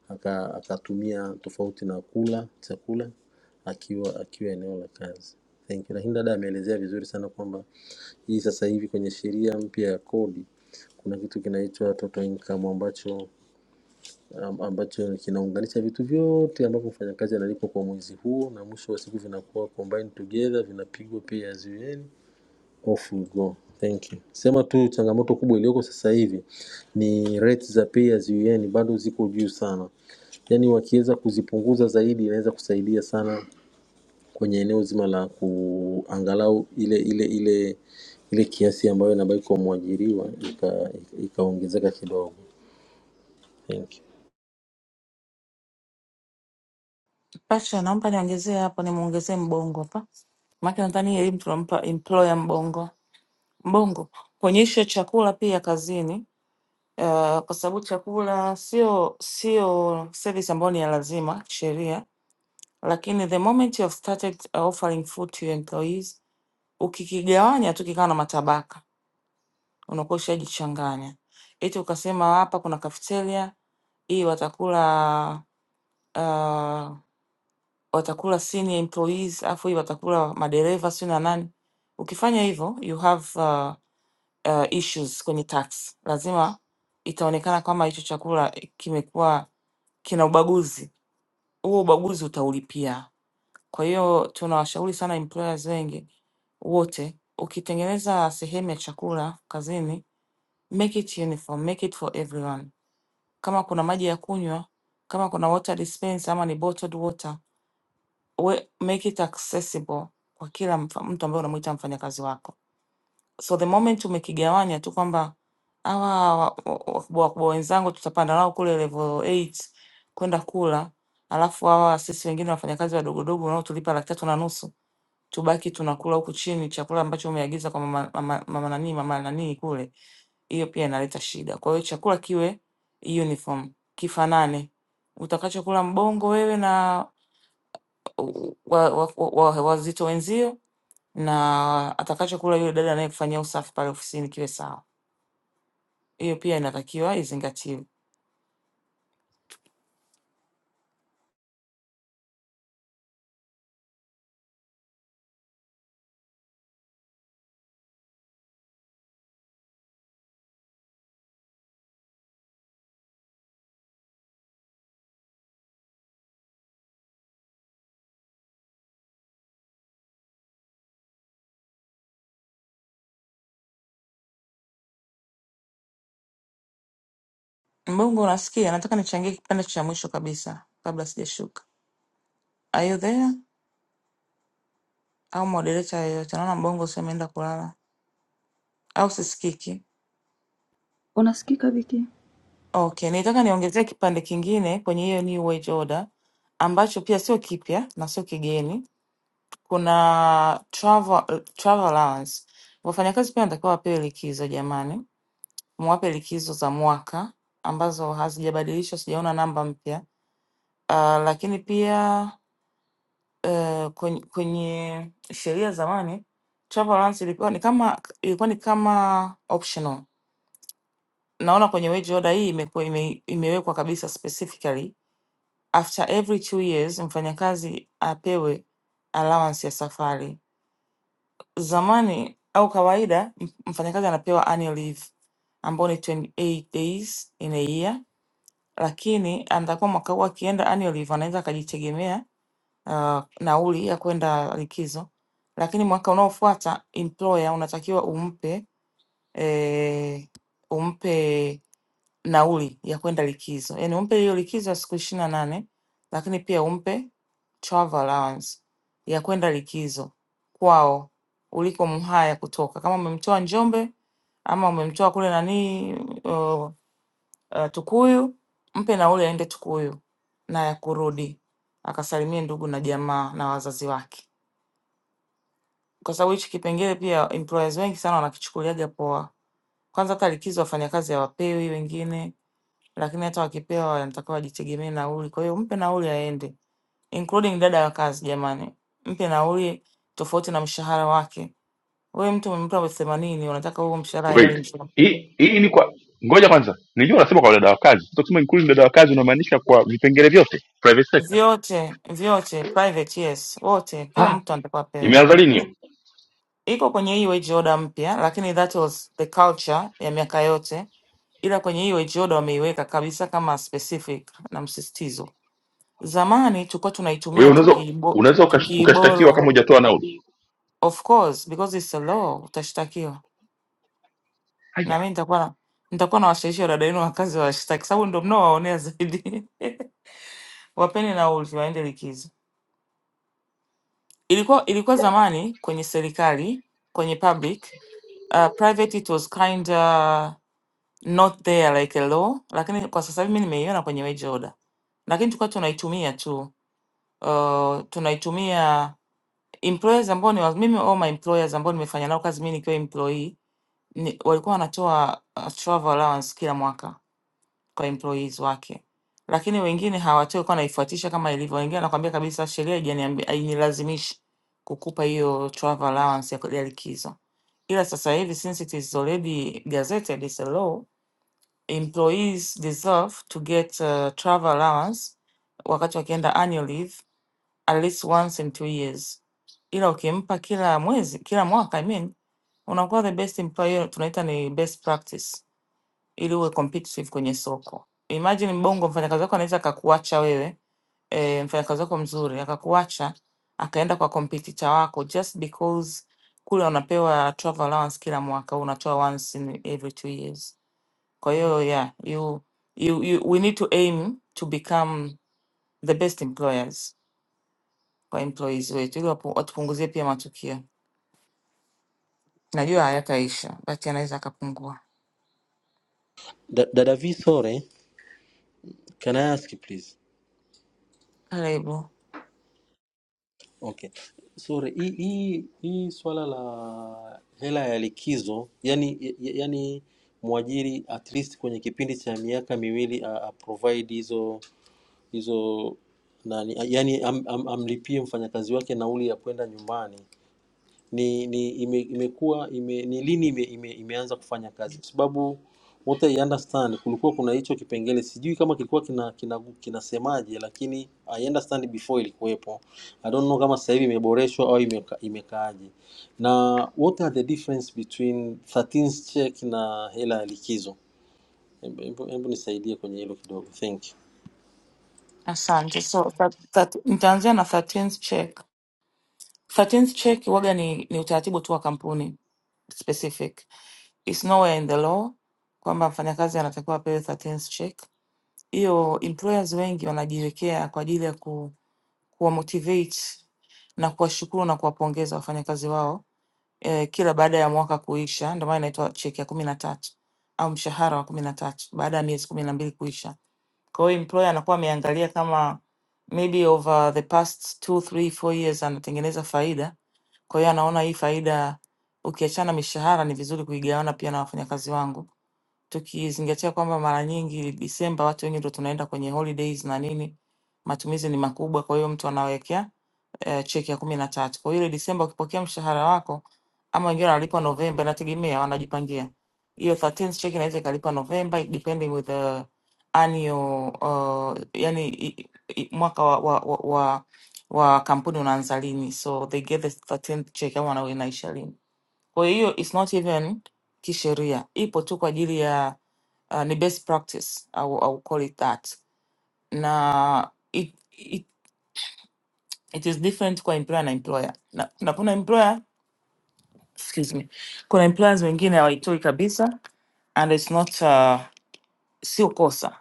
Speaker 9: aka- akatumia tofauti na kula chakula akiwa akiwa eneo la kazi. Thank you. Lakini dada ameelezea vizuri sana kwamba hii sasa hivi kwenye sheria mpya ya kodi kuna kitu kinaitwa total income ambacho am- ambacho kinaunganisha vitu vyote ambavyo mfanyakazi analipwa kwa mwezi huo, na mwisho wa siku vinakuwa combined together, vinapigwa pia ziweni, off we go. Thank you. Sema tu changamoto kubwa iliyoko sasa hivi ni rates za pay as you earn bado ziko juu sana, yaani wakiweza kuzipunguza zaidi inaweza kusaidia sana kwenye eneo zima la kuangalau ile ile ile ile kiasi ambayo inabaki kwa mwajiriwa ikaongezeka ika ikaongezeka kidogo. Thank you.
Speaker 8: Pasha, naomba niongezee hapo, nimuongezee mbongo hapa, maana nadhani elimu tunampa employer mbongo. Mbongo kuonyesha chakula pia kazini. Uh, kwa sababu chakula sio sio service ambayo ni ya lazima kisheria, lakini the moment you have started offering food to your employees ukikigawanya tu kikawa na matabaka unakuwa ushajichanganya, eti ukasema hapa kuna cafeteria hii watakula uh, watakula senior employees afu hii watakula madereva sio na nani. Ukifanya hivyo you have uh, uh, issues kwenye tax, lazima itaonekana kama hicho chakula kimekuwa kina ubaguzi. Huo ubaguzi utaulipia. Kwa hiyo tunawashauri sana employers wengi wote, ukitengeneza sehemu ya chakula kazini, make it uniform, make it for everyone. Kama kuna maji ya kunywa, kama kuna water dispenser ama ni bottled water, we, make it accessible kwa kila mfa- mtu ambaye unamuita mfanyakazi wako. So the moment umekigawanya tu kwamba hawa wa- wa- wakubwa wakubwa wenzangu tutapanda nao kule level 8 kwenda kula, alafu hawa sisi wengine wafanyakazi wadogodogo wanaotulipa laki tatu na nusu tubaki tunakula huku chini chakula ambacho umeagiza kwa mama, mama, mama nani mama nani kule, hiyo pia inaleta shida. Kwa hiyo chakula kiwe uniform, kifanane, utakachokula mbongo wewe na wazito wa, wa, wa, wa wazito wenzio na atakachokula yule dada anayekufanyia usafi pale ofisini kiwe sawa. Hiyo pia inatakiwa izingatiwe. Mbongo, unasikia? Nataka nichangie kipande cha mwisho kabisa kabla sijashuka. Are you there? Au moderator yeyote? Naona Mbongo sio ameenda kulala au sisikiki.
Speaker 6: Unasikika Viki?
Speaker 8: Okay, nitaka niongezee kipande kingine kwenye hiyo New Age Order ambacho pia sio kipya na sio kigeni. Kuna travel, travel allowance. Wafanyakazi pia wanatakiwa wapewe likizo jamani, mwape likizo za mwaka ambazo hazijabadilishwa, sijaona namba mpya. Uh, lakini pia uh, kwenye, kwenye sheria zamani travel allowance ilikuwa ni kama ilikuwa ni kama optional. Naona kwenye wage order hii imekuwa ime, imewekwa kabisa specifically after every two years mfanyakazi apewe allowance ya safari. Zamani au kawaida m- mfanyakazi anapewa annual leave ambao ni 28 days in a year, lakini atakuwa mwaka huu akienda annual leave anaweza akajitegemea uh, nauli ya kwenda likizo, lakini mwaka unaofuata employer unatakiwa umpe eh, umpe nauli ya kwenda likizo, yaani umpe hiyo likizo ya siku ishirini na nane lakini pia umpe travel allowance ya kwenda likizo kwao uliko Mhaya kutoka, kama umemtoa Njombe ama umemtoa kule nanii uh, uh, Tukuyu, mpe nauli aende Tukuyu na ya kurudi akasalimie ndugu na jamaa na wazazi wake, kwa sababu hichi kipengele pia employers wengi sana wanakichukuliaga poa. Kwanza hata likizo wafanyakazi hawapewi wengine, lakini hata wakipewa wanatakiwa wajitegemee nauli. Kwa hiyo mpe nauli aende, including dada wa kazi. Jamani, mpe nauli tofauti na mshahara wake. Wewe mtu umempa elfu themanini unataka huo mshahara aende
Speaker 4: wait
Speaker 8: nje?
Speaker 4: hii hii ni kwa ngoja kwanza nijua unasema kwa dada wa kazi tukisema including dada wa kazi unamaanisha kwa vipengele vyote private sector
Speaker 8: Vyote vyote private, yes, wote, kila
Speaker 4: ah
Speaker 8: mtu anatakiwa apewe.
Speaker 4: imeanza lini hiyo
Speaker 8: Iko kwenye hii wage order mpya, lakini that was the culture ya miaka yote, ila kwenye hii wage order wameiweka kabisa kama specific na msisitizo. Zamani tulikuwa
Speaker 4: kwa
Speaker 8: tunaitumia
Speaker 4: hiyo unaweza
Speaker 8: tukiibo- tu-
Speaker 4: unaweza ukash- ukashtakiwa
Speaker 8: tukiiboro
Speaker 4: kama hujatoa nauli
Speaker 8: Of course because it's a law utashtakiwa, na mimi nitakuwa na nitakuwa na washawishi wadada wenu wakazi washtaki, sababu ndo mnaowaonea zaidi. Wapeni nauli, waende likizo. Ilikuwa ilikuwa zamani kwenye serikali, kwenye public uh, private it was kind not there like a law, lakini kwa sasa hivi mimi nimeiona kwenye wage order, lakini tulikuwa tunaitumia tu uh, tunaitumia employers ambao ni wa- mimi all my employers ambao nimefanya nao kazi mimi nikiwa employee ni, walikuwa wanatoa uh, travel allowance kila mwaka kwa employees wake, lakini wengine hawatoi, walikuwa wanaifuatisha kama ilivyo. Wengine anakwambia kabisa sheria haijaniambi- hainilazimishi kukupa hiyo travel allowance ya ya likizo, ila sasa hivi since it is already gazetted as a law employees deserve to get uh, travel allowance wakati wakienda annual leave at least once in two years, ila ukimpa kila mwezi, kila mwaka I mean, unakuwa the best employer, tunaita ni best practice, ili uwe competitive kwenye soko. Imagine Bongo, mfanyakazi wako anaweza akakuacha wewe e, mfanyakazi wako mzuri akakuacha akaenda kwa competitor wako just because kule unapewa travel allowance kila mwaka, wewe unatoa once in every two years. Kwa hiyo yeah, you, you, you, we need to aim to become the best employers kwa employees wetu ili wapu- watupunguzie pia matukio. Najua hayataisha but yanaweza akapungua.
Speaker 9: Da- Dada V, sorry Can I ask you please?
Speaker 8: Karibu,
Speaker 9: Okay. Sorry, hii hii hii swala la hela ya likizo, yani ya- yani mwajiri at least kwenye kipindi cha miaka miwili a, a provide hizo hizo nani, yani am, am, amlipie mfanyakazi wake nauli ya kwenda nyumbani ni ni ime, imekuwa ime, ni lini ime, ime, imeanza kufanya kazi, kwa sababu what I understand kulikuwa kuna hicho kipengele, sijui kama kilikuwa kina kina kinasemaje, lakini I understand before ilikuwepo. I don't know kama sasa hivi imeboreshwa au imeka, imekaaje. Na what are the difference between 13th check na hela ya likizo? Hebu hebu- hebu nisaidie kwenye hilo kidogo, thank you.
Speaker 8: asante. So that, that, nitaanzia na 13th check. 13th check waga ni, ni utaratibu tu wa kampuni specific, it's nowhere in the law kwamba mfanyakazi anatakiwa apewe 13th check. Hiyo employers wengi wanajiwekea kwa ajili ya ku, kuwa motivate na kuwashukuru na kuwapongeza wafanyakazi wao eh, kila baada ya mwaka kuisha, ndio maana inaitwa cheki ya kumi na tatu au mshahara wa kumi na tatu baada ya miezi kumi na mbili kuisha. Kwa hiyo employer anakuwa ameangalia kama maybe over the past two, three, four years anatengeneza faida. Kwa hiyo anaona hii faida ukiachana mishahara, ni vizuri kuigawana pia na wafanyakazi wangu tukizingatia kwamba mara nyingi Disemba watu wengi ndo tunaenda kwenye holidays na nini, matumizi ni makubwa. Kwa hiyo mtu anawekea eh, cheki ya kumi na tatu. Kwa hiyo ile Disemba ukipokea mshahara wako, ama wengine wanalipa Novemba, inategemea wanajipangia. Hiyo 13th check inaweza ikalipa Novemba depending with the annual uh, yani i, i, mwaka wa, wa, wa, wa wa kampuni unaanza lini, so they get the 13th check ama wana- inaisha lini. Kwa hiyo it's not even kisheria, ipo tu kwa ajili ya uh, ni best practice, I will, I will call it that, na it, it, it is different kwa employer na employer na, na kuna employer excuse me, kuna employers wengine hawaitoi kabisa and it's not uh, sio kosa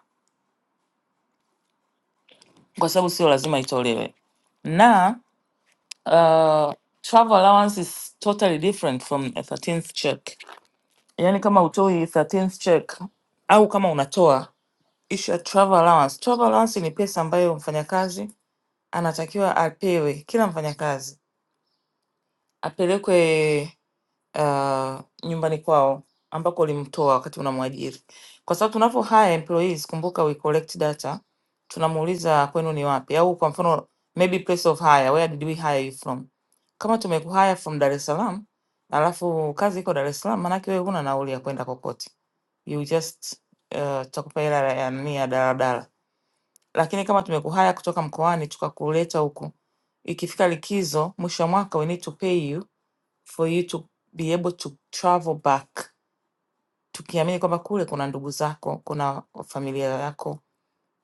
Speaker 8: kwa sababu sio lazima itolewe na uh, travel allowance is totally different from a 13th check. Yani kama utoi 13th check au kama unatoa issue ya travel allowance. Travel allowance ni pesa ambayo mfanyakazi anatakiwa apewe, kila mfanyakazi apelekwe uh, nyumbani kwao ambako ulimtoa wakati unamwajiri, kwa sababu tunapo hire employees, kumbuka we collect data, tunamuuliza kwenu ni wapi, au kwa mfano maybe place of hire, where did we hire you from. Kama tumekuhire from Dar es Salaam alafu kazi iko Dar es Salaam, maanake wewe huna nauli ya kwenda kokote, you just uh, tutakupa hela ya nani ya daladala lakini kama tumekuhaya kutoka mkoani tukakuleta huku, ikifika likizo mwisho wa mwaka, we need to pay you for you to be able to travel back, tukiamini kwamba kule kuna ndugu zako, kuna familia yako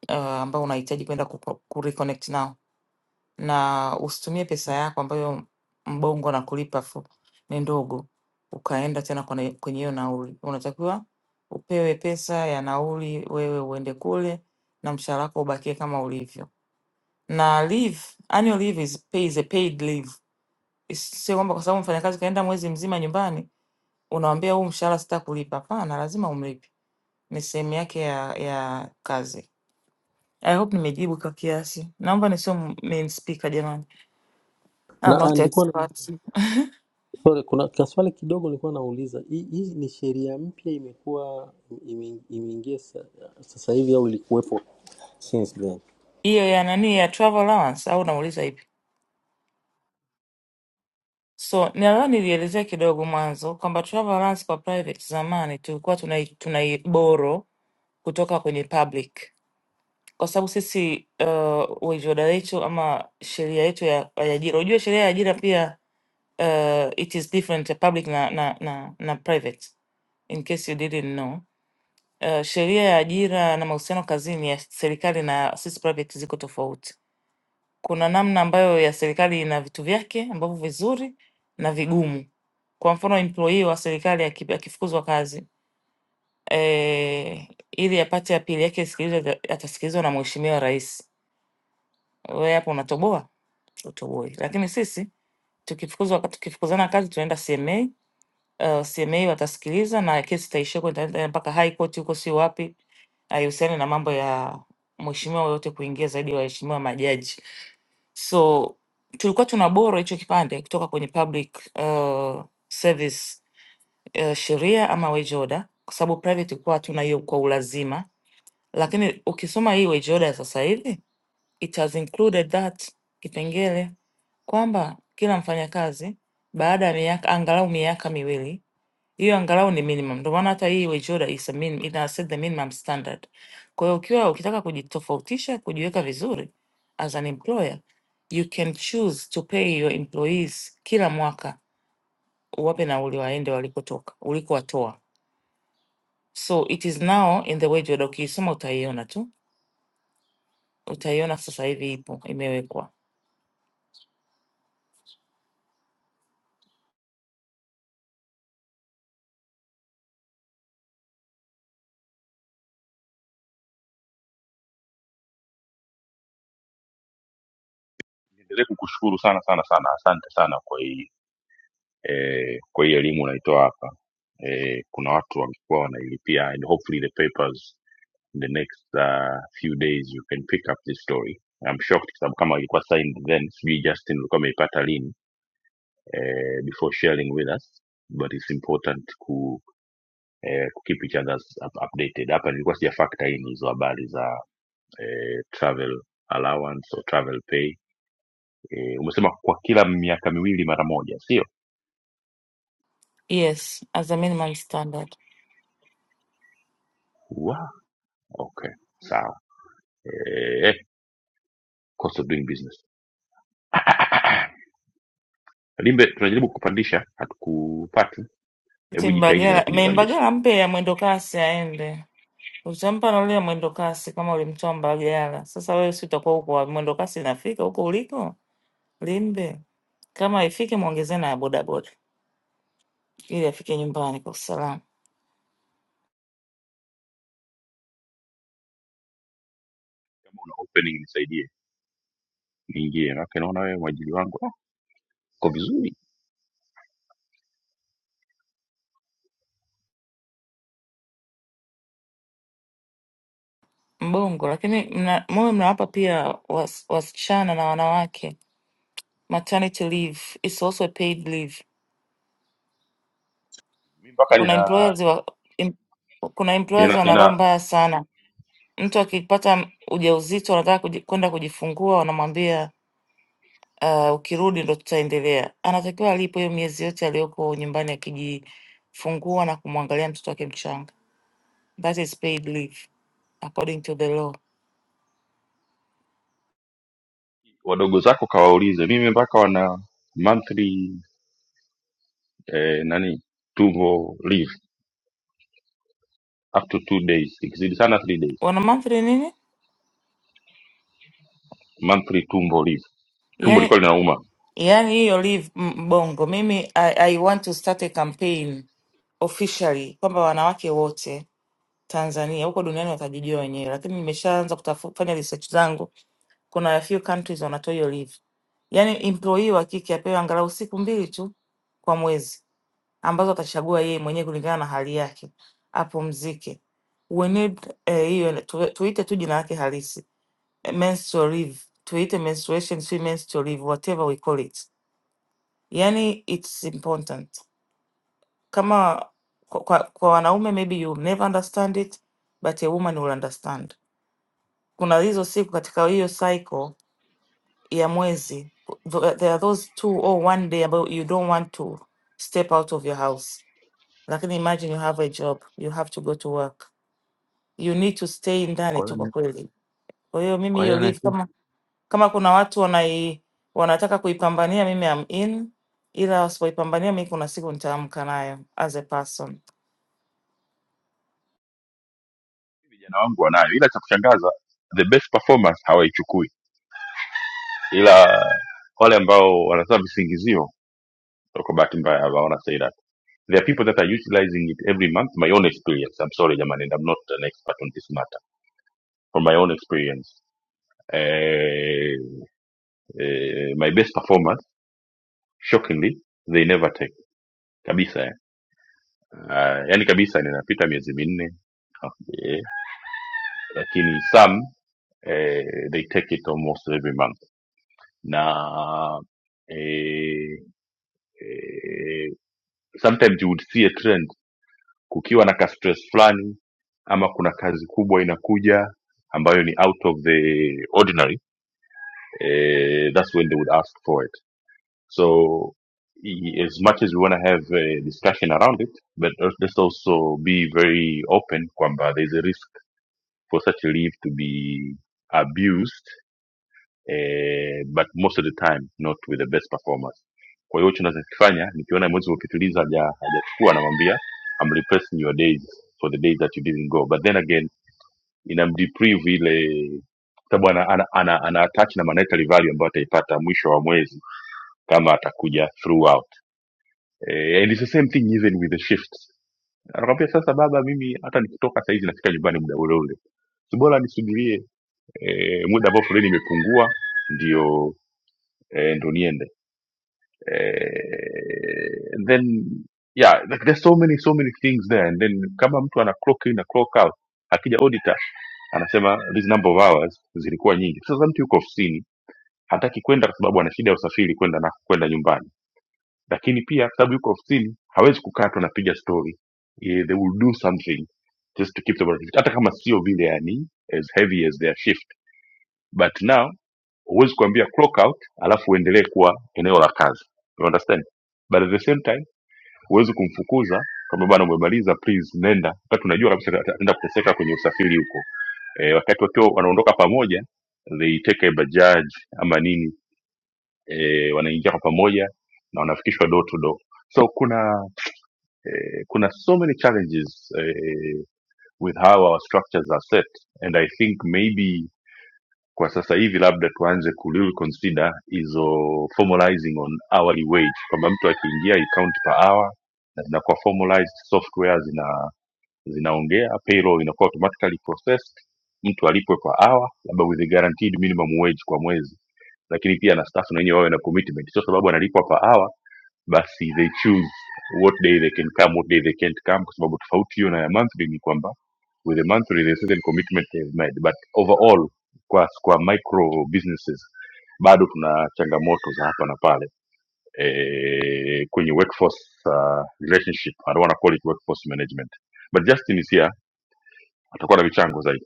Speaker 8: uh, ambao unahitaji kwenda ku ku- reconnect nao, na usitumie pesa yako ambayo mbongo na kulipa fu, ni ndogo ukaenda tena kwenye kwenye hiyo nauli. Unatakiwa upewe pesa ya nauli, wewe uende kule na mshahara wako ubakie kama ulivyo na leave annual leave is pay, is a paid leave. Is- Sio kwamba kwa sababu mfanyakazi kaenda mwezi mzima nyumbani unamwambia huu mshahara sita kulipa. Hapana, lazima umlipe, ni sehemu yake ya ya kazi. I hope nimejibu kwa kiasi, naomba nisio m- main speaker jamani, I'm
Speaker 9: Na ah,
Speaker 8: not
Speaker 9: nilikuwa na
Speaker 8: expert.
Speaker 9: Sorry, kuna kaswali kidogo nilikuwa nauliza. Hii hii ni sheria mpya imekuwa ime- imeingia sa- sasa hivi au ilikuwepo since then?
Speaker 8: Hiyo ya nani ya travel allowance au unauliza ipi? So nadhani nilielezea kidogo mwanzo kwamba travel allowance kwa private zamani tulikuwa tunai tunai borrow kutoka kwenye public kwa sababu sisi uh, waivyoda wetu ama sheria yetu ya ya ajira, unajua sheria ya ajira pia uh, it is different ya public na, na, na, na private in case you didn't know. Uh, sheria ya ajira na mahusiano kazini ya serikali na sisi private ziko tofauti. Kuna namna ambayo ya serikali ina vitu vyake ambavyo vizuri na vigumu. Kwa mfano employee wa serikali aki- akifukuzwa kazi eh, ili apate apili yake isikilizwe, atasikilizwa na mheshimiwa rais Wewe hapo unatoboa? Utoboi. Lakini sisi tukifukuzwa tukifukuzana kazi tunaenda CMA. Uh, CMA watasikiliza na kesi itaishia huko, itaenda mpaka High Court huko, sio wapi. Haihusiani na mambo ya mheshimiwa yoyote kuingia zaidi ya waheshimiwa majaji. So tulikuwa tuna boro hicho kipande kutoka kwenye public uh, service uh, sheria ama wage order, kwa sababu private ilikuwa hatuna hiyo kwa ulazima, lakini ukisoma hii wage order ya sasa hivi it has included that kipengele kwamba kila mfanyakazi baada ya miaka angalau miaka miwili, hiyo angalau ni minimum. Ndio maana hata hii WEJORA is a min, ina set the minimum standard. Kwa hiyo ukiwa ukitaka kujitofautisha, kujiweka vizuri as an employer, you can choose to pay your employees kila mwaka, uwape nauli waende walikotoka, ulikowatoa. So it is now in the WEJORA, ukiisoma utaiona tu, utaiona sasa hivi ipo imewekwa.
Speaker 4: niendelee kukushukuru sana sana sana asante sana kwa hii eh, kwa hii elimu unaitoa hapa eh, kuna watu wamekuwa wanailipia and hopefully the papers in the next uh, few days you can pick up this story I'm shocked kwa sababu kama ilikuwa signed then sijui Justin ulikuwa ameipata lini eh, before sharing with us but it's important ku eh, ku keep each others up updated hapa nilikuwa sija factor in hizo habari za eh, travel allowance or travel pay eh, umesema kwa kila miaka miwili mara moja sio
Speaker 8: Yes, as a minimum standard.
Speaker 4: Wow. Okay, sawa. Eh, cost of doing business. Limbe, tunajaribu kukupandisha, hatukupati. Hebu
Speaker 8: Eti
Speaker 4: jitahidi na wewe
Speaker 8: Mbagala, me
Speaker 4: kujipandisha.
Speaker 8: Mbagala mpe ya mwendo kasi aende. Utampa nauli ya mwendo kasi kama ulimtoa Mbagala. Sasa wewe si utakuwa huko wa- mwendo kasi inafika huko uliko? Limbe. Kama ifike muongezee na ya bodaboda ili afike nyumbani kwa usalama.
Speaker 4: Una opening nisaidie, niingie. Maana naona wewe mwajili wangu ah, uko vizuri.
Speaker 8: Mbongo, lakini mna, muwe mnawapa pia was, wasichana na wanawake maternity leave is also a paid leave.
Speaker 4: Mimi mpaka
Speaker 8: Kuna
Speaker 4: nina,
Speaker 8: employers wa, em, kuna employers
Speaker 4: nina
Speaker 8: wana roho
Speaker 4: nina
Speaker 8: mbaya sana Mtu akipata m- ujauzito anataka kuji, kwenda kujifungua, wanamwambia uh, ukirudi ndo tutaendelea. Anatakiwa alipo hiyo miezi yote aliyoko nyumbani akijifungua na kumwangalia mtoto wake mchanga. That is paid leave according to the law.
Speaker 4: wadogo zako kawaulize. Mimi mpaka wana monthly eh, nani? Tumbo leave up to two days. Ikizidi sana three days.
Speaker 8: Wana monthly nini?
Speaker 4: Monthly tumbo leave. Tumbo
Speaker 8: Yani,
Speaker 4: liko linauma.
Speaker 8: yani hiyo leave m- mbongo. Mimi I, I want to start a campaign officially kwamba wanawake wote Tanzania huko duniani watajijua wenyewe, lakini nimeshaanza kutafu- kufanya research zangu kuna a few countries wanatoa hiyo leave, yaani employee wa kike apewe angalau siku mbili tu kwa mwezi ambazo atachagua yeye mwenyewe kulingana na hali yake apumzike. We need eh, hiyo tu- tuite tu jina lake halisi eh, menstrual leave, tuite menstruation, si menstrual leave, whatever we call it, yani it's important. Kama kwa, kwa, kwa wanaume maybe you never understand it but a woman will understand. Kuna hizo siku katika hiyo cycle ya mwezi tho- there are those two or one day about you don't want to step out of your house lakini imagine you have a job you have to go to work you need to stay ndani
Speaker 10: Kwa hiyo
Speaker 8: tu kwa
Speaker 10: ni-
Speaker 8: kweli kwa hiyo mimi
Speaker 10: kwa hiyo
Speaker 8: hiyo leave
Speaker 10: ni-
Speaker 8: kama kama kuna watu wanai wanataka kuipambania mimi am in ila wasipoipambania mi kuna siku nitaamka nayo as a person
Speaker 4: vijana wangu wanayo ila cha kushangaza the best performance hawaichukui ila wale ambao wanatoa visingizio kwa bahati mbaya hawaona faida there are people that are utilizing it every month my own experience i'm sorry jamani and i'm not an expert on this matter from my own experience eh, eh, my best performance shockingly they never take kabisa eh. Ah, yani kabisa ninapita miezi minne Ah, eh, lakini some eh, they take it almost every month na eh, eh, sometimes you would see a trend kukiwa na ka stress fulani ama kuna kazi kubwa inakuja ambayo ni out of the ordinary eh, that's when they would ask for it so i- as much as we want to have a discussion around it but let's also be very open kwamba there's a risk for such a leave to be abused eh, but most of the time not with the best performers. Kwa hiyo hicho nachokifanya nikiona mwezi ukituliza haja- hajachukua, namwambia I'm replacing your days for the days that you didn't go, but then again inamdeprive ile sababu ana, ana, ana, ana attach na monetary value ambayo ataipata mwisho wa mwezi kama atakuja throughout. Eh, and it's the same thing even with the shifts. Anakwambia sasa, baba, mimi hata nikitoka saa hizi nafika nyumbani muda ule ule, si bora nisubirie eh, muda ambao foleni imepungua ndio eh, ndo niende eh, and then yeah like there's so many so many things there and then kama mtu ana clock in na clock out akija auditor anasema this number of hours zilikuwa nyingi sasa mtu yuko ofisini hataki kwenda kwa sababu ana shida ya usafiri kwenda na kwenda nyumbani lakini pia kwa sababu yuko ofisini hawezi kukaa tu anapiga story Eh, they will do something just to keep the productivity hata kama sio vile yani as heavy as their shift but now huwezi kuambia clock out alafu uendelee kuwa eneo la kazi you understand but at the same time huwezi kumfukuza kwamba bana umemaliza please nenda wakati unajua kabisa ataenda kuteseka kwenye usafiri huko e, wakati wakiwa wanaondoka pamoja they take a bajaj ama nini e, wanaingia kwa pamoja na wanafikishwa door to door so kuna eh, kuna so many challenges eh, with how our structures are set and i think maybe kwa sasa hivi labda tuanze ku really consider hizo formalizing on hourly wage kwamba mtu akiingia you count per hour na zinakuwa formalized software zina zinaongea payroll inakuwa automatically processed mtu alipwe kwa hour labda with a guaranteed minimum wage kwa mwezi lakini pia na staff na wenyewe wawe na commitment sio sababu analipwa kwa hour basi they choose what day they can come what day they can't come kwa sababu tofauti hiyo na ya monthly ni kwamba with a monthly there's certain commitment they've made but overall kwa, kwa micro businesses bado tuna changamoto za hapa na pale eh, kwenye workforce uh, relationship i don't want to call it workforce management but justin is here atakuwa na michango zaidi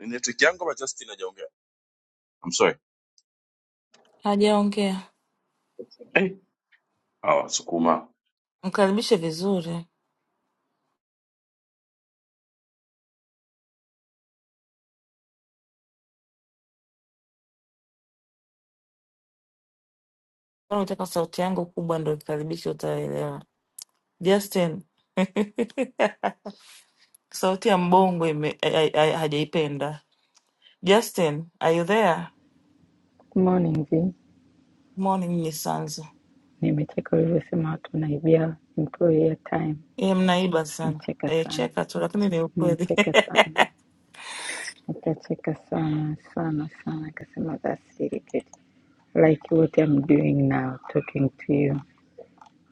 Speaker 4: network yangu ama Justin hajaongea I'm sorry
Speaker 8: hajaongea
Speaker 4: eh hawa sukuma
Speaker 8: mkaribishe vizuri kama unataka sauti yangu kubwa ndo ikaribishe utaelewa justin sauti ya mbongo ime- ai- ai- ai- hajaipenda Justin, are you there?
Speaker 11: Good morning V.
Speaker 8: Morning Nisanzo.
Speaker 11: Nimecheka ulivyosema watu wanaibia employee time.
Speaker 8: Yeye mnaiba sana.
Speaker 11: Nimecheka sana,
Speaker 8: Alicheka tu lakini ni ukweli.
Speaker 11: nimecheka sana, nitacheka sana sana sana. Akasema that's irritating, like what I'm doing now, talking to you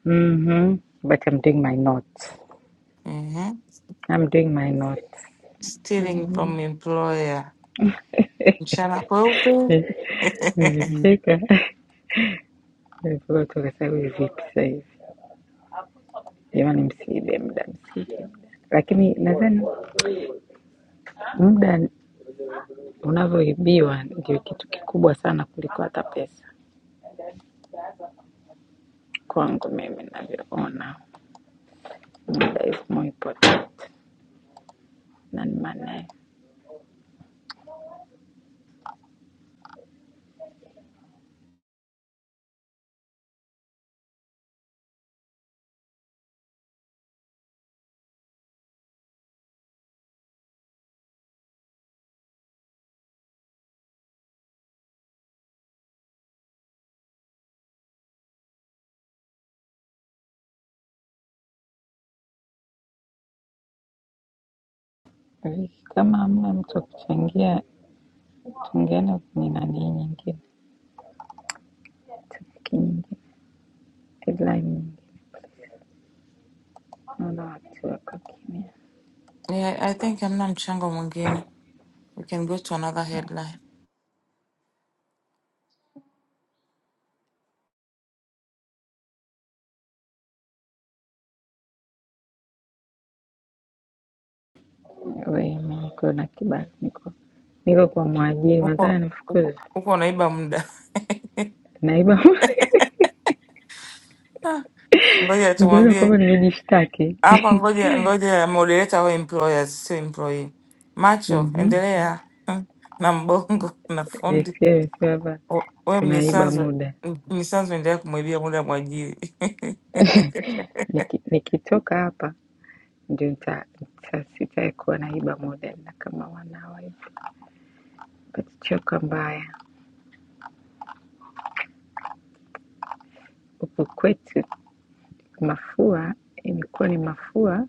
Speaker 11: mm-hmm. but I'm doing my notes,
Speaker 8: Mhm.
Speaker 11: I'm doing my notes
Speaker 8: Stealing
Speaker 11: mm-hmm.
Speaker 8: from employer. Mchana kweupe.
Speaker 11: Nimecheka nilipokuwa toka sasa hivi vipi sasa hivi jamani, msiibe muda, msiibe muda, lakini nadhani muda. unavyoibiwa ndio kitu kikubwa sana kuliko hata pesa kwangu mimi navyoona muda is more important than money Vicky, kama hamna mtu wa kuchangia tungeenda kwenye nani nyingine topiki nyingine headline nyingine naona watu wako kimya
Speaker 8: Yeah, I think hamna mchango mwingine. We can go to another headline.
Speaker 11: we mimi niko na kibali niko niko kwa mwajiri nataka
Speaker 8: Uko uko
Speaker 11: nifukuze
Speaker 8: uko unaiba muda.
Speaker 11: naiba
Speaker 8: Ah, Ngoja
Speaker 11: ujaona
Speaker 8: tumwambie
Speaker 11: kwamba nimejishtaki
Speaker 8: hapa, ngoja ngoja moderator wa employers sio employee. Macho,
Speaker 11: Mhm.
Speaker 8: endelea na mbongo na
Speaker 11: JCA
Speaker 8: fundi.
Speaker 11: amesema hapa
Speaker 8: O- We
Speaker 11: tunaiba
Speaker 8: mnyisanzu,
Speaker 11: muda
Speaker 8: m- mnyisanzu endelea kumwibia muda mwajiri.
Speaker 11: Niki, nikitoka hapa ndio nita, nita, sitawahi kuona hii modern na kama wanawa hivi. Patichoka mbaya huku kwetu, mafua imekuwa ni mafua.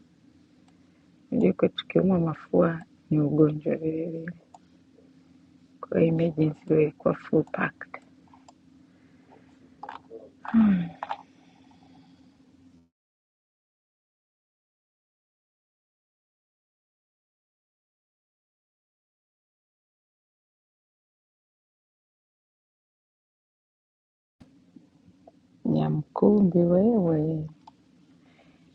Speaker 11: Unajua kwetu tukiumwa mafua ni ugonjwa vile vile, kwa hiyo emergency wewe ilikuwa full packed. Nyamkumbi wewe,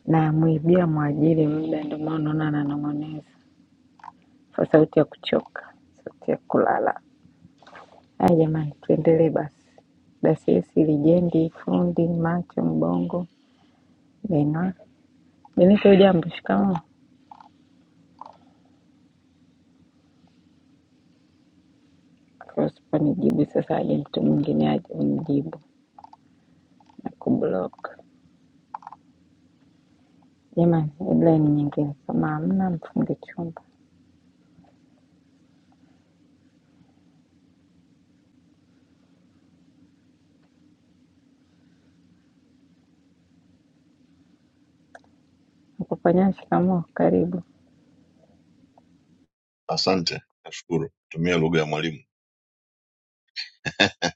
Speaker 11: namwibia mwajiri muda, ndio maana unaona ananong'oneza kwa sauti ya kuchoka, sauti ya kulala. Haya jamani, tuendelee basi. Dasiesi, lijendi, fundi, macho, mbongo, Benwa. Benito, ujambo? Shikamoo. Usiponijibu sasa, aje mtu mwingine aje unijibu na kublock. Jamani, headline nyingine kama hamna, mfunge chumba. Nakufanya shikamoo, karibu.
Speaker 12: Asante, nashukuru kutumia lugha ya mwalimu.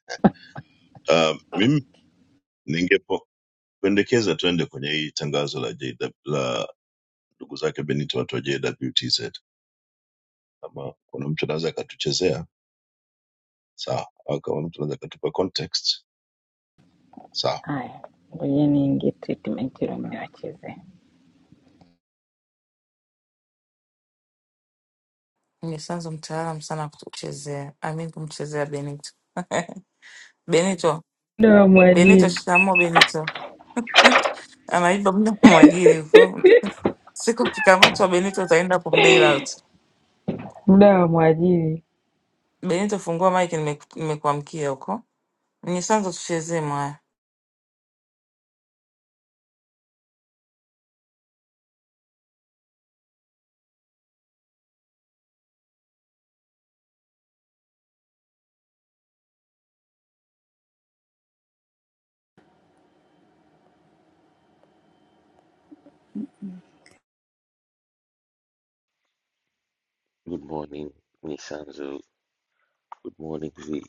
Speaker 12: Uh, mimi ningependekeza tuende kwenye hii tangazo la JW, la ndugu zake Benito watu wa JWTZ. Kama kuna mtu anaweza akatuchezea sawa, au kama mtu anaweza akatupa context sawa.
Speaker 11: Haya, ngojeni ingie treatment ile mniwachezee.
Speaker 8: Mnyisanzu mtaalamu sana kutuchezea, amin kumchezea Benito. Benito,
Speaker 11: Muda wa
Speaker 8: Benito,
Speaker 11: mwajiri,
Speaker 8: shikamo Benito. Anaiba muda wa mwajiri huko. Siku ukikamatwa Benito utaenda kumbail out.
Speaker 11: muda wa mwajiri.
Speaker 8: Benito, fungua mic, nimeku- nimekuamkia huko. Mnyisanzu tuchezee mwaya.
Speaker 13: Good morning, Misanzo. Good morning. Vi-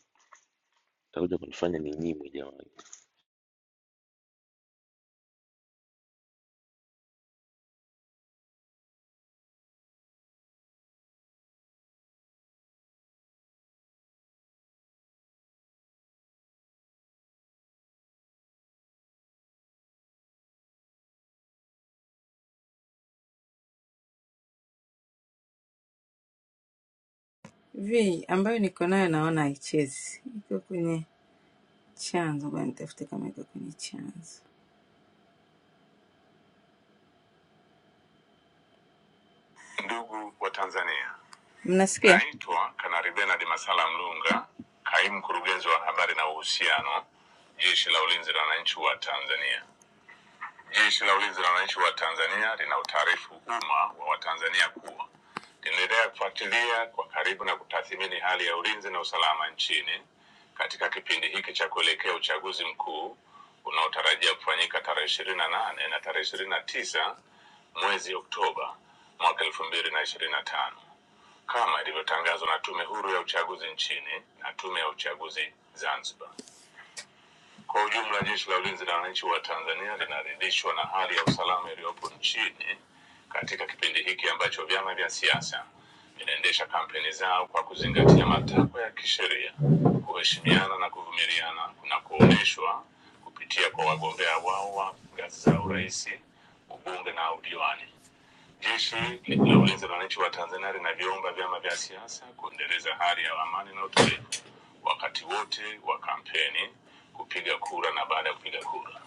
Speaker 13: Takuja kunifanya ninyimwe jamani.
Speaker 11: vi ambayo niko nayo naona haichezi, iko kwenye chanzo. Ngoja nitafute kama iko kwenye chanzo. Ndugu wa Tanzania, Mnasikia? naitwa Kanari Benard Masala Mlunga, kaimu mkurugenzi wa habari na uhusiano, Jeshi la Ulinzi la Wananchi wa Tanzania. Jeshi la Ulinzi la Wananchi wa Tanzania lina utaarifu umma wa Watanzania kuwa linaendelea kufuatilia kwa karibu na kutathmini hali ya ulinzi na usalama nchini katika kipindi hiki cha kuelekea uchaguzi mkuu unaotarajia kufanyika tarehe ishirini na nane na tarehe ishirini na tisa mwezi Oktoba mwaka elfu mbili na ishirini na tano kama ilivyotangazwa na Tume Huru ya Uchaguzi nchini na Tume ya Uchaguzi Zanzibar. Kwa ujumla, Jeshi la Ulinzi la Wananchi wa Tanzania linaridhishwa na hali ya usalama iliyopo nchini katika kipindi hiki ambacho vyama vya siasa vinaendesha kampeni zao kwa kuzingatia matakwa ya kisheria, kuheshimiana na kuvumiliana na kuonyeshwa kupitia kwa wagombea wao wa ngazi za urais, ubunge na udiwani. Jeshi la Ulinzi la Wananchi wa Tanzania linaviomba vyama vya siasa kuendeleza hali ya amani na utulivu wakati wote wa kampeni, kupiga kura na baada ya kupiga kura.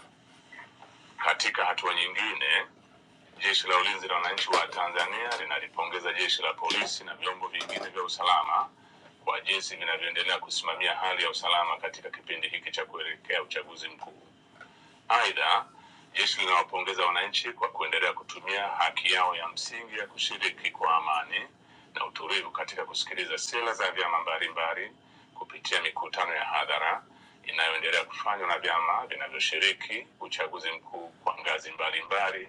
Speaker 11: Katika hatua nyingine, Jeshi la Ulinzi la Wananchi wa Tanzania linalipongeza jeshi la polisi na vyombo vingine vya usalama kwa jinsi vinavyoendelea kusimamia hali ya usalama katika kipindi hiki cha kuelekea uchaguzi mkuu. Aidha, jeshi linawapongeza wananchi kwa kuendelea kutumia haki yao ya msingi ya kushiriki kwa amani na utulivu katika kusikiliza sera za vyama mbalimbali kupitia mikutano ya hadhara inayoendelea kufanywa na vyama vinavyoshiriki uchaguzi mkuu kwa ngazi mbalimbali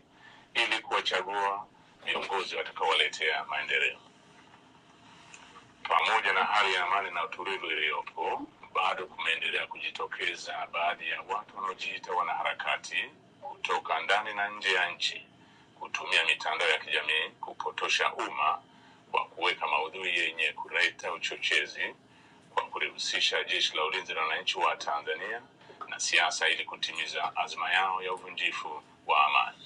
Speaker 11: ili kuwachagua viongozi watakaowaletea maendeleo. Pamoja na hali ya amani na utulivu iliyopo, bado kumeendelea kujitokeza baadhi ya watu wanaojiita wanaharakati kutoka ndani na nje ya nchi kutumia mitandao ya kijamii kupotosha umma kwa kuweka maudhui yenye kuleta uchochezi kwa kulihusisha Jeshi la Ulinzi la Wananchi wa Tanzania na siasa ili kutimiza azma yao ya uvunjifu wa amani.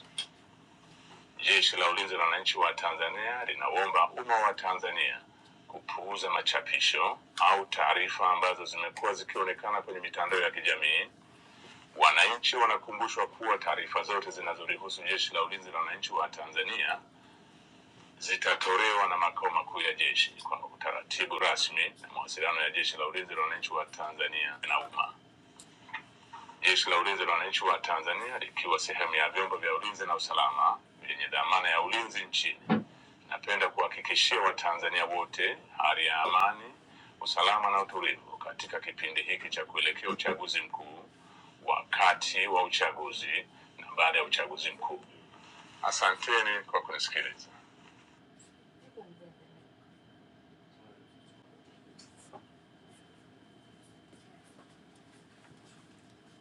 Speaker 11: Jeshi la Ulinzi la Wananchi wa Tanzania linaomba umma wa Tanzania kupuuza machapisho au taarifa ambazo zimekuwa zikionekana kwenye mitandao ya kijamii. Wananchi wanakumbushwa kuwa taarifa zote zinazolihusu Jeshi la Ulinzi la Wananchi wa Tanzania zitatolewa na makao makuu ya jeshi kwa utaratibu rasmi na mawasiliano ya Jeshi la Ulinzi la Wananchi wa Tanzania na umma. Jeshi la Ulinzi la Wananchi wa Tanzania likiwa sehemu ya vyombo vya ulinzi na usalama vyenye dhamana ya ulinzi nchini, napenda kuhakikishia Watanzania wote hali ya amani, usalama na utulivu katika kipindi hiki cha kuelekea uchaguzi mkuu, wakati wa uchaguzi na baada ya uchaguzi mkuu. Asanteni kwa kunisikiliza.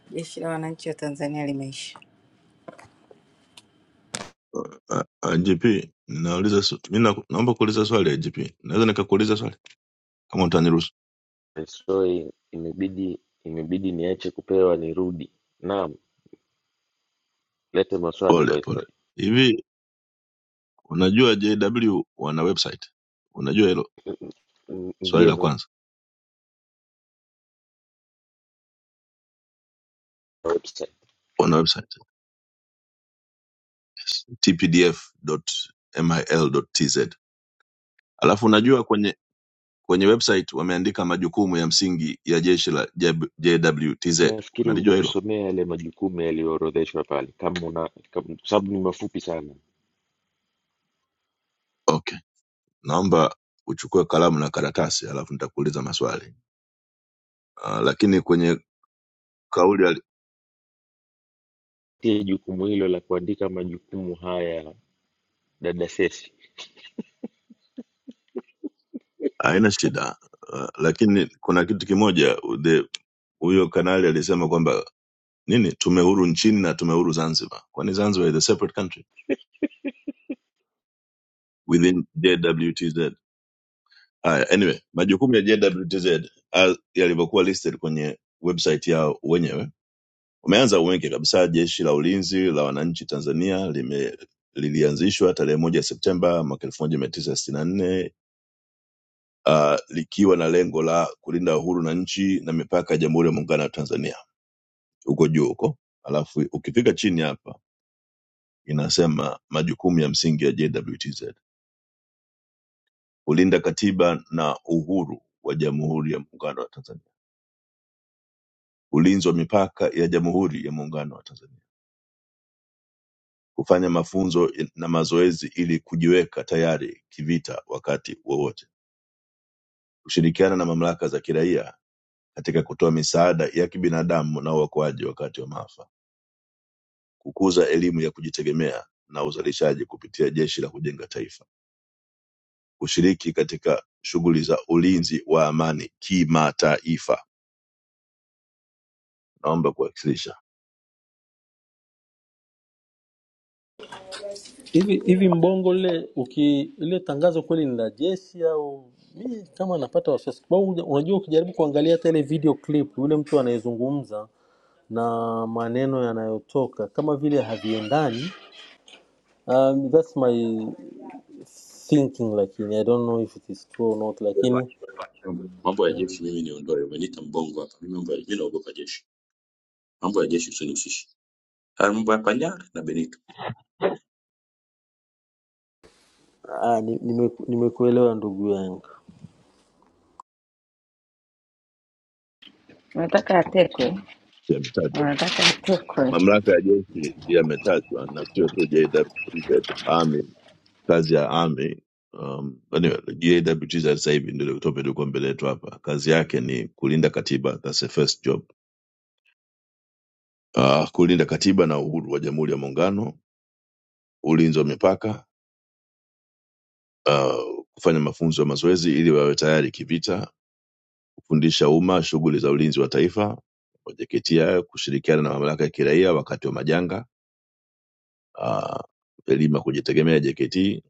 Speaker 11: Jeshi la Wananchi wa Tanzania limeisha.
Speaker 12: Uh, uh, GP nauliza, swa- mi na, naomba kuuliza swali ya GP, naweza nikakuuliza swali kama utaniruhusu?
Speaker 13: Sorry, imebidi imebidi niache kupewa nirudi. Naam, lete maswali
Speaker 12: Pole pole.
Speaker 13: Viceroy.
Speaker 12: Hivi unajua JW wana website? Unajua hilo
Speaker 13: N-
Speaker 12: swali
Speaker 13: Ndio
Speaker 12: la
Speaker 13: za
Speaker 12: kwanza,
Speaker 13: website.
Speaker 12: wana website? tpdf.mil.tz. Alafu unajua kwenye kwenye website wameandika majukumu ya msingi ya jeshi la JB JWTZ.
Speaker 13: Nafikiri
Speaker 12: Unalijua hilo?
Speaker 13: ungetusomea yale majukumu yaliyoorodheshwa pale kama una kama, kwa sababu ni mafupi sana.
Speaker 12: Okay, naomba uchukue kalamu na karatasi, alafu nitakuuliza maswali uh, lakini kwenye kauli ali-
Speaker 13: Tie jukumu hilo la kuandika majukumu haya dada Sesi.
Speaker 12: haina shida uh, lakini kuna kitu kimoja the huyo kanali alisema kwamba nini tume huru nchini na tume huru Zanzibar. Kwani Zanzibar is a separate country within JWTZ? Haya, anyway, majukumu ya JWTZ as- yalivyokuwa listed kwenye website yao wenyewe, wameanza wengi kabisa. Jeshi la Ulinzi la Wananchi Tanzania lime lilianzishwa tarehe moja Septemba mwaka elfu moja mia tisa sitini na nne uh, likiwa na lengo la kulinda uhuru na nchi na mipaka ya Jamhuri ya Muungano wa Tanzania huko juu huko, alafu ukifika chini hapa inasema majukumu ya msingi ya JWTZ: kulinda katiba na uhuru wa Jamhuri ya Muungano wa Tanzania ulinzi wa mipaka ya Jamhuri ya Muungano wa Tanzania kufanya mafunzo na mazoezi ili kujiweka tayari kivita wakati wowote, kushirikiana na mamlaka za kiraia katika kutoa misaada ya kibinadamu na uokoaji wakati wa maafa, kukuza elimu ya kujitegemea na uzalishaji kupitia Jeshi la Kujenga Taifa, kushiriki katika shughuli za ulinzi wa amani kimataifa. Naomba kuwasilisha
Speaker 9: Hivi hivi Mbongo ile uki ile tangazo kweli ni la jeshi au mi kama napata wasiwasi kwa sababu uja- unajua ukijaribu kuangalia hata ile video clip yule mtu anayezungumza na maneno yanayotoka kama vile haviendani. Um, that's my thinking lakini I don't know if it is true or not lakini
Speaker 4: mambo ya jeshi mimi niondoe umeniita mbongo hapa mimi mambo ya mimi naogopa jeshi harmonic
Speaker 9: ah, nimekuelewa ni- nime- nimekuelewa ndugu yangu.
Speaker 11: Wanataka atekwe,
Speaker 12: yametajwa,
Speaker 11: wanataka atekwe.
Speaker 12: mamlaka ya jeshi yametajwa na sio tu JWTZ, kazi ya army um, anyway, JWTZ sasa hivi ndio topic ilikuwa mbele yetu hapa. Kazi yake ni kulinda katiba, that's the first job. Uh, kulinda katiba na uhuru wa Jamhuri ya Muungano, ulinzi wa mipaka, uh, kufanya mafunzo ya mazoezi ili wawe tayari kivita, kufundisha umma shughuli za ulinzi wa taifa, JKT hayo, kushirikiana na mamlaka ya kiraia wakati wa majanga, uh, elimu ya kujitegemea JKT,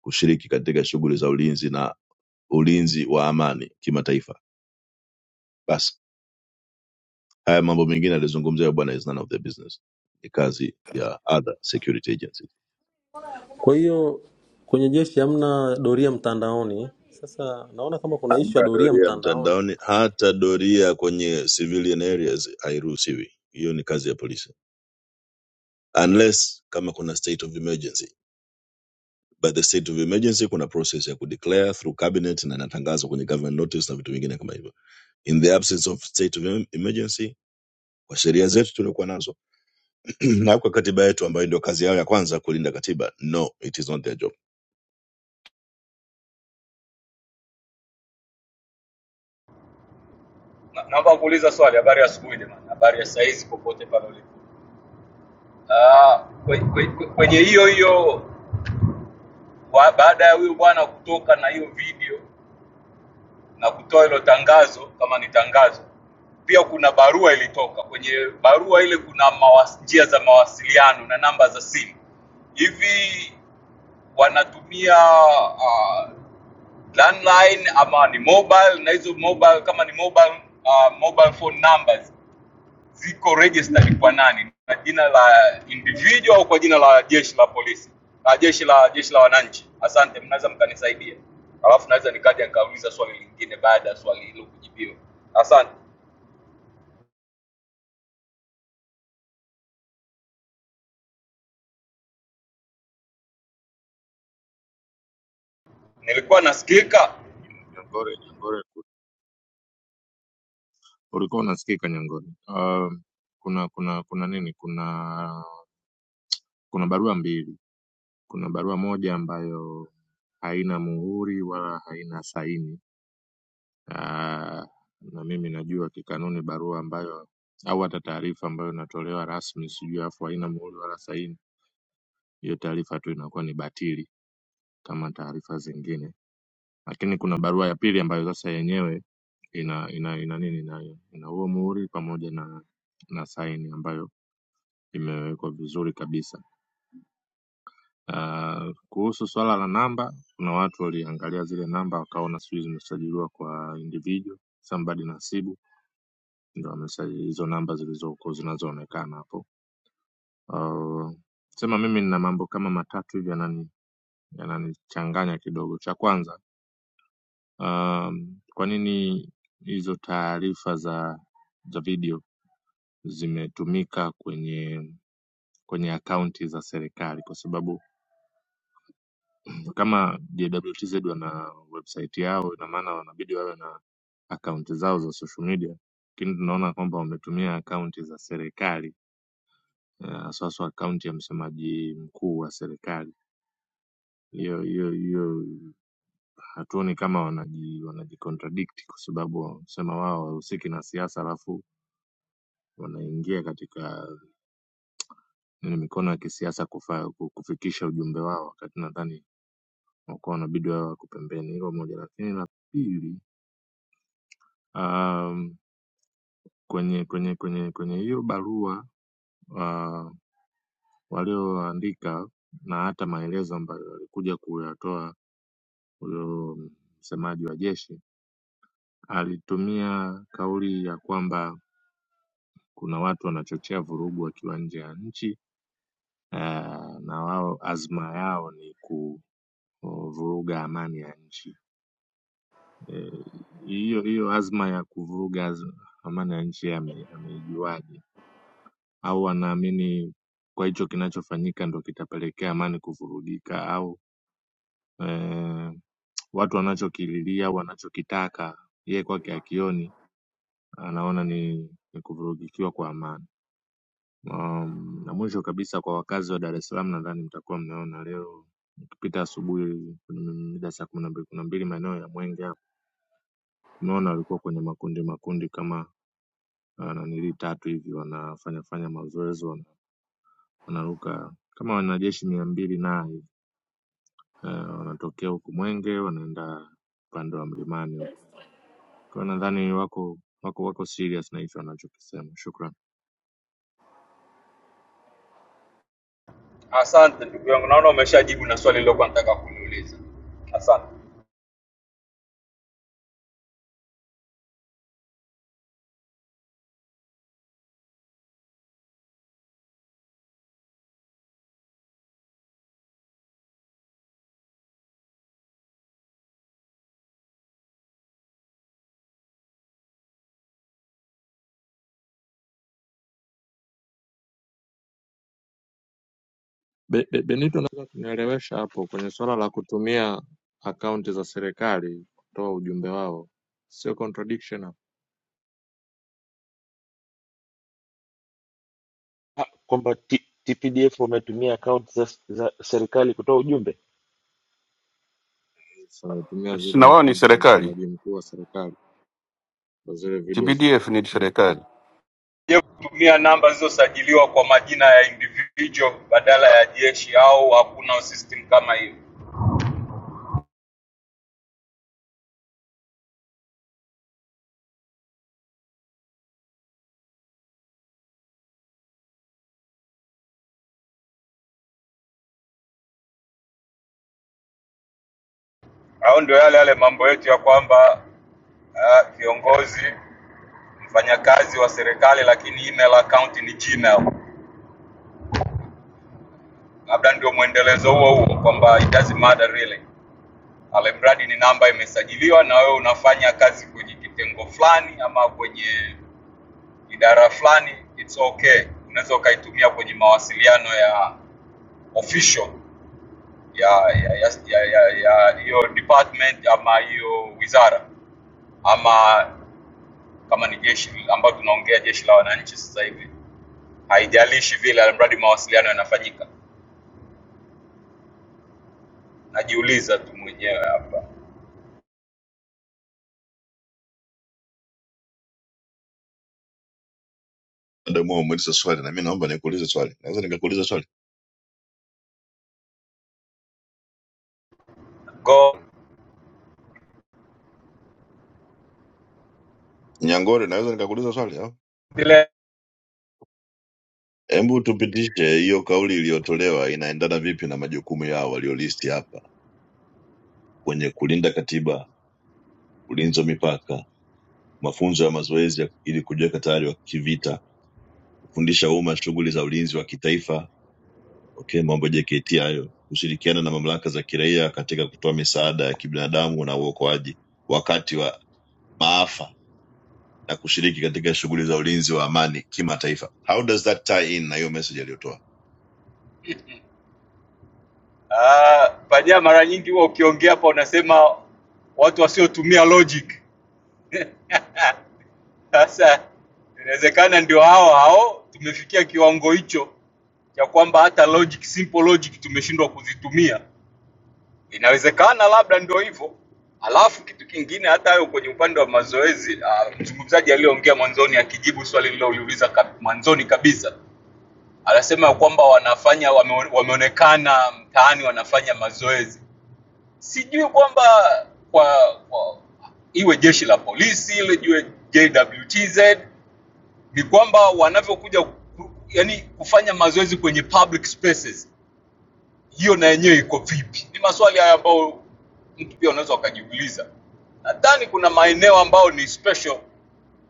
Speaker 12: kushiriki katika shughuli za ulinzi na ulinzi wa amani kimataifa. Basi Haya mambo mengine alizungumzia bwana is none of the business, ni kazi ya other security agencies.
Speaker 9: Kwa hiyo kwenye jeshi hamna doria mtandaoni. Sasa naona kama kuna ishu ya
Speaker 12: Hata
Speaker 9: doria
Speaker 12: doria
Speaker 9: mtandaoni. hapa.
Speaker 12: mtandaoni, hata doria kwenye civilian areas hairuhusiwi. Hiyo ni kazi ya polisi, unless kama kuna state of emergency. By the state of emergency kuna process ya kudeclare through cabinet na inatangazwa kwenye government notice na vitu vingine kama hivyo. In the absence of state of em- emergency, kwa sheria zetu tuliokuwa nazo na kwa katiba yetu ambayo ndio kazi yao ya kwanza kulinda katiba, no, it is not their job.
Speaker 14: Na- Naomba kuuliza swali. Habari ya asubuhi jamani, habari ya saizi popote pale ulipo. Ah, kwe- kwe- kwe- Kwenye hiyo hiyo wa- baada ya huyo bwana kutoka na hiyo video na kutoa hilo tangazo, kama ni tangazo, pia kuna barua ilitoka. Kwenye barua ile kuna mawas, njia za mawasiliano na namba za simu. Hivi wanatumia ah, landline ama ni mobile? Na hizo mobile, kama ni mobile, ah, mobile phone numbers ziko registered kwa nani, na jina la individual au kwa jina la jeshi la polisi, la jeshi la jeshi la wananchi? Asante, mnaweza mkanisaidia, alafu naweza nikaja nikauliza swali lingine baada ya swali hilo kujibiwa. Asante, nilikuwa nasikika.
Speaker 15: Nyangore, Nyangore ku- ulikuwa unasikika Nyangore. Uh, kuna kuna kuna nini? Kuna kuna barua mbili. Kuna barua moja ambayo haina muhuri wala haina saini. Uh, na mimi najua kikanuni barua ambayo au hata taarifa ambayo inatolewa rasmi, sijui afu haina muhuri wala saini, hiyo taarifa tu inakuwa ni batili kama taarifa zingine. Lakini kuna barua ya pili ambayo sasa yenyewe ina ina ina nini ina, ina huo muhuri pamoja na na saini ambayo imewekwa vizuri kabisa. Ah, Kuhusu swala la namba, kuna watu waliangalia zile namba wakaona sijui zimesajiliwa kwa individual somebody nasibu ndo wamesajili hizo namba zilizoko zinazoonekana hapo. Ah, Sema mimi nina mambo kama matatu hivi yanani yananichanganya kidogo. Cha kwanza, um, kwa nini hizo taarifa za za video zimetumika kwenye kwenye akaunti za serikali? Kwa sababu kama JWTZ wana website yao, ina maana wanabidi wawe na akaunti zao za social media, lakini tunaona kwamba wametumia akaunti za serikali eh, haswaswa akaunti ya msemaji mkuu wa serikali. Hiyo hiyo hiyo hatuoni kama wanaji wanajicontradict kwa sababu wanasema wao wahusiki na siasa, alafu wanaingia katika nini mikono ya kisiasa kufa, ku- kufikisha ujumbe wao, wakati nadhani wakuwa wanabidi wawe wako pembeni. Hilo moja, lakini la pili um, kwenye kwenye kwenye kwenye hiyo barua uh, walioandika na hata maelezo ambayo alikuja kuyatoa huyo msemaji wa jeshi alitumia kauli ya kwamba kuna watu wanachochea vurugu wakiwa nje ya nchi uh, na wao azma yao ni ku vuruga amani ya nchi Eh, hiyo e, hiyo azma ya kuvuruga az- amani ya nchi ame- ameijuaje au wanaamini kwa hicho kinachofanyika ndo kitapelekea amani kuvurugika au eh, watu wanachokililia au wanachokitaka yeye kwake akioni anaona ni, ni kuvurugikiwa kwa amani um, na mwisho kabisa kwa wakazi wa dar es salaam nadhani mtakuwa mnaona leo ukipita asubuhi mm, mida saa kumi na mbili kumi na mbili maeneo ya mwenge hapo tunaona walikuwa kwenye makundi makundi kama ah, nanili tatu hivi wanafanya fanya mazoezi wana- wanaruka kama wanajeshi mia mbili na uh, wanatokea huku Mwenge wanaenda upande wa mlimani huku. Kwa hiyo nadhani wako wako wako serious na hicho wanachokisema. Shukran.
Speaker 14: Asante ndugu yangu, naona umeshajibu na swali lilokuwa nataka kuniuliza. Asante.
Speaker 15: Be, be, Benito, unaweza kunielewesha hapo kwenye suala la kutumia akaunti za serikali kutoa ujumbe wao, sio contradiction hapo?
Speaker 13: Ah, kwamba T- TPDF wametumia akaunti za, za serikali kutoa ujumbe.
Speaker 15: Sasa Wametumia
Speaker 16: Sina
Speaker 15: zile
Speaker 16: wao ni
Speaker 15: akaunti za
Speaker 16: serikali,
Speaker 15: msemaji mkuu wa serikali kwa zile videos.
Speaker 16: TPDF ni serikali.
Speaker 14: Je, kutumia namba zilizosajiliwa kwa majina ya individual badala ya jeshi au hakuna system kama hiyo? Au ndio yale yale mambo yetu ya kwamba ah, viongozi mfanyakazi wa serikali lakini email account ni gmail labda ndio mwendelezo huo huo kwamba it doesn't matter really alimradi ni namba imesajiliwa na wewe unafanya kazi kwenye kitengo fulani ama kwenye idara fulani it's okay unaweza ukaitumia kwenye mawasiliano ya official ya ya ya ya ya ya hiyo department ama hiyo wizara ama kama ni jeshi ambayo tunaongea jeshi la wananchi sasa hivi haijalishi vile alimradi mawasiliano yanafanyika najiuliza tu mwenyewe hapa
Speaker 12: Dada umeuliza swali na mimi naomba nikuulize swali. Naweza nikakuuliza swali?
Speaker 14: Go-
Speaker 12: Nyangore, naweza nikakuuliza swali? au?
Speaker 14: vile
Speaker 12: Hebu tupitishe hiyo kauli iliyotolewa inaendana vipi na majukumu yao waliolisti hapa kwenye kulinda katiba, ulinzi wa mipaka, mafunzo ya mazoezi ya- ili kujiweka tayari wa kivita, kufundisha umma shughuli za ulinzi wa kitaifa, okay, mambo ya JKT hayo, kushirikiana na mamlaka za kiraia katika kutoa misaada ya kibinadamu na uokoaji wakati wa maafa na kushiriki katika shughuli za ulinzi wa amani kimataifa. How does that tie in na hiyo message aliyotoa?
Speaker 14: ah, panya mara nyingi huwa ukiongea hapa unasema watu wasiotumia logic sasa inawezekana ndio hao hao tumefikia kiwango hicho cha kwamba hata logic simple logic tumeshindwa kuzitumia inawezekana labda ndio hivyo alafu kitu kingine hata hayo kwenye upande wa mazoezi ah, mzungumzaji aliyeongea mwanzoni akijibu swali lililouliza kab- mwanzoni kabisa anasema kwamba wanafanya wame, wameonekana mtaani wanafanya mazoezi. Sijui kwamba kwa, kwa iwe jeshi la polisi ile iwe JWTZ ni kwamba wanavyokuja ku- yani kufanya mazoezi kwenye public spaces, hiyo na yenyewe iko vipi? Ni maswali haya ambayo mtu pia unaweza ukajiuliza. Nadhani kuna maeneo ambayo ni special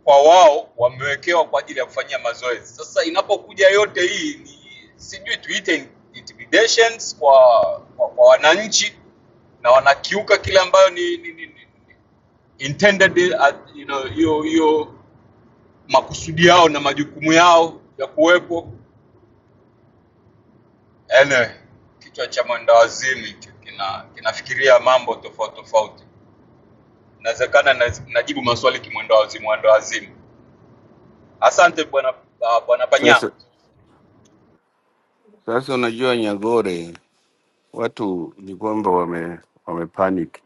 Speaker 14: kwa wao wamewekewa kwa ajili ya kufanyia mazoezi. Sasa inapokuja yote hii ni sijui tuite intimidations kwa, kwa, kwa wananchi na wanakiuka kile ambayo ni, ni, ni, ni intended at, you know, hiyo hiyo makusudi yao na majukumu yao ya kuwepo. Anyway, kichwa cha mwendawazimu hicho kina kinafikiria mambo tofauti tofauti, inawezekana na- najibu maswali kimwendawazimu, mwendawazimu. Asante bwana uh, bwana Panya.
Speaker 16: Sasa sasa, unajua Nyagore, watu ni kwamba wame wame panic.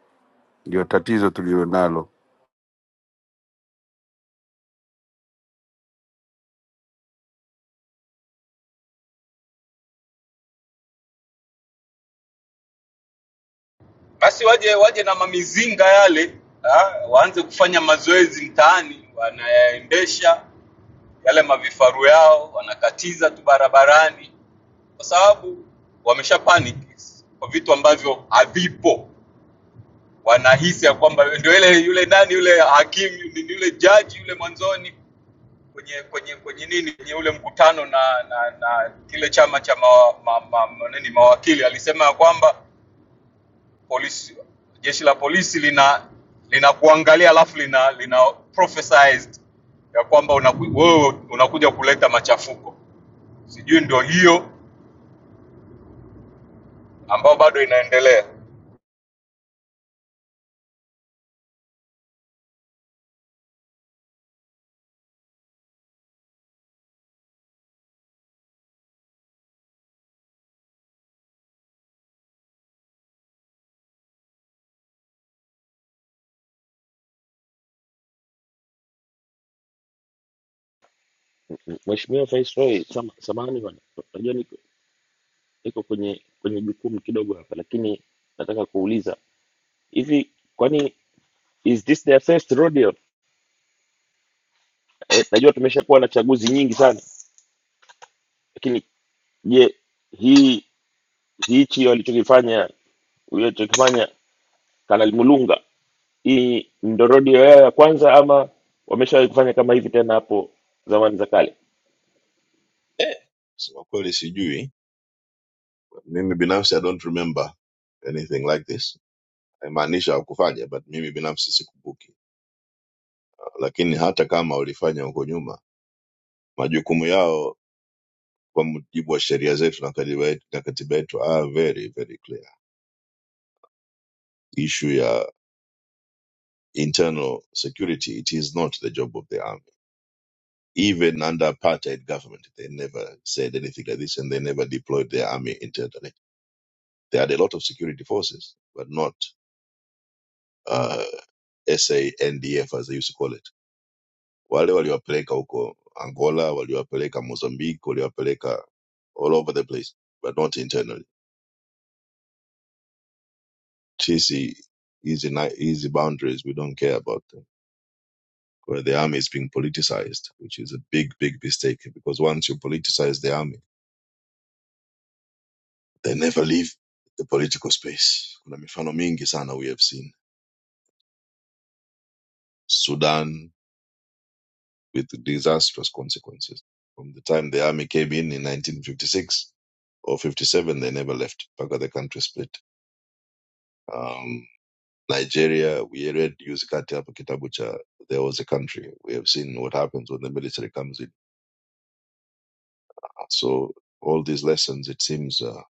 Speaker 16: ndio tatizo tulionalo.
Speaker 14: basi waje waje na mamizinga yale ha, waanze kufanya mazoezi mtaani, wanayaendesha yale mavifaru yao, wanakatiza tu barabarani, kwa sababu wamesha panic kwa vitu ambavyo havipo. Wanahisi ya kwamba ndio ile yule nani yule hakimu ni yule jaji yule mwanzoni kwenye kwenye kwenye nini kwenye ule mkutano na na, na kile chama cha ma, ma, ma, ma, nini mawakili alisema ya kwamba polisi, jeshi la polisi lina linakuangalia alafu lina lina prophesized ya kwamba unaku- wewe unakuja kuleta machafuko. Sijui ndio hiyo ambayo bado inaendelea.
Speaker 13: Mheshimiwa Viceroy, sam- samahani bwana, najua niko niko kwenye kwenye jukumu kidogo hapa, lakini nataka kuuliza hivi, kwani is this their first rodeo? Eh, najua tumeshakuwa na chaguzi nyingi sana, lakini je, hii hichi walichokifanya walichokifanya Kanali Mulunga, hii ndo rodeo yao ya kwanza ama wameshawahi kufanya kama hivi tena hapo zamani za kale?
Speaker 12: Eh, sema kweli sijui. Mimi binafsi I don't remember anything like this. Haimaanisha hakufanya but mimi binafsi sikumbuki. Lakini hata kama walifanya huko nyuma, majukumu yao kwa mujibu wa sheria zetu na katiba yetu na katiba yetu are very very clear. Issue ya internal security, it is not the job of the army. Even under apartheid government, they never said anything like this, and they never deployed their army internally. They had a lot of security forces, but not uh, SANDF as they used to call it. Wale waliwapeleka huko Angola, waliwapeleka Mozambique, waliwapeleka all over the place, but not internally. TC easy ni- easy boundaries. We don't care about them. Where the army is being politicized, which is a big, big mistake because once you politicize the army They never leave the political space. Kuna mifano mingi sana we have seen. Sudan with disastrous consequences. From the time the army came in in 1956 or 57, they never left. Paka the country split. Um, Nigeria, we read Yuzikati hapo kitabu cha There Was a Country. We have seen what happens when the military comes in. So all these lessons, it seems, uh,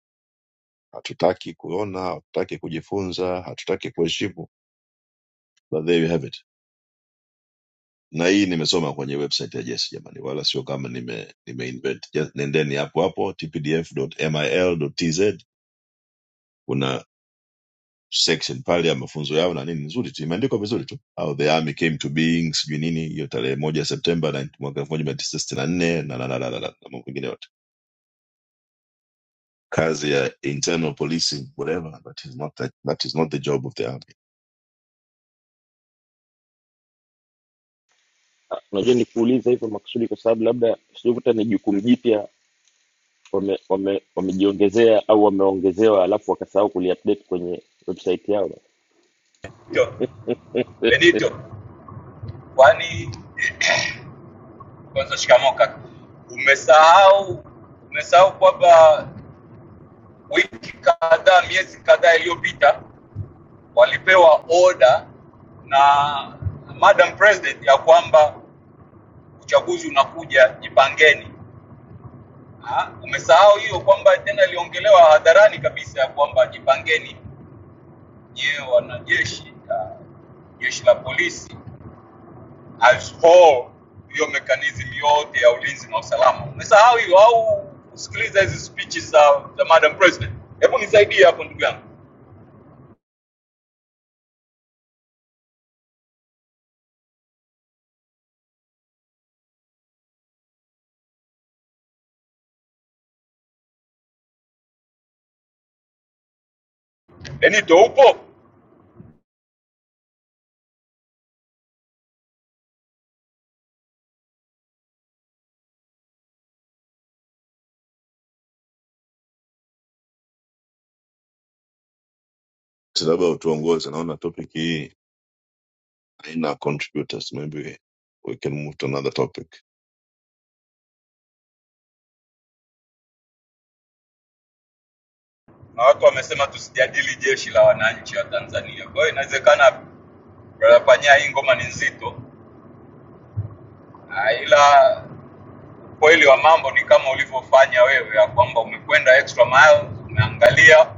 Speaker 12: hatutaki kuona, hatutaki kujifunza, hatutaki kuheshimu. But there you have it. na hii nimesoma kwenye website ya Jesi jamani, wala sio kama nime, nime invent. Just nendeni hapo hapo tpdf.mil.tz, kuna section pale ya mafunzo yao na nini, nzuri tu, imeandikwa vizuri tu, how the army came to being, sijui nini, hiyo tarehe moja Septemba na- mwaka elfu moja mia tisa sitini na nne na na na na na na na mambo mengine yote, kazi ya internal policing whatever, that is not that, that is not the job of the army.
Speaker 13: Ah, Unajua nikuuliza hivyo makusudi kwa sababu labda sikuta ni jukumu jipya wame, wame, wamejiongezea au wameongezewa alafu wakasahau kuliupdate kwenye website yao
Speaker 14: Benito,
Speaker 13: Eh,
Speaker 14: Benito, kwani kwanza shikamoo kaka. Umesahau umesahau kwamba wiki kadhaa, miezi kadhaa iliyopita walipewa oda na Madam President ya kwamba uchaguzi unakuja, jipangeni. Ah, umesahau hiyo kwamba tena iliongelewa hadharani kabisa ya kwamba jipangeni nyewe wanajeshi ah, jeshi la polisi as whole, hiyo mekanism yote ya ulinzi na usalama. Umesahau hiyo au kusikiliza hizi speeches za, za Madam President? Hebu nisaidie hapo ndugu yangu Benito, upo
Speaker 12: So Labda utuongoze, naona topic hii haina contributors, maybe we can move to another topic.
Speaker 14: na watu wamesema tusijadili jeshi la wananchi wa Tanzania. Kwa hiyo inawezekana brother Panya, hii ngoma ni nzito, Ah, ila Ukweli wa mambo ni kama ulivyofanya wewe, ya kwamba umekwenda extra mile, umeangalia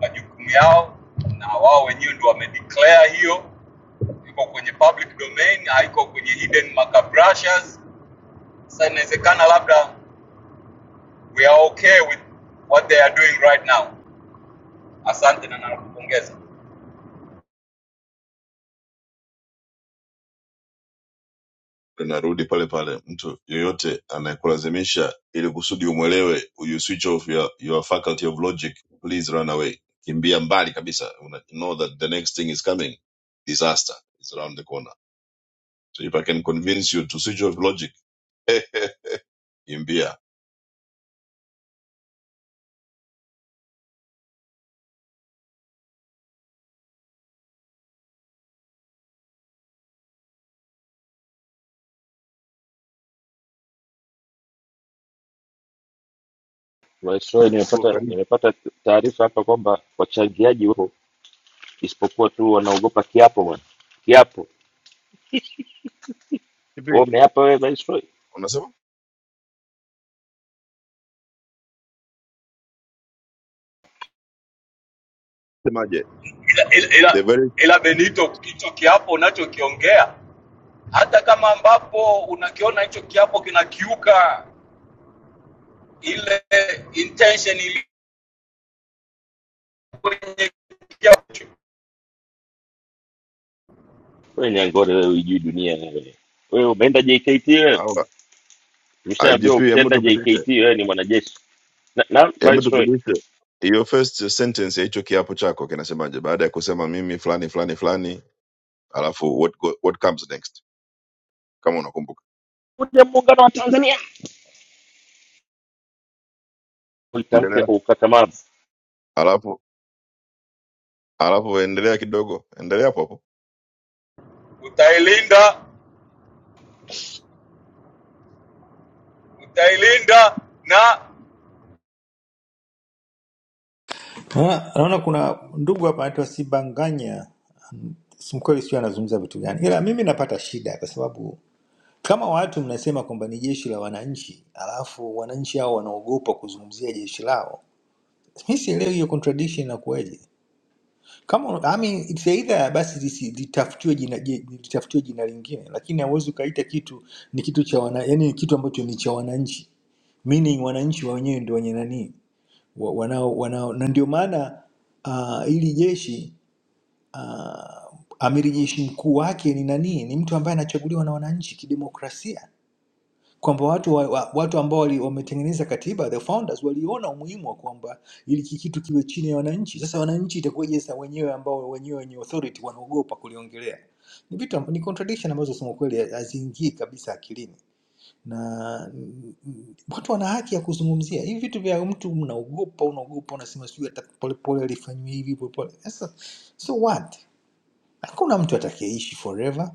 Speaker 14: majukumu yao, na wao wenyewe ndio wamedeclare hiyo, iko kwenye public domain, haiko kwenye hidden macabrashas. Sasa inawezekana labda we are okay with what they are doing right now. Asante na nakupongeza,
Speaker 12: linarudi pale pale mtu yoyote anayekulazimisha ili kusudi umwelewe you switch off your, your faculty of logic please run away kimbia mbali kabisa Una, know that the next thing is coming disaster is around the corner so if i can convince you to switch off logic kimbia
Speaker 13: Viceroy,
Speaker 12: Uko
Speaker 13: nimepata
Speaker 12: karibu.
Speaker 13: nimepata taarifa hapa kwamba wachangiaji wapo isipokuwa tu wanaogopa kiapo bwana kiapo wewe
Speaker 12: Vipi?
Speaker 13: umeapa wewe Viceroy
Speaker 12: unasema semaje
Speaker 14: ila, ila,
Speaker 12: the
Speaker 14: ila,
Speaker 12: very
Speaker 14: ila Benito, hicho kiapo unachokiongea hata kama ambapo unakiona hicho kiapo kinakiuka ile intention ili kwenye kiapo,
Speaker 13: wewe nyangore wewe hujui dunia wewe wewe umeenda JKT wewe
Speaker 12: hawa
Speaker 13: umeshaambiwa
Speaker 12: igp hebu
Speaker 13: ukishaenda
Speaker 12: tupitishe
Speaker 13: JKT wewe ni mwanajeshi na, na
Speaker 12: hebu
Speaker 13: Viceroy
Speaker 12: tupitishe hiyo first sentence ya hicho kiapo chako kinasemaje baada ya kusema mimi fulani fulani fulani alafu what, go- what comes next kama unakumbuka.
Speaker 13: kuja muungano wa Tanzania ulitamke
Speaker 12: Endelea
Speaker 13: kwa ukakamavu
Speaker 12: alafu alafu endelea kidogo, endelea hapo hapo,
Speaker 14: utailinda utailinda na
Speaker 17: Naona naona kuna ndugu hapa anaitwa Sibanganya, simkweli sijui anazungumza vitu gani, ila mimi napata shida kwa sababu kama watu mnasema kwamba ni jeshi la wananchi, alafu wananchi hao wanaogopa kuzungumzia jeshi lao, mi sielewi hiyo contradiction inakuwaje. Kama I mean, it's either basi lisi- litafutiwe jina, je- litafutiwe jina lingine, lakini hauwezi ukaita kitu ni kitu cha wana, yani kitu ambacho ni cha wananchi, meaning wananchi wa wenyewe ndio wenye nani wa- wanao wanao na ndio maana uh, ili jeshi uh, amiri jeshi mkuu wake ni nani? Ni mtu ambaye anachaguliwa na wananchi kidemokrasia, kwamba watu wa, wa, watu ambao wali- wametengeneza katiba the founders waliona umuhimu wa kwamba ili ki- kitu kiwe chini ya wananchi. Sasa wananchi itakuwaje sasa wenyewe ambao wenyewe wenye authority wanaogopa kuliongelea? Ni vitu amb- ni contradiction ambazo kusema kweli haziingii kabisa akilini na mm, mm, watu wana haki ya kuzungumzia hivi vitu vya mtu, mnaogopa unaogopa, unasema sijui hata polepole alifanyiwa hivi polepole. Sasa so what? Hakuna mtu atakayeishi forever.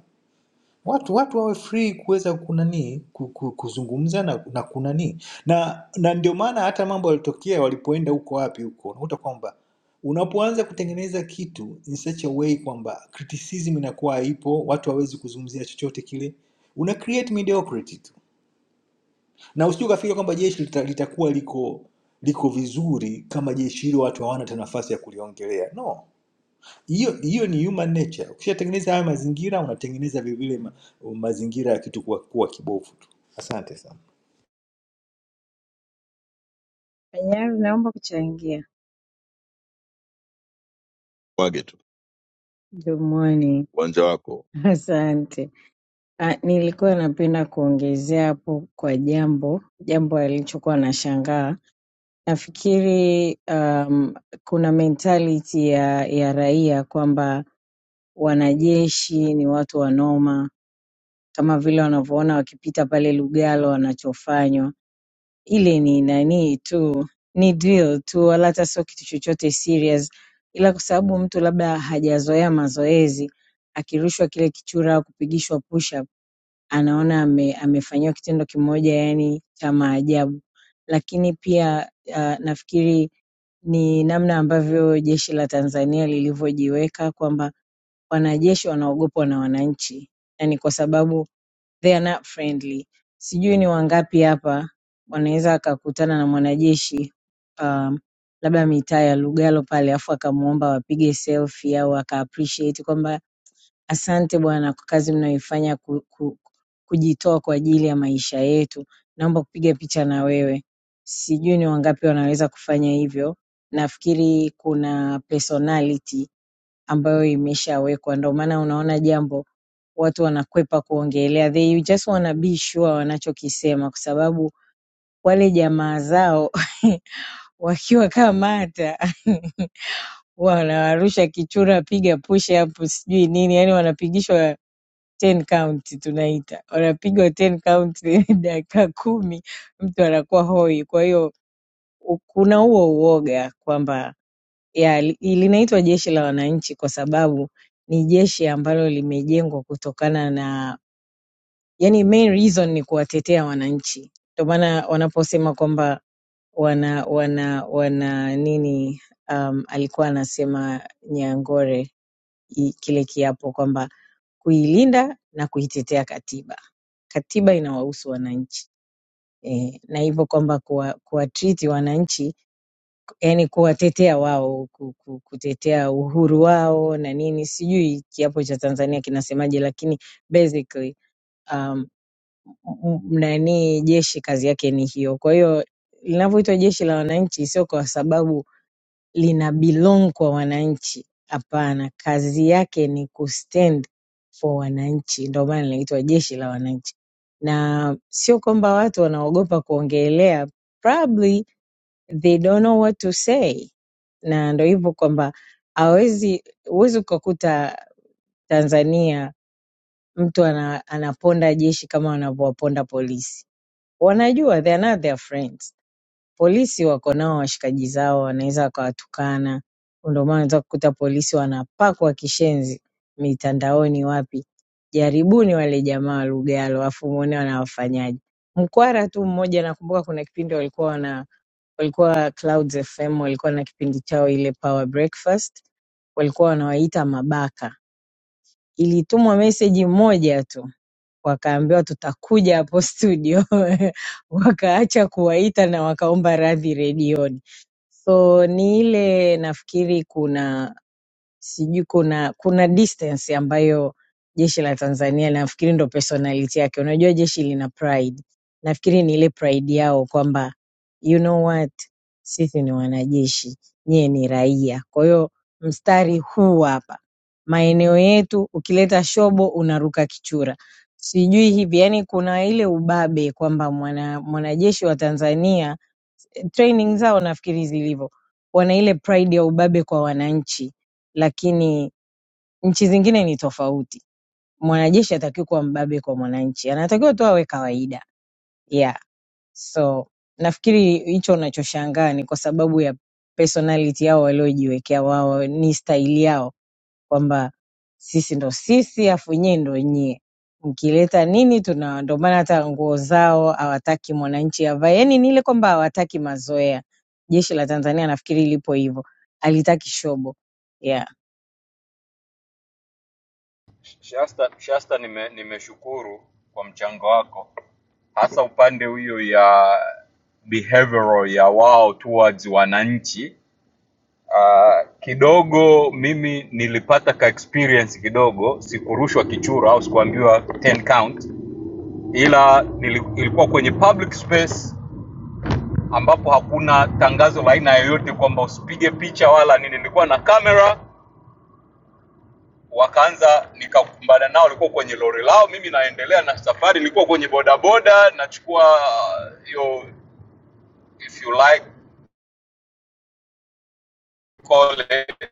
Speaker 17: Watu watu wawe free kuweza kunani ku- ku- kuzungumza na, na kunani na, na ndio maana hata mambo yalitokea walipoenda huko wapi huko, unakuta kwamba unapoanza kutengeneza kitu in such a way kwamba criticism inakuwa haipo, watu hawezi kuzungumzia chochote kile, una create mediocrity tu na usije ukafikiri kwamba jeshi lita, litakuwa liko liko vizuri kama jeshi hilo watu hawana hata nafasi ya kuliongelea no hiyo hiyo ni human nature ukishatengeneza haya mazingira unatengeneza vilevile ma, mazingira ya kitu kuwa, kuwa kibovu tu asante sana
Speaker 18: Tayari naomba kuchangia.
Speaker 12: mwage tu
Speaker 18: Good morning.
Speaker 12: uwanja wako
Speaker 18: Asante. Ah, nilikuwa napenda kuongezea hapo kwa jambo, jambo alichokuwa nashangaa. Nafikiri um, kuna mentality ya, ya raia kwamba wanajeshi ni watu wanoma, kama vile wanavyoona wakipita pale Lugalo wanachofanywa. ile ni nani tu ni drill tu wala hata sio kitu chochote serious ila kwa sababu mtu labda hajazoea mazoezi akirushwa kile kichura au kupigishwa push up anaona ame, amefanyiwa kitendo kimoja yani cha maajabu lakini pia uh, nafikiri ni namna ambavyo jeshi la Tanzania lilivyojiweka kwamba wanajeshi wanaogopwa na wananchi yani kwa sababu they are not friendly. Sijui ni wangapi hapa wanaweza akakutana na mwanajeshi um, labda mitaa ya Lugalo pale, afu akamwomba wapige selfie au aka appreciate kwamba asante bwana kwa kazi mnayoifanya ku, ku, kujitoa kwa ajili ya maisha yetu, naomba kupiga picha na wewe. Sijui ni wangapi wanaweza kufanya hivyo. Nafikiri kuna personality ambayo imeshawekwa. Ndio maana unaona jambo watu wanakwepa kuongelea, they just wanna be sure wanachokisema, kwa sababu wale jamaa zao wakiwa kama hata wanawarusha kichura, piga push up, sijui nini, yani wanapigishwa ten count, tunaita wanapigwa ten count dakika kumi, mtu anakuwa hoi. Kwa hiyo u- kuna huo uoga kwamba ya linaitwa jeshi la wananchi kwa sababu ni jeshi ambalo limejengwa kutokana na yani main reason ni kuwatetea wananchi ndio maana wanaposema kwamba wana wana wana nini um, alikuwa anasema nyangore i- kile kiapo kwamba kuilinda na kuitetea katiba katiba inawahusu wananchi e, na hivyo kwamba kuwa, kuwa treat wananchi yani kuwatetea wao ku- ku- kutetea uhuru wao na nini sijui kiapo cha tanzania kinasemaje lakini basically um, m- m- nani jeshi kazi yake ni hiyo kwa hiyo linavyoitwa jeshi la wananchi sio kwa sababu lina belong kwa wananchi hapana kazi yake ni kustand for wananchi ndio maana linaitwa jeshi la wananchi na sio kwamba watu wanaogopa kuongelea probably they don't know what to say na ndo hivyo kwamba hawezi huwezi ukakuta tanzania mtu ana, anaponda jeshi kama wanavyowaponda polisi wanajua they are not their friends Polisi wako nao washikaji zao wanaweza wakawatukana. Ndio maana unaweza kukuta polisi wanapakwa kishenzi mitandaoni wapi. Jaribuni wale jamaa wa Lugalo alafu muone wanawafanyaje. Mkwara tu mmoja nakumbuka kuna kipindi walikuwa wana walikuwa Clouds FM walikuwa na kipindi chao ile Power Breakfast walikuwa wanawaita mabaka. Ilitumwa meseji moja tu wakaambiwa tutakuja hapo studio wakaacha kuwaita na wakaomba radhi redioni so ni ile nafikiri kuna sijui kuna kuna distance ambayo jeshi la Tanzania nafikiri ndo personality yake. Unajua jeshi lina pride, nafikiri ni ile pride yao kwamba you know what, sisi ni wanajeshi, nyie ni raia. Kwa hiyo mstari huu hapa, maeneo yetu, ukileta shobo unaruka kichura, sijui hivi. Yani kuna ile ubabe kwamba mwana mwanajeshi wa Tanzania training zao nafikiri zilivyo, wana ile pride ya ubabe kwa wananchi, lakini nchi zingine ni tofauti. Mwanajeshi hatakiwi kuwa mbabe kwa mwananchi, anatakiwa tu awe kawaida. Yeah, so nafikiri hicho unachoshangaa ni kwa sababu ya personality yao waliojiwekea wao, ni staili yao kwamba sisi ndo sisi afu nyie ndo nyie mkileta nini tuna ndo maana hata nguo zao hawataki mwananchi avae yani ni ile kwamba hawataki mazoea jeshi la tanzania nafikiri lipo hivyo alitaki shobo yeah.
Speaker 14: Shasta, Shasta nime, nimeshukuru kwa mchango wako hasa upande huyo ya behavioral ya wao towards wananchi. Uh, kidogo mimi nilipata ka experience kidogo, sikurushwa kichura au sikuambiwa 10 count, ila nili- ilikuwa kwenye public space ambapo hakuna tangazo la aina yoyote kwamba usipige picha wala nini. Nilikuwa na kamera, wakaanza nikakumbana nao, walikuwa kwenye lori lao, mimi naendelea na safari, nilikuwa kwenye bodaboda nachukua uh, hiyo if you like call it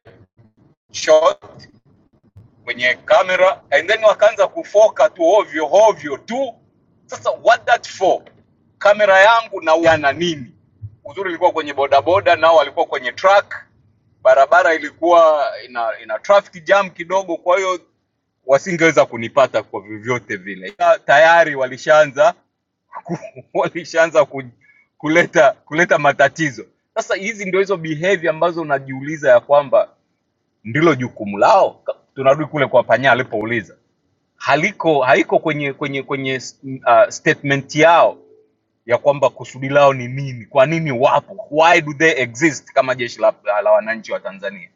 Speaker 14: shot kwenye kamera and then wakaanza kufoka tu ovyo ovyo tu sasa what that for kamera yangu na yana nini uzuri ilikuwa kwenye bodaboda nao walikuwa kwenye truck barabara ilikuwa ina, ina traffic jam kidogo kwa hiyo wasingeweza kunipata kwa vyovyote vile Ila tayari walishaanza walishaanza ku, kuleta kuleta matatizo sasa hizi ndio hizo behavior ambazo unajiuliza ya kwamba ndilo jukumu lao Ka- tunarudi kule kwa panya alipouliza haliko haiko kwenye kwenye kwenye uh, statement yao ya kwamba kusudi lao ni nini, kwa nini wapo, why do they exist kama jeshi la, la, la wananchi wa Tanzania.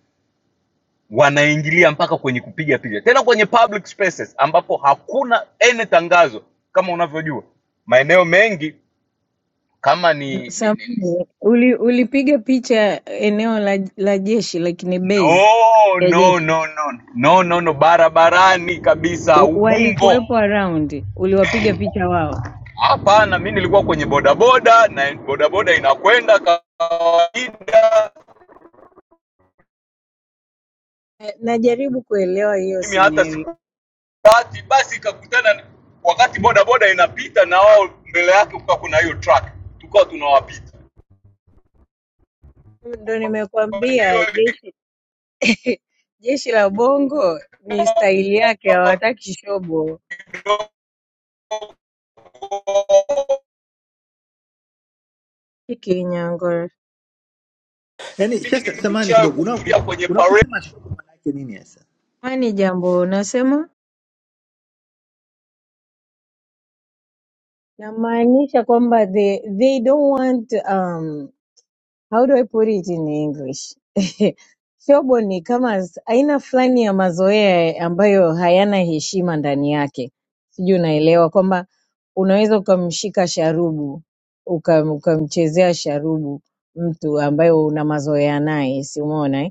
Speaker 14: Wanaingilia mpaka kwenye kupiga picha, tena kwenye public spaces ambapo hakuna ene tangazo. Kama unavyojua maeneo mengi kama ni, ni, ni
Speaker 18: Samani, uli, ulipiga picha eneo la, la jeshi lakini base
Speaker 14: no,
Speaker 18: ya
Speaker 14: no,
Speaker 18: jeshi
Speaker 14: no, no, no, no, no, no, barabarani kabisa,
Speaker 18: W-
Speaker 14: Ubumbo
Speaker 18: walikuwepo around, uliwapiga picha wao?
Speaker 14: Hapana, mi nilikuwa kwenye bodaboda na bodaboda inakwenda kawaida,
Speaker 18: Eh, Najaribu kuelewa hiyo
Speaker 14: mimi hata
Speaker 18: scenario,
Speaker 14: sikupati. Basi ikakutana wakati bodaboda inapita na wao mbele yake kukawa kuna hiyo truck, tukawa tunawapita.
Speaker 18: ndo
Speaker 14: Kwa hiyo
Speaker 18: nimekuambia Jeshi la Bongo ni
Speaker 14: ikawa
Speaker 18: staili yake hawataki shobo.
Speaker 14: kidogo,
Speaker 18: Hiki nyangoro.
Speaker 17: yaani
Speaker 14: mimi
Speaker 17: shasta samani
Speaker 14: nimeshawahi
Speaker 17: kidogo una-
Speaker 14: kuhudhuria kwenye parade
Speaker 17: unaposema shobo maana yake nini sasa
Speaker 18: Kwani jambo unasema? Namaanisha kwamba they, they don't want um, how do I put it in English? Shobo ni kama s- aina fulani ya mazoea ambayo hayana heshima ndani yake. Sijui unaelewa kwamba unaweza ukamshika sharubu ukam- ukamchezea sharubu mtu ambaye una mazoea naye, si umeona eh?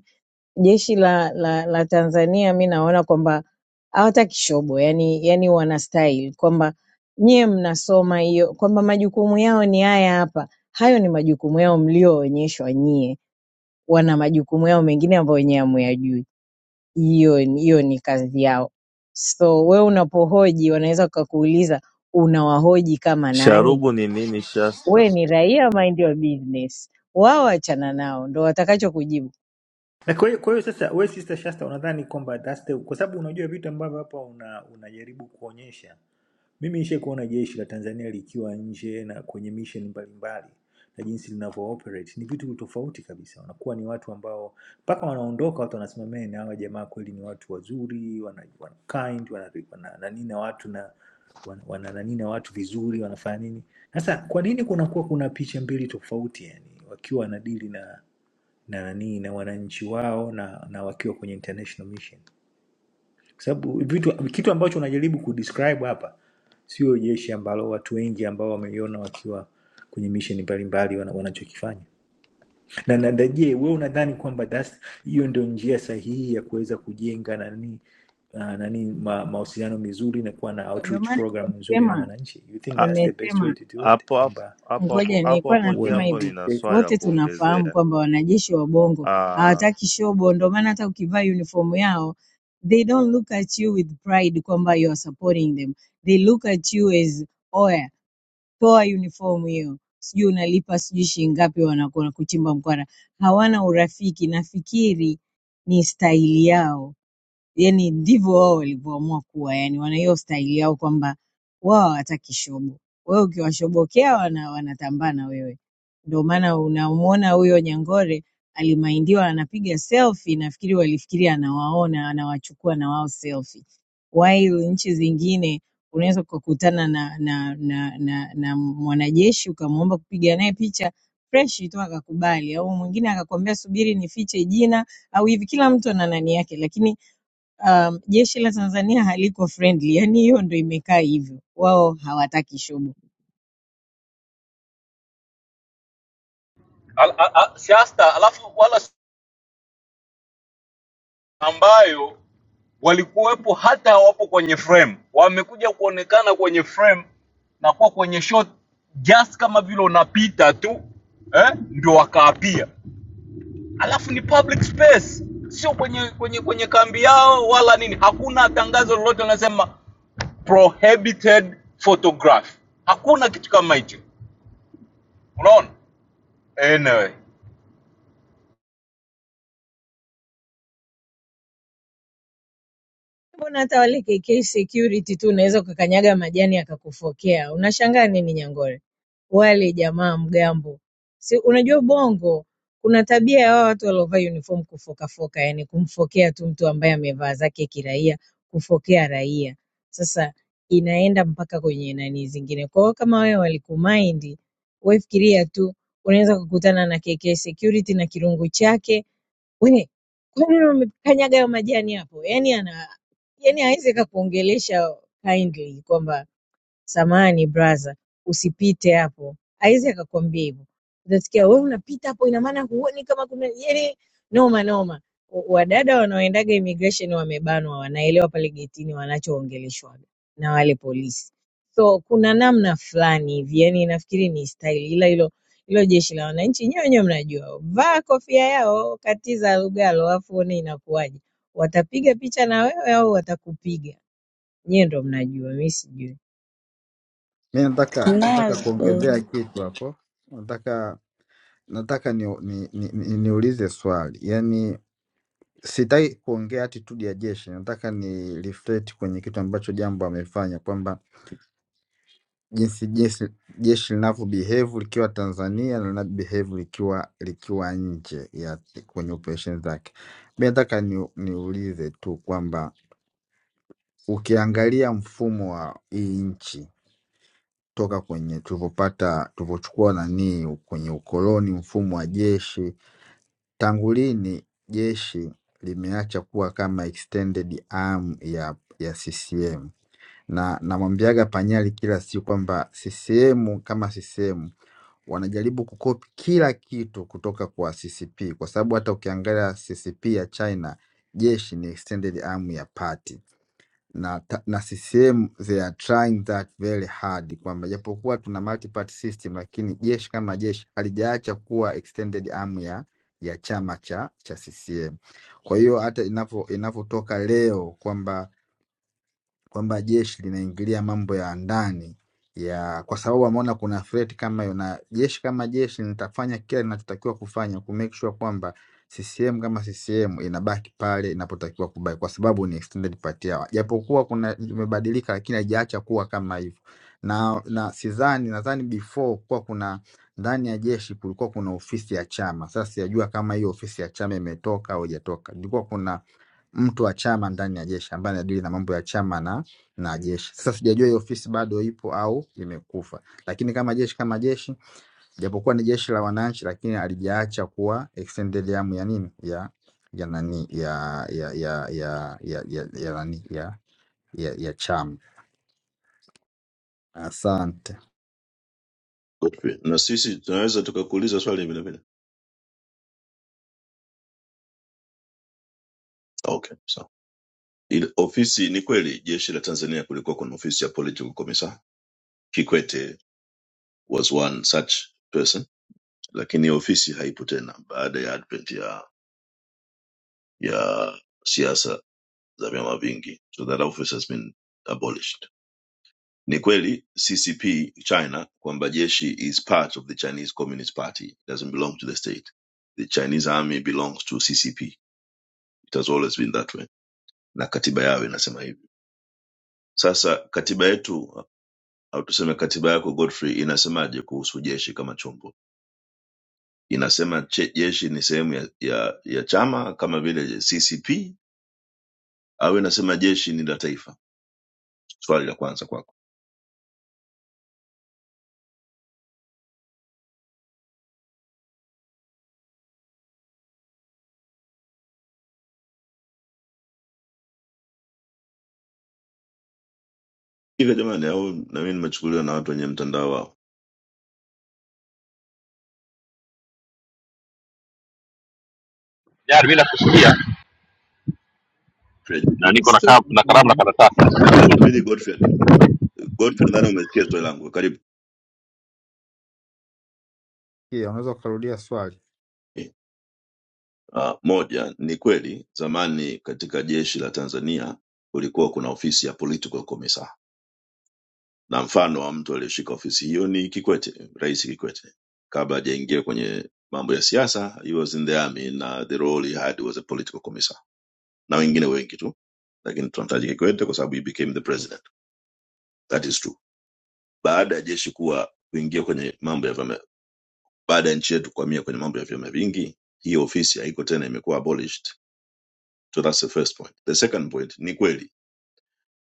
Speaker 18: jeshi la, la, la Tanzania mi naona kwamba hawataki shobo yani, yani wana style kwamba nyie mnasoma hiyo kwamba majukumu yao ni haya hapa. Hayo ni majukumu yao mlioonyeshwa nyie, wana majukumu yao mengine ambayo wenyewe hamuyajui. Hiyo ni- hiyo ni kazi yao. So we unapohoji, wanaweza wakakuuliza unawahoji kama nani?
Speaker 19: Sharubu ni nini Shasta?
Speaker 18: We ni raia, mind your business. Wao achana nao, ndo watakacho kujibu.
Speaker 17: na kwa hiyo kwa hiyo sasa we sister shasta unadhani kwamba that's the, kwa sababu unajua vitu ambavyo hapa una, unajaribu kuonyesha Mimi nishai kuona jeshi la Tanzania likiwa nje na kwenye mission mbalimbali na jinsi linavyo operate ni vitu tofauti kabisa. Wanakuwa ni watu ambao mpaka wanaondoka watu wanasema "Man, hawa jamaa kweli ni watu wazuri, wana, wana kind, wana, wana nani na watu na wana, wana nani na watu vizuri, wanafanya nini?" Sasa kwa nini kunakuwa kuna picha mbili tofauti yani wakiwa wanadili na na nani na wananchi wao na, na wakiwa kwenye international mission? kwa sababu vitu kitu ambacho unajaribu kudescribe hapa sio jeshi ambalo watu wengi ambao wameiona wakiwa kwenye misheni mbalimbali wana- wanachokifanya na na- na je we unadhani kwamba that's- hiyo ndio njia sahihi ya kuweza kujenga nani uh, nani ma, mahusiano mizuri na kuwa na
Speaker 18: Ndo
Speaker 17: outreach
Speaker 18: maana
Speaker 17: program nzuri na
Speaker 18: nimesema
Speaker 17: wananchi you think
Speaker 19: A-
Speaker 17: that's the best way
Speaker 18: nimesema
Speaker 17: to do it
Speaker 19: Hapo hapo
Speaker 17: kwamba
Speaker 19: hapo hapo
Speaker 18: Ngoja
Speaker 19: hapo
Speaker 18: nilikuwa
Speaker 19: hapo
Speaker 18: nasema
Speaker 17: uone
Speaker 19: jambo,
Speaker 18: hivi,
Speaker 19: nina swali la
Speaker 18: wote tunafahamu
Speaker 19: kuongezea.
Speaker 18: kwamba wanajeshi wa Bongo
Speaker 19: Ah,
Speaker 18: hawataki shobo, ndio maana hata ukivaa uniform yao they don't look at you with pride kwamba you are supporting them. They look at you as oya, toa uniform hiyo, sijui unalipa sijui shilingi ngapi, wanakuwa kuchimba mkwara. Hawana urafiki, nafikiri ni staili yao yani ndivyo wao walivyoamua kuwa, yani wana hiyo staili yao kwamba wao hawataki shobo. Wewe ukiwashobokea wana, wanatambaa na wewe. Ndio maana unamwona huyo Nyangore alimaindiwa anapiga selfie, nafikiri walifikiri anawaona anawachukua na wao selfie, while nchi zingine unaweza ukakutana na, na, na, na, na mwanajeshi ukamwomba kupiga naye picha freshi tu akakubali, au mwingine akakwambia subiri nifiche jina au hivi. Kila mtu ana nani yake, lakini um, jeshi la Tanzania haliko friendly, yani hiyo ndo imekaa hivyo, wao hawataki shughuli
Speaker 14: Al- a- a- siasta, alafu wala si- ambayo walikuwepo hata hawapo kwenye frame, wamekuja kuonekana kwenye frame na kuwa kwenye shot just kama vile unapita tu eh, ndio wakaapia. Alafu ni public space, sio kwenye kwenye kwenye kambi yao wala nini. Hakuna tangazo lolote linasema prohibited photograph, hakuna kitu kama hicho, unaona anyway.
Speaker 18: Mbona hata wale KK security tu unaweza ukakanyaga majani akakufokea. Unashangaa nini Nyangore? Wale jamaa mgambo. Si unajua Bongo kuna tabia ya wao watu waliovaa uniform kufokafoka, yani kumfokea tu mtu ambaye amevaa zake kiraia, kufokea raia. Sasa inaenda mpaka kwenye nani zingine. Kwa hiyo kama wewe walikumind, wewe fikiria tu unaweza kukutana na KK security na kirungu chake We, kwani umekanyaga hayo majani hapo? Yaani ana yaani hawezi akakuongelesha kindly kwamba Samahani brother usipite hapo. Haizi akakwambia hivyo. Utasikia wewe unapita hapo ina maana huoni kama kuna yani noma noma. W- Wadada wanaoendaga immigration wamebanwa, wanaelewa pale getini wanachoongeleshwaga na wale polisi. So kuna namna fulani hivi, yani nafikiri ni style, ila hilo hilo jeshi la wananchi nyewe wenyewe mnajua, vaa kofia yao, katiza lugalo, afu one inakuwaje, watapiga picha na wewe au watakupiga? Nyewe ndo mnajua, mi sijui.
Speaker 20: Mi nataka nataka
Speaker 7: Nas.
Speaker 20: kuongezea kitu hapo, nataka nataka ni, ni, ni, ni, niulize swali yaani, sitaki kuongea attitude ya jeshi, nataka ni reflect kwenye kitu ambacho Jambo amefanya kwamba jinsi jeshi jeshi linavyo behave likiwa Tanzania na linavyo behave likiwa likiwa nje ya kwenye operation zake. Mi nataka ni, niulize tu kwamba ukiangalia mfumo wa hii nchi toka kwenye tulivyopata tulivyochukua nani kwenye ukoloni, mfumo wa jeshi. Tangu lini jeshi limeacha kuwa kama extended arm ya ya CCM? Na namwambiaga Panyali kila siku kwamba CCM kama CCM wanajaribu kukopi kila kitu kutoka kwa CCP, kwa sababu hata ukiangalia CCP ya China jeshi ni extended arm ya party na, ta- na CCM they are trying that very hard, kwamba japokuwa tuna multi-party system, lakini jeshi kama jeshi halijaacha kuwa extended arm ya ya chama cha cha CCM. Kwa hiyo hata inapo inapotoka leo kwamba kwamba jeshi linaingilia mambo ya ndani ya kwa sababu ameona kuna threat kama hiyo, na jeshi kama jeshi litafanya kila linachotakiwa kufanya ku make sure kwamba CCM kama CCM inabaki pale inapotakiwa kubaki, kwa sababu ni extended party yao, japokuwa kuna imebadilika, lakini haijaacha kuwa kama hivyo. Na na sidhani, nadhani before kuwa kuna ndani ya jeshi kulikuwa kuna ofisi ya chama. Sasa sijajua kama hiyo ofisi ya chama imetoka au haijatoka. Ilikuwa kuna mtu wa chama ndani ya jeshi ambaye anadili na mambo ya chama na jeshi. Sasa sijajua hiyo ofisi bado ipo au imekufa, lakini kama jeshi kama jeshi, japokuwa ni jeshi la wananchi, lakini alijaacha kuwa extended arm ya nini ya ya nani ya ya ya ya ya ya ya nani ya ya, ya chama. Asante.
Speaker 12: Godfrey, na sisi tunaweza tukakuuliza swali vile vile. Okay, sawa. Ile ofisi ni kweli, jeshi la Tanzania kulikuwa kuna ofisi ya political commissar. Kikwete was one such person, lakini ofisi haipo tena baada ya advent ya ya siasa za vyama vingi, so that office has been abolished. Ni kweli CCP China kwamba jeshi is part of the Chinese Communist Party. It doesn't belong to the state. The Chinese army belongs to CCP. It has always been that way. Na katiba yao inasema hivyo. Sasa katiba yetu au tuseme katiba yako Godfrey inasemaje kuhusu jeshi kama chombo? Inasema che, jeshi ni sehemu ya, ya, ya chama kama vile CCP au inasema jeshi ni la taifa? Swali la kwanza kwako. Hivyo jamani, au na mimi nimechukuliwa na watu wenye mtandao wao.
Speaker 4: jari mimi nakusikia na niko na,
Speaker 18: Esquei
Speaker 4: ka-
Speaker 18: com
Speaker 4: na
Speaker 18: quem,
Speaker 4: kalamu
Speaker 18: né.
Speaker 4: na karatasi
Speaker 12: Na- nakabidhi Godfrey atujibu. Godfrey, nadhani umesikia swali langu, karibu.
Speaker 20: Pia unaweza ukarudia swali
Speaker 12: Uh, moja ni kweli zamani katika jeshi la Tanzania kulikuwa kuna ofisi ya political commissar, na mfano wa mtu aliyeshika ofisi hiyo ni Kikwete, Rais Kikwete. Kabla hajaingia kwenye mambo ya siasa, he was in the army na the role he had was a political commissar, na wengine wengi tu, lakini tunamtaja Kikwete kwa sababu he became the president. That is true. Baada ya jeshi kuwa kuingia kwenye mambo ya baada ya nchi yetu kuhamia kwenye mambo ya vyama vingi, hii ofisi haiko tena, imekuwa abolished. So that's the first point. The second point ni kweli,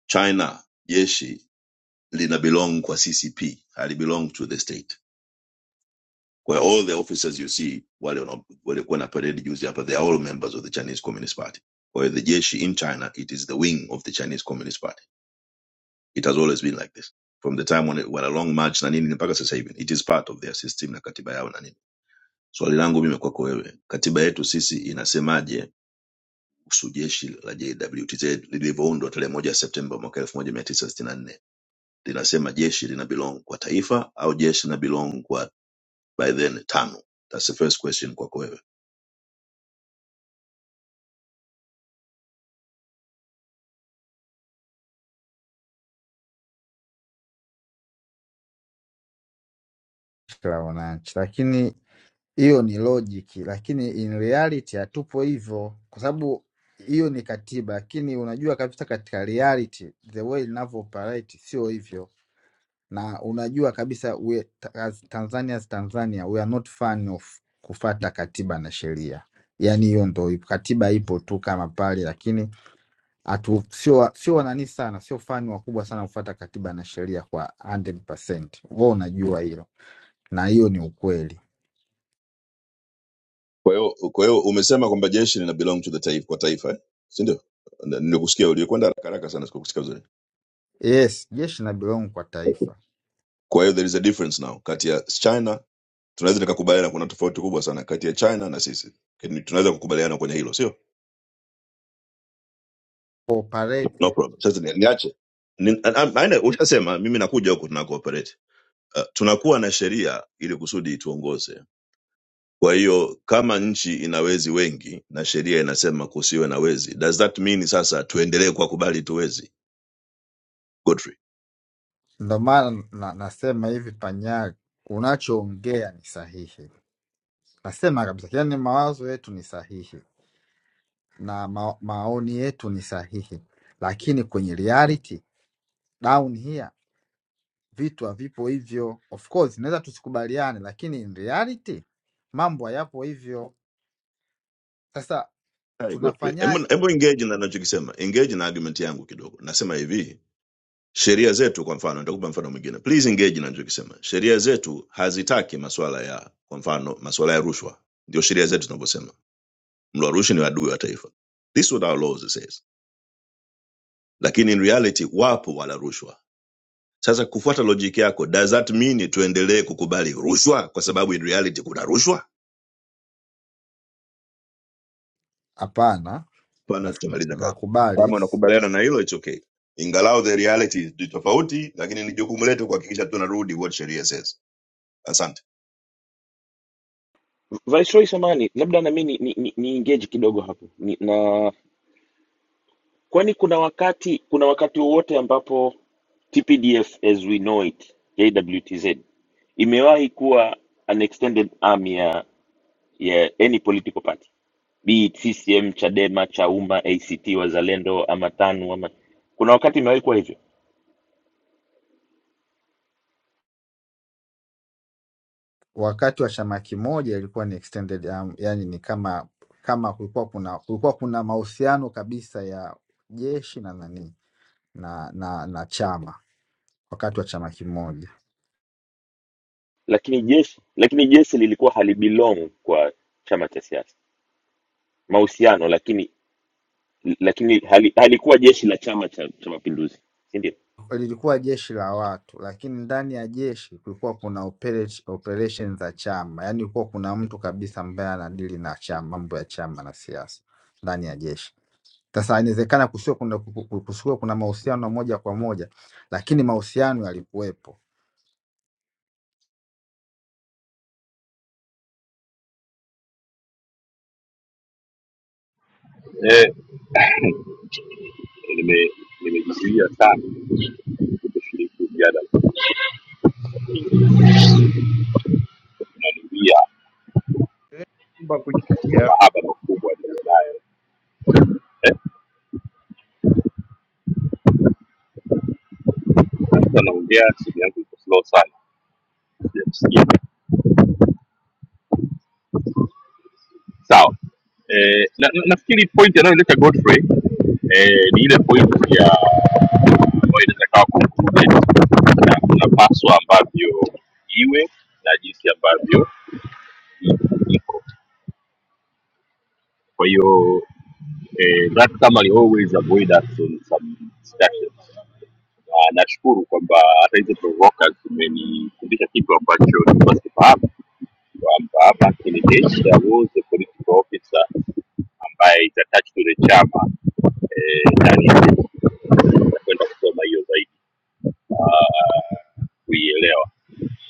Speaker 12: China jeshi lina belong kwa CCP, hali belong to the state. Where all the officers you see wale wana- waliokuwa na parade juzi hapa, they are all members of the Chinese Communist Party. Kwa the jeshi in China, it is the wing of the Chinese Communist Party. It has always been like this from the time when, it, when a long march na nini mpaka sasa hivi, it is part of their system na katiba yao na nini. Swali langu mimi kwako wewe, katiba yetu sisi inasemaje kuhusu jeshi la JWTZ lilivyoundwa tarehe moja Septemba mwaka elfu moja mia tisa sitini na nne linasema jeshi lina belong kwa taifa au jeshi lina belong kwa by then tano. That's the first question kwako wewe.
Speaker 20: Jeshi la wananchi, lakini hiyo ni logic, lakini in reality hatupo hivyo, kwa sababu hiyo ni katiba, lakini unajua kabisa katika reality the way inavyo operate sio hivyo na unajua kabisa we, ta- as Tanzania as Tanzania we are not fan of kufata katiba na sheria. Yani hiyo ndo ipo- katiba ipo tu kama pale, lakini hatu sio wa- sio wanani sana, sio fani wakubwa sana kufata katiba na sheria kwa 100%. Wewe unajua hilo, na hiyo ni ukweli.
Speaker 12: Kwa hiyo kwa hiyo umesema kwamba jeshi lina belong to the taifa, kwa taifa eh? si ndio? Na- Nilikusikia, ulikwenda haraka haraka sana, sikukusikia vizuri.
Speaker 20: Yes, jeshi na belong kwa taifa
Speaker 12: Kwa hiyo there is a difference now kati ya China, tunaweza nikakubaliana, kuna tofauti kubwa sana kati ya China na sisi, Lakini tunaweza kukubaliana kwenye hilo, sio? no
Speaker 20: cooperate.
Speaker 12: problem sasa ni- niache Ni- na- na- naenda- ushasema mimi nakuja huku tuna cooperate uh, tunakuwa na sheria ili kusudi ituongoze kwa hiyo kama nchi ina wezi wengi na sheria inasema kusiwe na wezi does that mean sasa tuendelee kuwakubali tuwezi godfrey
Speaker 20: Ndo maana na, nasema hivi Panyari, unachoongea ni sahihi, nasema kabisa, yani mawazo yetu ni sahihi na ma maoni yetu ni sahihi, lakini kwenye reality down here vitu havipo hivyo. Of course inaweza tusikubaliane, lakini in reality mambo hayapo hivyo. Sasa
Speaker 12: Hi, godfrey hebu
Speaker 20: tunafanyaje?
Speaker 12: hebu engage na nachokisema engage na argument yangu kidogo nasema hivi sheria zetu kwa mfano nitakupa mfano mwingine please engage na nachokisema sheria zetu hazitaki maswala ya kwa mfano maswala ya rushwa ndio sheria zetu zinavyosema mla rushwa ni adui wa taifa this is what our laws says lakini in reality wapo wala rushwa sasa kufuata logic yako does that mean tuendelee kukubali rushwa kwa sababu in reality kuna rushwa
Speaker 20: Hapana,
Speaker 12: pana
Speaker 20: nas-
Speaker 12: tutamaliza kazi kama
Speaker 20: nakubali.
Speaker 12: unakubaliana na hilo it's okay ingalau the reality is ni tofauti lakini ni jukumu letu kuhakikisha tunarudi what sheria says asante
Speaker 13: Viceroy samani labda na mimi ni, ni, ni, ni engage kidogo hapo ni, na Kwani kuna wakati kuna wakati wowote ambapo TPDF as we know it, JWTZ imewahi kuwa an extended arm ya, ya any political party be it CCM, Chadema, Chauma, ACT Wazalendo ama TANU ama kuna wakati imewahi kuwa hivyo,
Speaker 20: Wakati wa chama kimoja ilikuwa ni extended arm, yani ni kama kama kulikuwa kuna kulikuwa kuna mahusiano kabisa ya jeshi na nani na na, na chama wakati wa chama kimoja
Speaker 13: lakini jeshi lakini jeshi lilikuwa halibelong kwa chama cha siasa mahusiano, lakini lakini hali, halikuwa jeshi la chama cha, cha mapinduzi, si ndio?
Speaker 20: lilikuwa jeshi la watu, lakini ndani ya jeshi kulikuwa kuna operate- operation za chama, yaani kulikuwa kuna mtu kabisa ambaye anadili na chama, mambo ya chama na siasa ndani ya jeshi. Sasa inawezekana kusiwe kuna, kusiwe kuna mahusiano moja kwa moja, lakini mahusiano yalikuwepo.
Speaker 4: eh, nime- nimejizuia sana kushiriki mjadala kukimbia
Speaker 21: Mba
Speaker 4: kwa
Speaker 21: kuchangia.
Speaker 4: mahaba makubwa nilionayo eh, sasa naongea simu yangu iko slow sana sijakusikia sawa eh, na, na, nafikiri point anayoleta Godfrey eh, ni ile point ya ambayo inaweza kawa concluded na kuna paswa ambavyo iwe na jinsi ambavyo i- iko Kwa hiyo eh, that summary always avoid us in some discussions. Na nashukuru kwamba hata hizo provokers zimenifundisha kitu ambacho nilikuwa sifahamu kwamba back in the days there was a political officer ambaye is attached to the chama eh, ndani ya kwenda kusoma hiyo zaidi ah, kuielewa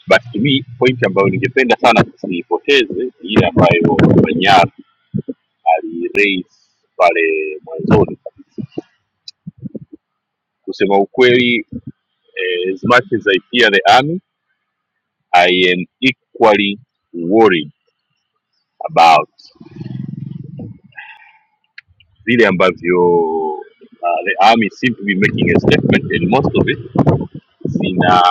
Speaker 4: but to me point ambayo ningependa sana tusiipoteze ni ile ambayo manyara aliraise pale mwanzoni kabisa kusema ukweli eh, as much as I fear the army I am equally worried about vile ambavyo uh, the army seem to be making a statement and most of it zina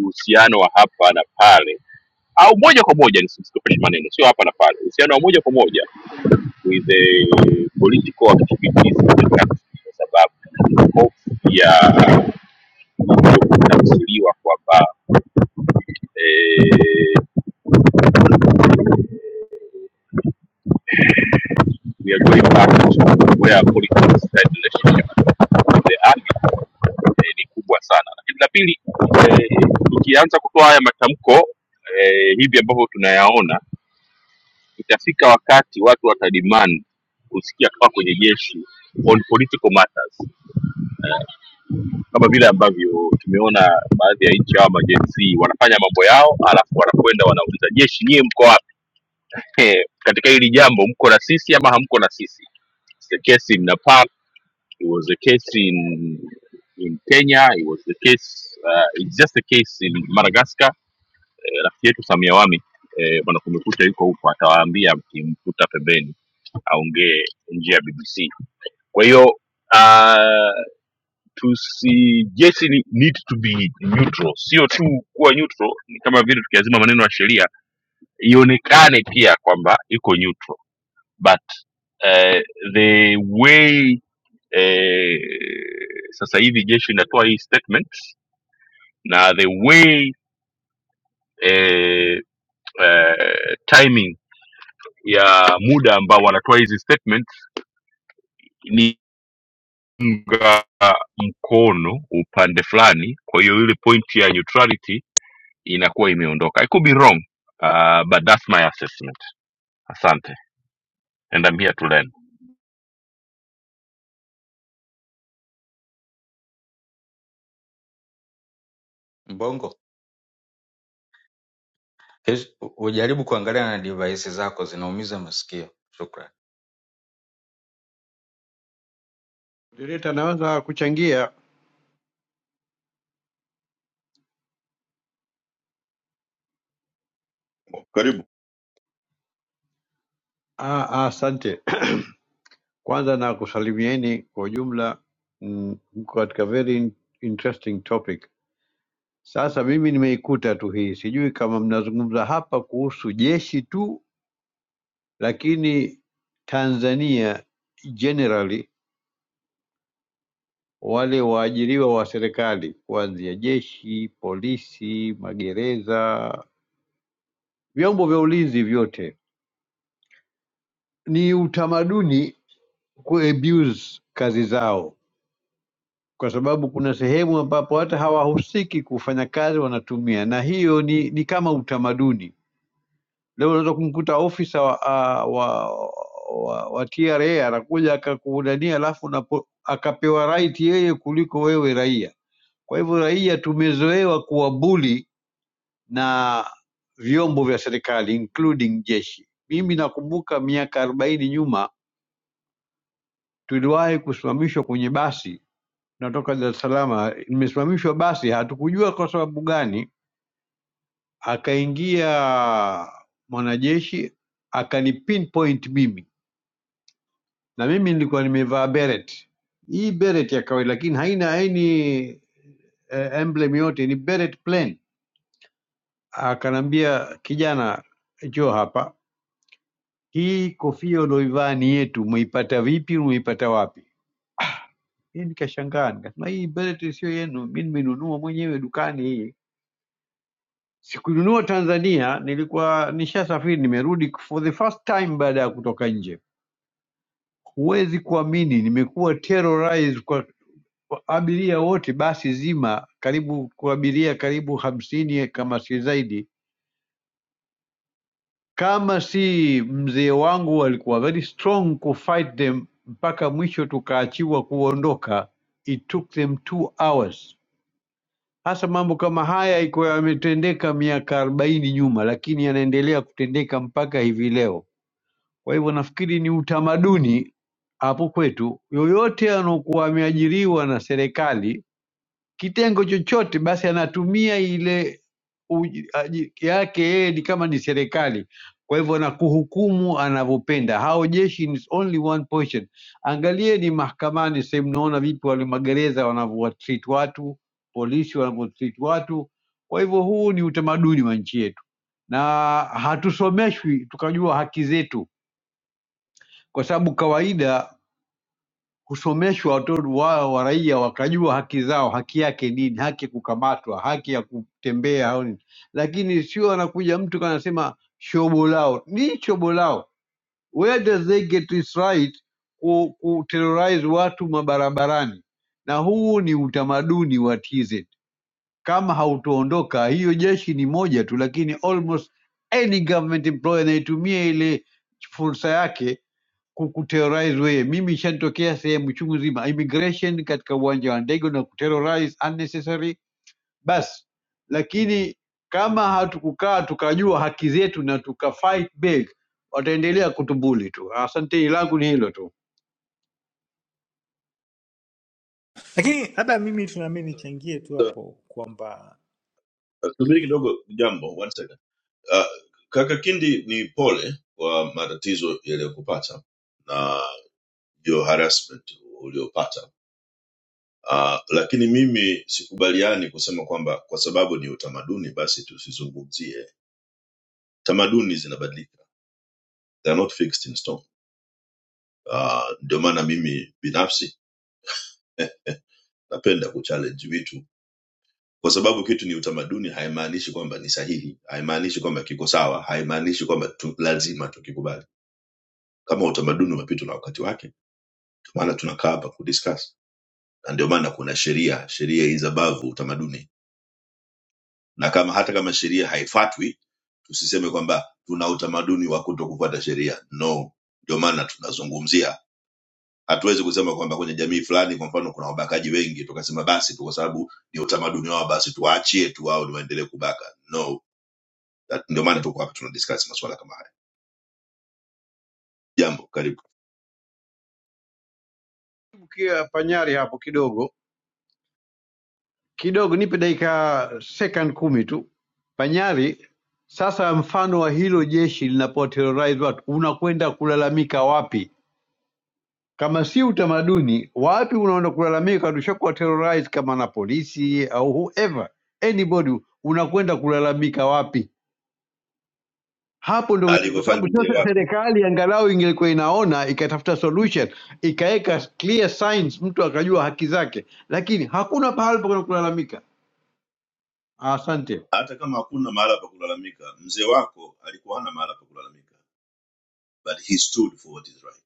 Speaker 4: uhusiano wa hapa na pale au moja kwa moja nisitupeshe maneno sio hapa na pale uhusiano wa moja kwa moja with the political activities in the country kwa sababu hofu ya kunatafsiriwa kwamba eh, we are going back to where politics and relationship with the army eh, ni kubwa sana. Lakini la pili eh, tukianza kutoa haya matamko eh, hivi ambavyo tunayaona, itafika wakati watu watademand kusikia kutoka kwenye jeshi on political matters eh, kama vile ambavyo tumeona baadhi ya nchi hawa majenzi wanafanya mambo yao, alafu wanakwenda wanauliza jeshi, nyie mko wapi? eh, katika hili jambo mko na sisi ama hamko na sisi It's the case in nepal it was a case in in kenya it was the case uh, it's just a case in madagascar eh, rafiki yetu samia wami eh, bwana kumekucha yuko huko atawaambia mkimkuta pembeni aongee nje ya bbc kwa hiyo uh, tusijeshi ni- need to be neutral sio tu kuwa neutral ni kama vile tukiazima maneno ya sheria ionekane pia kwamba iko neutral but eh, the way eh, sasa hivi jeshi inatoa hii statement na the way eh, eh, timing ya muda ambao wanatoa hizi statement ni unga mkono upande fulani kwa hiyo ile point ya neutrality inakuwa imeondoka i could be wrong uh, but that's my assessment asante and i'm here to learn
Speaker 10: Mbongo, hizi- ujaribu kuangalia na device zako zinaumiza masikio. Shukran.
Speaker 21: Direta anaweza kuchangia.
Speaker 12: karibu
Speaker 21: Ah, ah, Asante. Kwanza na kusalimieni kwa ujumla, mm, mko katika very in- interesting topic. Sasa mimi nimeikuta tu hii, sijui kama mnazungumza hapa kuhusu jeshi tu, lakini Tanzania generally wale waajiriwa wa serikali kuanzia jeshi, polisi, magereza, vyombo vya ulinzi vyote, ni utamaduni kuabuse kazi zao, kwa sababu kuna sehemu ambapo hata hawahusiki kufanya kazi wanatumia, na hiyo ni, ni kama utamaduni. Leo unaweza kumkuta ofisa wa, a- wa, wa, wa TRA anakuja akakuudania, alafu unapo- akapewa right yeye kuliko wewe raia. Kwa hivyo raia tumezoewa kuwabuli na vyombo vya serikali including jeshi. Mimi nakumbuka miaka arobaini nyuma tuliwahi kusimamishwa kwenye basi natoka Dar es Salaam, nimesimamishwa basi, hatukujua kwa sababu gani. Akaingia mwanajeshi akani pinpoint mimi, na mimi nilikuwa nimevaa beret, hii beret ya kawaida, lakini haina haini eh, emblem yote, ni beret plain. Akanambia, kijana, njoo hapa, hii kofia ulioivaa ni yetu, umeipata vipi? Umeipata wapi? Hii nikashangaa, nikasema hii beret sio yenu, mimi nimenunua mwenyewe dukani hii Sikununua Tanzania, nilikuwa nishasafiri, nimerudi for the first time baada ya kutoka nje. Huwezi kuamini, nimekuwa terrorized kwa kwa abiria wote, basi zima karibu kwa abiria karibu hamsini kama si zaidi, kama si mzee wangu walikuwa very strong ku fight them mpaka mwisho tukaachiwa kuondoka. It took them two hours. Hasa mambo kama haya iko yametendeka miaka arobaini nyuma, lakini yanaendelea kutendeka mpaka hivi leo. Kwa hivyo nafikiri ni utamaduni hapo kwetu, yoyote anaokuwa ameajiriwa na serikali kitengo chochote, basi anatumia ile uji- aji- yake yeye ni kama ni serikali, kwa hivyo na kuhukumu anavyopenda. Hao jeshi ni only one portion. Angalieni mahakamani sehemu, mnaona vipi wale magereza wanavyowatreat watu, polisi wanavyotreat watu. Kwa hivyo huu ni utamaduni wa nchi yetu, na hatusomeshwi tukajua haki zetu kwa sababu kawaida husomeshwa watoto wao wa raia wakajua haki zao, haki yake nini, haki ya kukamatwa, haki ya kutembea au nini, lakini sio anakuja mtu kanasema shobo lao ni shobo lao. Where does they get this right ku, ku terrorize watu mabarabarani? Na huu ni utamaduni wa TZ. Kama hautoondoka, hiyo jeshi ni moja tu, lakini almost any government employee anaitumia ile fursa yake kukuterrorize wewe. Mimi ishanitokea sehemu chungu nzima, immigration katika uwanja wa ndege na kuterrorize unnecessary basi. Lakini kama hatukukaa tukajua haki zetu na tukafight back, wataendelea kutubuli tu. Asante, langu ni hilo tu.
Speaker 17: lakini labda mimi tunaamini nichangie tu hapo kwamba
Speaker 12: Uh, subiri kidogo jambo one second uh, kaka kindi ni pole kwa matatizo yaliyokupata na your harassment uliopata Uh, lakini mimi sikubaliani kusema kwamba kwa sababu ni utamaduni basi tusizungumzie. Tamaduni zinabadilika, they are not fixed in stone. Uh, ndio maana mimi binafsi eh, napenda kuchallenge vitu kwa sababu kitu ni utamaduni, haimaanishi kwamba ni sahihi, haimaanishi kwamba kiko sawa, haimaanishi kwamba tu, lazima tukikubali. Kama utamaduni umepitwa na wakati wake, ndio maana tunakaa hapa kudiscuss, na ndio maana kuna sheria. Sheria is above utamaduni na kama hata kama sheria haifatwi tusiseme kwamba tuna utamaduni wa kuto kufuata sheria no ndio maana tunazungumzia hatuwezi kusema kwamba kwenye jamii fulani kwa mfano kuna wabakaji wengi tukasema basi tu kwa sababu ni utamaduni wao basi tuwaachie tu wao ni waendelee kubaka no That- ndio maana tuko hapa tunadiscuss masuala kama haya jambo karibu
Speaker 21: Kia Panyari hapo kidogo kidogo, nipe dakika second kumi tu. Panyari, sasa mfano wa hilo jeshi linapoterrorize watu, unakwenda kulalamika wapi? Kama si utamaduni, wapi unaenda kulalamika? Tushakuwa terrorized kama na polisi au whoever anybody, unakwenda kulalamika wapi? Hapo ndio inaweza- kwa sababu
Speaker 12: alivyofanya
Speaker 21: sasa
Speaker 12: mzee wako
Speaker 21: serikali angalau ingelikuwa inaona ikatafuta solution ikaweka clear signs, mtu akajua haki zake, lakini hakuna pahali pa kwenda kulalamika. Asante,
Speaker 12: hata kama hakuna mahala pa kulalamika mzee wako alikuwa hana mahala pa kulalamika but he stood for what is right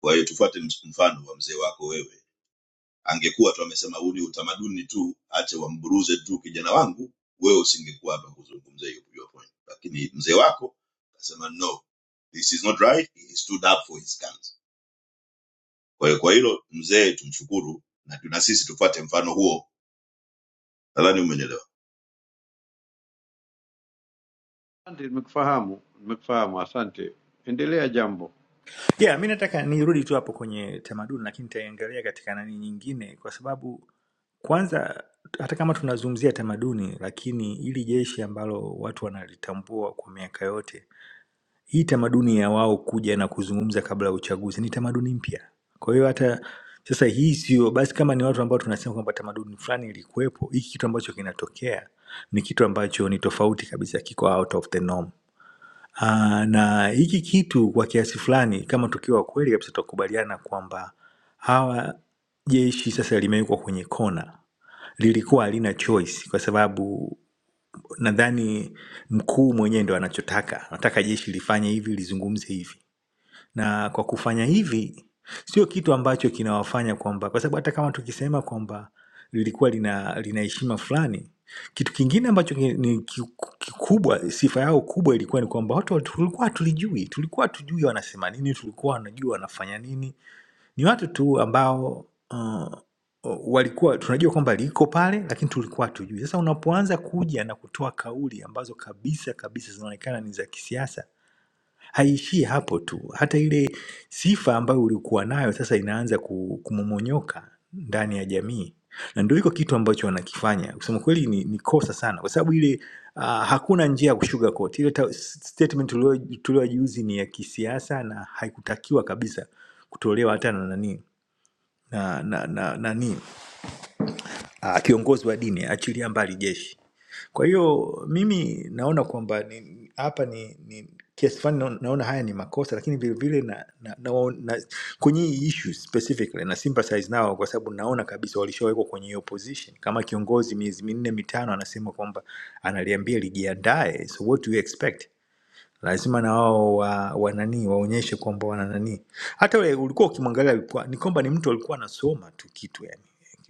Speaker 12: kwa hiyo tufuate ms- mfano wa mzee wako wewe Angekuwa tu amesema huu ni utamaduni tu, ache wamburuze tu kijana wangu, wewe usingekuwa hapa kuzungumzia hiyo hiyo point. Lakini mzee wako akasema no, this is not right. He stood up for his guns. Kwa hiyo kwa hilo mzee tumshukuru, na tuna sisi tufuate mfano huo. Nadhani umenielewa.
Speaker 21: asante, nimekufahamu, nimekufahamu. Asante, endelea jambo.
Speaker 17: yeah mi nataka nirudi tu hapo kwenye tamaduni lakini nitaangalia katika nani nyingine kwa sababu kwanza hata kama tunazungumzia tamaduni lakini ili jeshi ambalo watu wanalitambua kwa miaka yote hii tamaduni ya wao kuja na kuzungumza kabla ya uchaguzi ni tamaduni mpya kwa hiyo hata sasa hii sio basi kama ni watu ambao tunasema kwamba tamaduni fulani ilikuwepo hiki kitu ambacho kinatokea ni kitu ambacho ni tofauti kabisa kiko out of the norm Ah, na hiki kitu kwa kiasi fulani kama tukiwa wakweli kabisa tutakubaliana kwamba hawa jeshi sasa limewekwa kwenye kona. Lilikuwa halina choice kwa sababu nadhani mkuu mwenyewe ndo anachotaka. Anataka jeshi lifanye hivi, lizungumze hivi. Na kwa kufanya hivi, sio kitu ambacho kinawafanya kwamba kwa sababu hata kama tukisema kwamba lilikuwa lina lina heshima fulani, kitu kingine ambacho ki- ni ki- kikubwa, sifa yao kubwa ilikuwa ni kwamba watu watu- tulikuwa tulijui, tulikuwa tujui wanasema nini, tulikuwa wanajua wanafanya nini. Ni watu tu ambao uh, walikuwa tunajua kwamba liko pale, lakini tulikuwa tujui. Sasa unapoanza kuja na kutoa kauli ambazo kabisa kabisa zinaonekana ni za kisiasa Haishii hapo tu, hata ile sifa ambayo ulikuwa nayo sasa inaanza ku- kumomonyoka ndani ya jamii, na ndio hiko kitu ambacho wanakifanya. Kusema kweli ni, ni kosa sana, kwa sababu ile uh, hakuna njia ya kusugarcoat. Ile ta- statement tulio- tuliojiuzi ni ya kisiasa na haikutakiwa kabisa kutolewa hata na nani na, na, na, na, nani ah, kiongozi wa dini, achilia mbali jeshi. Kwa hiyo mimi naona kwamba ni- hapa ni, ni kiasi fulani naona naona haya ni makosa, lakini vilevile na, na, na, na, kwenye hii issue specifically na sympathize nao kwa sababu naona kabisa walishawekwa kwenye hiyo position. Kama kiongozi miezi minne mitano anasema kwamba analiambia lijiandae, so what do you expect? lazima na wao wa, wa nani waonyeshe kwamba wana nani hata ule ulikuwa ukimwangalia alikuwa ni kwamba ni mtu alikuwa anasoma tu kitu yani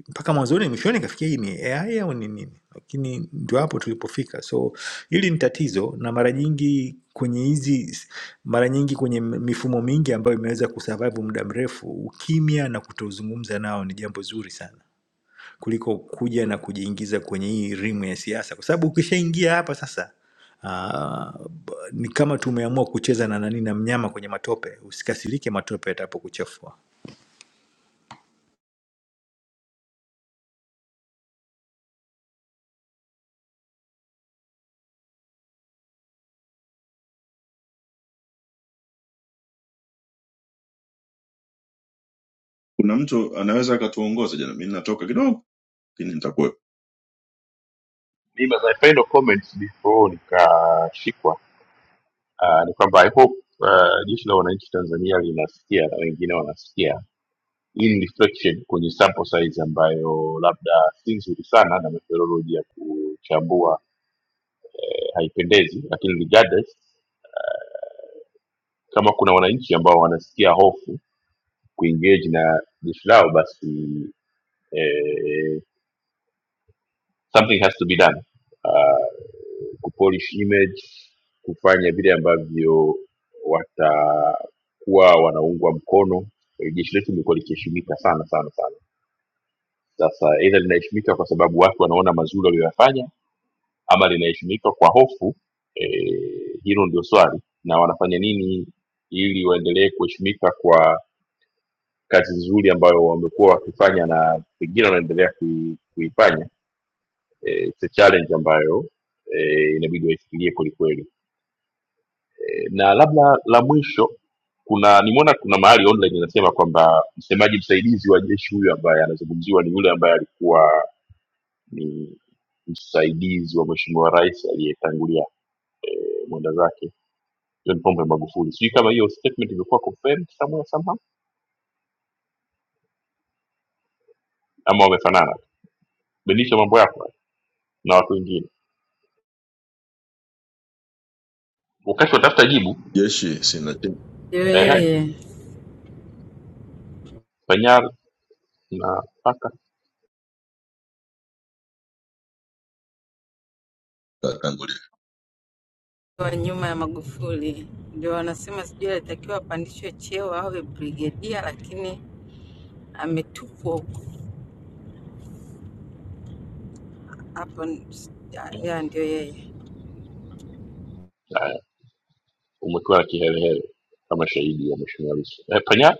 Speaker 17: mpaka mwanzoni mwishoni ikafikia hii ni AI au ni nini, lakini ndio hapo tulipofika. So hili ni tatizo, na mara nyingi kwenye hizi mara nyingi kwenye mifumo mingi ambayo imeweza kusurvive muda mrefu, ukimya na kutozungumza nao ni jambo zuri sana kuliko kuja na kujiingiza kwenye hii rimu ya siasa, kwa sababu ukishaingia hapa sasa Ah, b- ni kama tumeamua kucheza na nani na mnyama kwenye matope. Usikasirike matope yatapokuchafua.
Speaker 12: Kuna mtu anaweza akatuongoza jana. Mimi natoka kidogo, lakini nitakuwa
Speaker 4: Nimas, I kind of comments before nikashikwa uh, ni kwamba i hope uh, jeshi la wananchi tanzania linasikia na wengine wanasikia hii ni reflection kwenye sample size ambayo labda si nzuri sana na methodology ya kuchambua eh, haipendezi lakini regardless kama kuna wananchi ambao wanasikia hofu kuengage na jeshi lao basi eh, something has to be done Ah, kupolish image kufanya vile ambavyo watakuwa wanaungwa mkono Eh, jeshi letu limekuwa likiheshimika sana sana sana sasa aidha linaheshimika kwa sababu watu wanaona mazuri walioyafanya ama linaheshimika kwa hofu eh, hilo ndio swali na wanafanya nini ili waendelee kuheshimika kwa kazi nzuri ambayo wamekuwa wakifanya na pengine wanaendelea kui- kuifanya eh, it's a challenge ambayo eh, inabidi waifikirie kwelikweli Eh, na labda la mwisho kuna nimeona kuna mahali online inasema kwamba msemaji msaidizi wa jeshi huyu ambaye anazungumziwa ni yule ambaye alikuwa ni msaidizi wa mheshimiwa rais aliyetangulia eh, mwenda zake john pombe magufuli sijui kama hiyo statement imekuwa confirmed somewhere somehow ama wamefanana badilisha mambo yako na watu wengine wakati watafuta jibu
Speaker 12: jeshi sina
Speaker 11: Ndio
Speaker 4: eh,
Speaker 11: yeye
Speaker 4: panyar na paka
Speaker 12: tangu
Speaker 11: wa nyuma ya Magufuli ndio wanasema sijui alitakiwa apandishwe cheo awe brigedia, lakini ametupwa huko hapo. s- ya ya, ndio yeye.
Speaker 4: haya, umekuwa kihelehele kama shahidi ya mheshimiwa lissu eh, panyar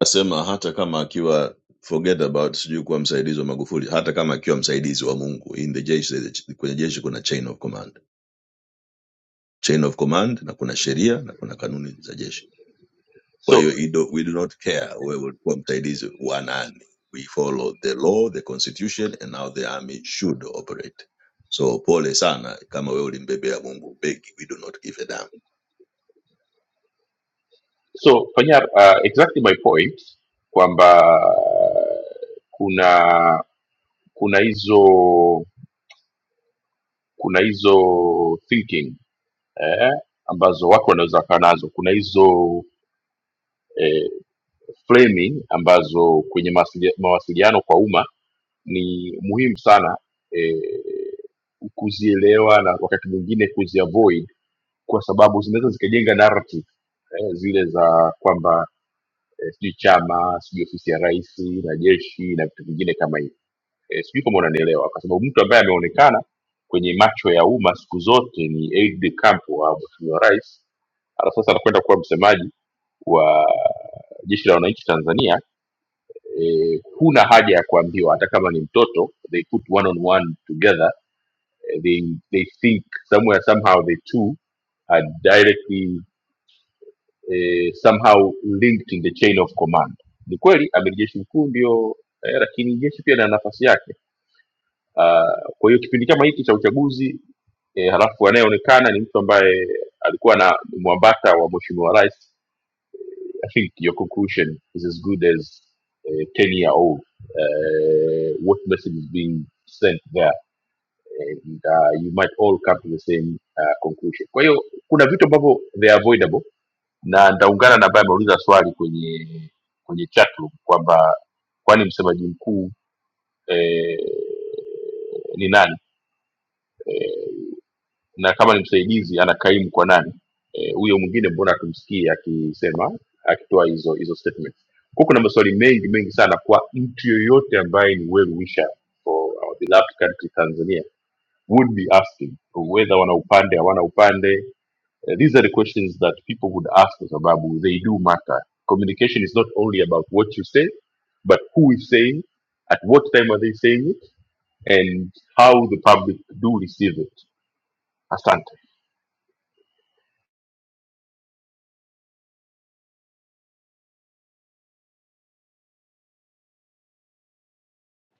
Speaker 12: Nasema hata kama akiwa forget about sijui kuwa msaidizi wa Magufuli, hata kama akiwa msaidizi wa Mungu in the jeshi, kwenye jeshi kuna chain of command, chain of command, na kuna sheria na kuna kanuni za jeshi. Kwa hiyo
Speaker 4: so
Speaker 12: we do, we do not care wewe ulikuwa msaidizi wa nani, we follow the law, the constitution and how the army should operate. So pole sana kama wewe ulimbebea Mungu begi, we do not give a damn.
Speaker 4: so fanya uh, exactly my point kwamba kuna kuna hizo kuna hizo thinking eh, ambazo watu wanaweza wakawa nazo kuna hizo eh, framing ambazo kwenye mawasilia- mawasiliano kwa umma ni muhimu sana eh, kuzielewa na wakati mwingine kuziavoid kwa sababu zinaweza zikajenga narrative eh, zile za kwamba eh, sijui chama sijui ofisi ya rais na jeshi na vitu vingine kama hivyo eh, sijui kama unanielewa kwa sababu mtu ambaye ameonekana kwenye macho ya umma siku zote ni aide de camp wa mheshimiwa rais Ala, sasa anakwenda kuwa msemaji wa jeshi la wananchi tanzania eh, huna haja ya kuambiwa hata kama ni mtoto they put one on one together eh, they, they think somewhere somehow the two are directly eh, somehow linked in the chain of command. Ni kweli amiri jeshi mkuu ndio eh, lakini jeshi pia lina nafasi yake. Ah, Kwa hiyo kipindi kama hiki cha uchaguzi eh, halafu anayeonekana ni mtu ambaye alikuwa na mwambata wa mheshimiwa rais, I think your conclusion is as good as eh, 10 year old eh, what message is being sent there and uh, you might all come to the same uh, conclusion. Kwa hiyo kuna vitu ambavyo they are avoidable na nitaungana na ambaye ameuliza swali kwenye kwenye chatroom kwamba kwani msemaji mkuu eh, ni nani eh, na kama ni msaidizi anakaimu kwa nani Eh, huyo mwingine mbona tumsikie akisema akitoa hizo hizo statements kwa kuna maswali mengi mengi sana kwa mtu yoyote ambaye ni well wisher for our beloved country tanzania would be asking whether wana upande hawana upande Uh, these are the questions that people would ask kwa sababu they do matter communication is not only about what you say but who is saying at what time are they saying it and how the public do receive it asante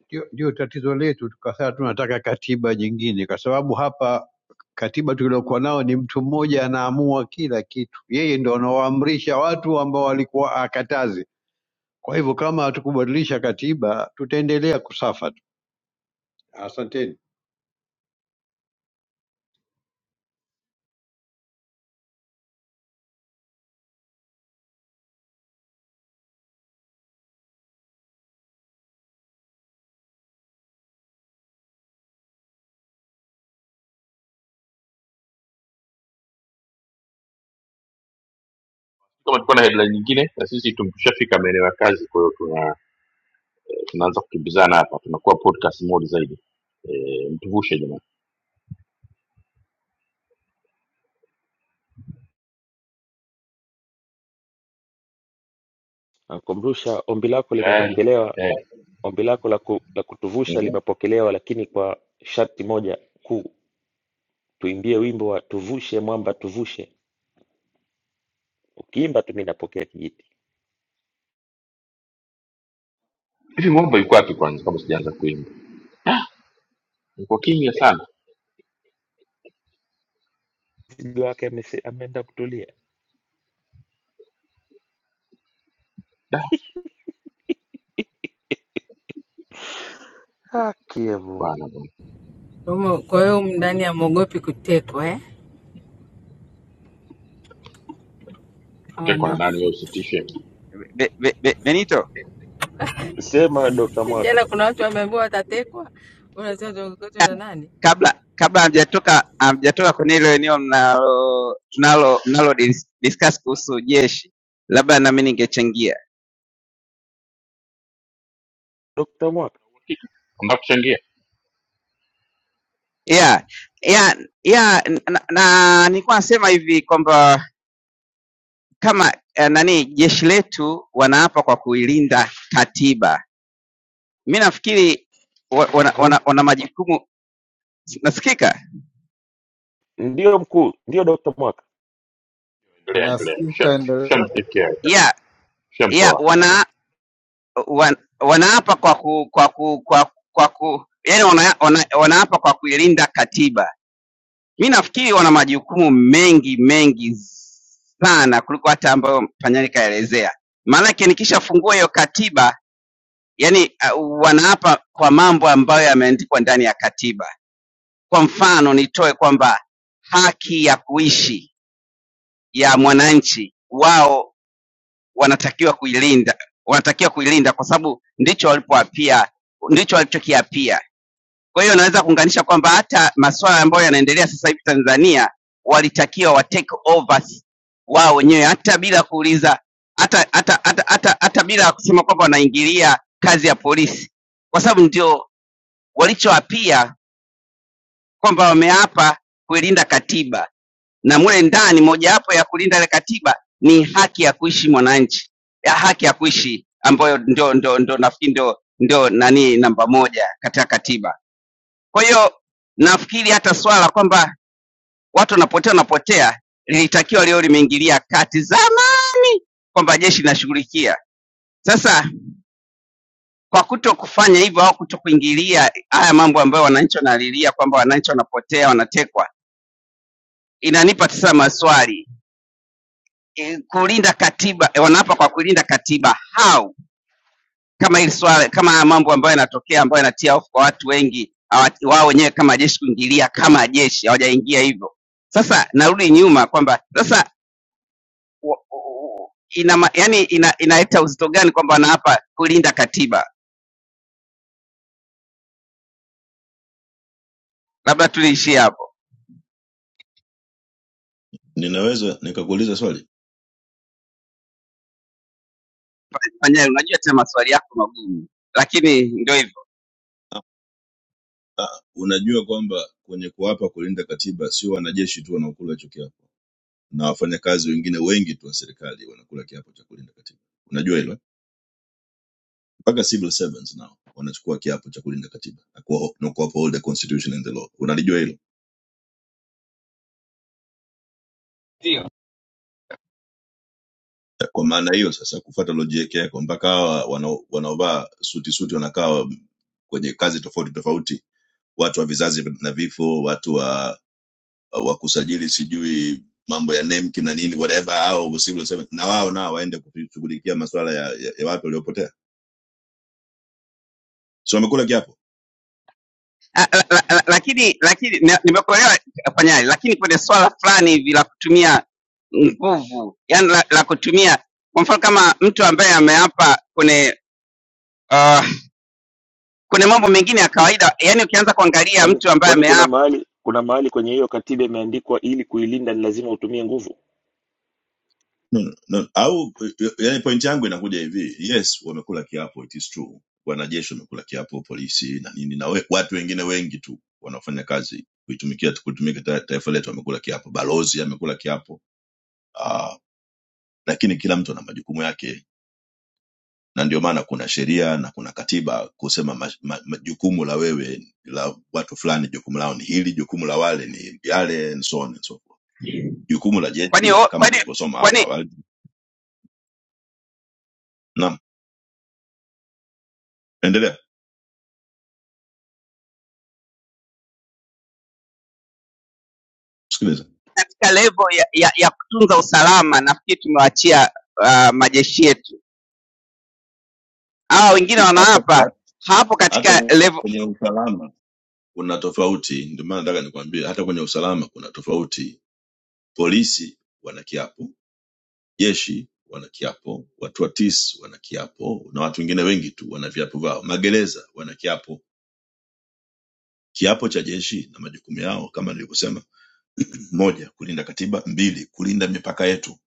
Speaker 21: Ndio ndio tatizo letu, tukasaa tunataka katiba nyingine, kwa sababu hapa Katiba tuliokuwa nao ni mtu mmoja anaamua kila kitu, yeye ndo anawaamrisha watu ambao walikuwa akatazi. Kwa hivyo kama hatukubadilisha katiba, tutaendelea kusafa tu. Asanteni.
Speaker 4: kama tukuwa na headline nyingine na sisi tumeshafika maeneo ya kazi kwa hiyo tuna, tunaanza kukimbizana hapa tunakuwa podcast mode zaidi e, mtuvushe jamani
Speaker 13: Nakumrusha ombi lako
Speaker 4: tayari
Speaker 13: limepokelewa
Speaker 4: eh,
Speaker 13: Ombi lako la ku, la kutuvusha
Speaker 4: mhm.
Speaker 13: limepokelewa lakini kwa sharti moja kuu tuimbie wimbo wa tuvushe mwamba tuvushe ukiimba tu mimi napokea kijiti
Speaker 4: hivi ngomba yuko wapi kwanza kama sijaanza kuimba Yuko kimya sana
Speaker 13: mzigo wake amese- ameenda kutulia
Speaker 4: da
Speaker 13: haki ya Mungu
Speaker 4: bana bana
Speaker 11: Kwa hiyo kwa hiyo humu ndani amwogopi kutekwa eh?
Speaker 4: kutekwa na nani wewe
Speaker 11: Wanafiki
Speaker 4: usitishe
Speaker 22: Be, Be, Be, Benito,
Speaker 13: sema Dr. Mwaka
Speaker 11: jana, kuna watu wameambiwa watatekwa, unasema tuogokote na nani?
Speaker 22: kabla kabla hamjatoka hamjatoka kwenye hilo eneo mnalo tunalo mnalo dis- discuss kuhusu jeshi, labda nami ningechangia.
Speaker 13: Dr. Mwaka
Speaker 4: Hakika. Unataka kuchangia
Speaker 22: Yeah, yeah, yeah, na, na nilikuwa nasema hivi kwamba kama eh, nani jeshi letu wanaapa kwa kuilinda katiba, mi nafikiri wa- wana, wana, wana majukumu. Nasikika?
Speaker 13: ndio mkuu ndio Dr. Mwaka
Speaker 4: Good day, good day. Shem,
Speaker 20: Unasikika, endelea.
Speaker 4: Shem, take care.
Speaker 22: Yeah,
Speaker 4: Shem,
Speaker 22: yeah,
Speaker 4: talk.
Speaker 22: wana wan, wanaapa kwa ku, kwa ku, kwa, kwa ku yani wana, wana, wanaapa kwa kuilinda katiba. Mi nafikiri wana majukumu mengi mengi sana kuliko hata ambayo Panyari kaelezea, maanake nikishafungua hiyo katiba yani uh, wanaapa kwa mambo ambayo yameandikwa ndani ya katiba. Kwa mfano nitoe kwamba haki ya kuishi ya mwananchi wao wanatakiwa kuilinda wanatakiwa kuilinda kwa sababu ndicho walipoapia ndicho walichokiapia kwa hiyo naweza kuunganisha kwamba hata masuala ambayo yanaendelea sasa hivi tanzania walitakiwa wa take overs wao wenyewe hata bila kuuliza hata hata hata hata, hata bila kusema kwamba wanaingilia kazi ya polisi kwa sababu ndio walichoapia kwamba wameapa kuilinda katiba na mule ndani mojawapo ya kulinda ile katiba ni haki ya kuishi mwananchi, ya haki ya kuishi ambayo ndio ndio ndio nafikiri ndio ndio nani namba moja katika katiba. Kwa hiyo nafikiri hata swala kwamba watu wanapotea wanapotea lilitakiwa leo limeingilia kati zamani, kwamba jeshi linashughulikia. Sasa kwa kuto kufanya hivyo au kuto kuingilia haya mambo ambayo wananchi wanalilia kwamba wananchi wanapotea wanatekwa, inanipa sasa maswali Eh, kulinda katiba eh, wanaapa kwa kulinda katiba how kama hili swala kama haya mambo ambayo yanatokea ambayo yanatia hofu kwa watu wengi hawa- wao wenyewe kama jeshi kuingilia kama jeshi hawajaingia hivyo sasa narudi nyuma kwamba sasa wa- wa- ina ma- yani ina, inaleta uzito gani kwamba wanaapa kulinda katiba labda tuliishie hapo
Speaker 12: Ninaweza nikakuuliza swali?
Speaker 22: Fanya- unajua tena maswali yako magumu lakini ndio hivyo
Speaker 12: Ah, unajua kwamba kwenye kuapa kulinda katiba sio wanajeshi tu wanaokula hicho kiapo, na wafanyakazi wengine wengi tu wa serikali wanakula kiapo cha kulinda katiba. Unajua hilo? Mpaka civil servants nao wanachukua kiapo cha kulinda katiba na kuwa- na ku uphold the constitution and the law. Unalijua hilo?
Speaker 22: Ndio.
Speaker 12: Kwa maana hiyo sasa, kufuata logic yako, mpaka hawa wanao- wanaovaa suti suti wanakaa kwenye kazi tofauti tofauti, watu wa vizazi na vifo, watu wa uh, wa kusajili sijui mambo ya nemki na nini whatever au usiku useme na wao nao waende kushughulikia masuala ya, ya, ya watu waliopotea so wamekula kiapo
Speaker 22: la, la, la, lakini lakini na- nimekuelewa afanyali, lakini kwenye swala fulani hivi la kutumia nguvu, yani la, la kutumia kwa mfano kama mtu ambaye ameapa kwenye uh, kwenye mambo mengine ya kawaida, yani ukianza kuangalia
Speaker 13: kwani
Speaker 22: mtu ambaye
Speaker 13: kwani kuna
Speaker 22: ameapa,
Speaker 13: mahali kuna mahali kwenye hiyo katiba imeandikwa ili kuilinda ni lazima utumie nguvu
Speaker 12: no, no, no. au eh, yani point yangu inakuja hivi yes wamekula kiapo it is true wanajeshi wamekula kiapo polisi na nini na we, watu wengine wengi tu wanaofanya kazi kuitumikia kutumika ta- taifa letu wamekula kiapo balozi amekula kiapo uh, lakini kila mtu ana majukumu yake na ndio maana kuna sheria na kuna katiba kusema ma, ma, ma, jukumu la wewe la watu fulani jukumu lao ni hili jukumu la wale ni yale and so on and so forth jukumu la
Speaker 22: kwani
Speaker 12: jeshi
Speaker 22: o-
Speaker 12: kama
Speaker 22: kwani
Speaker 12: nilivyosoma hapo
Speaker 22: kwani
Speaker 12: awali naam endelea sikiliza
Speaker 22: katika level ya, ya, ya kutunza usalama nafikiri tumewaachia uh, majeshi yetu. Hawa wengine
Speaker 12: Ut- hata
Speaker 22: wanaapa
Speaker 12: hata
Speaker 22: hapo
Speaker 12: hata
Speaker 22: katika level
Speaker 12: kwenye usalama kuna tofauti ndio maana nataka nikwambie hata kwenye usalama kuna tofauti polisi wana kiapo jeshi wana kiapo watu wa tis wana kiapo na watu wengine wengi tu wana viapo vao magereza wana kiapo Kiapo cha jeshi na majukumu yao kama nilivyosema, moja, kulinda katiba; mbili, kulinda mipaka yetu.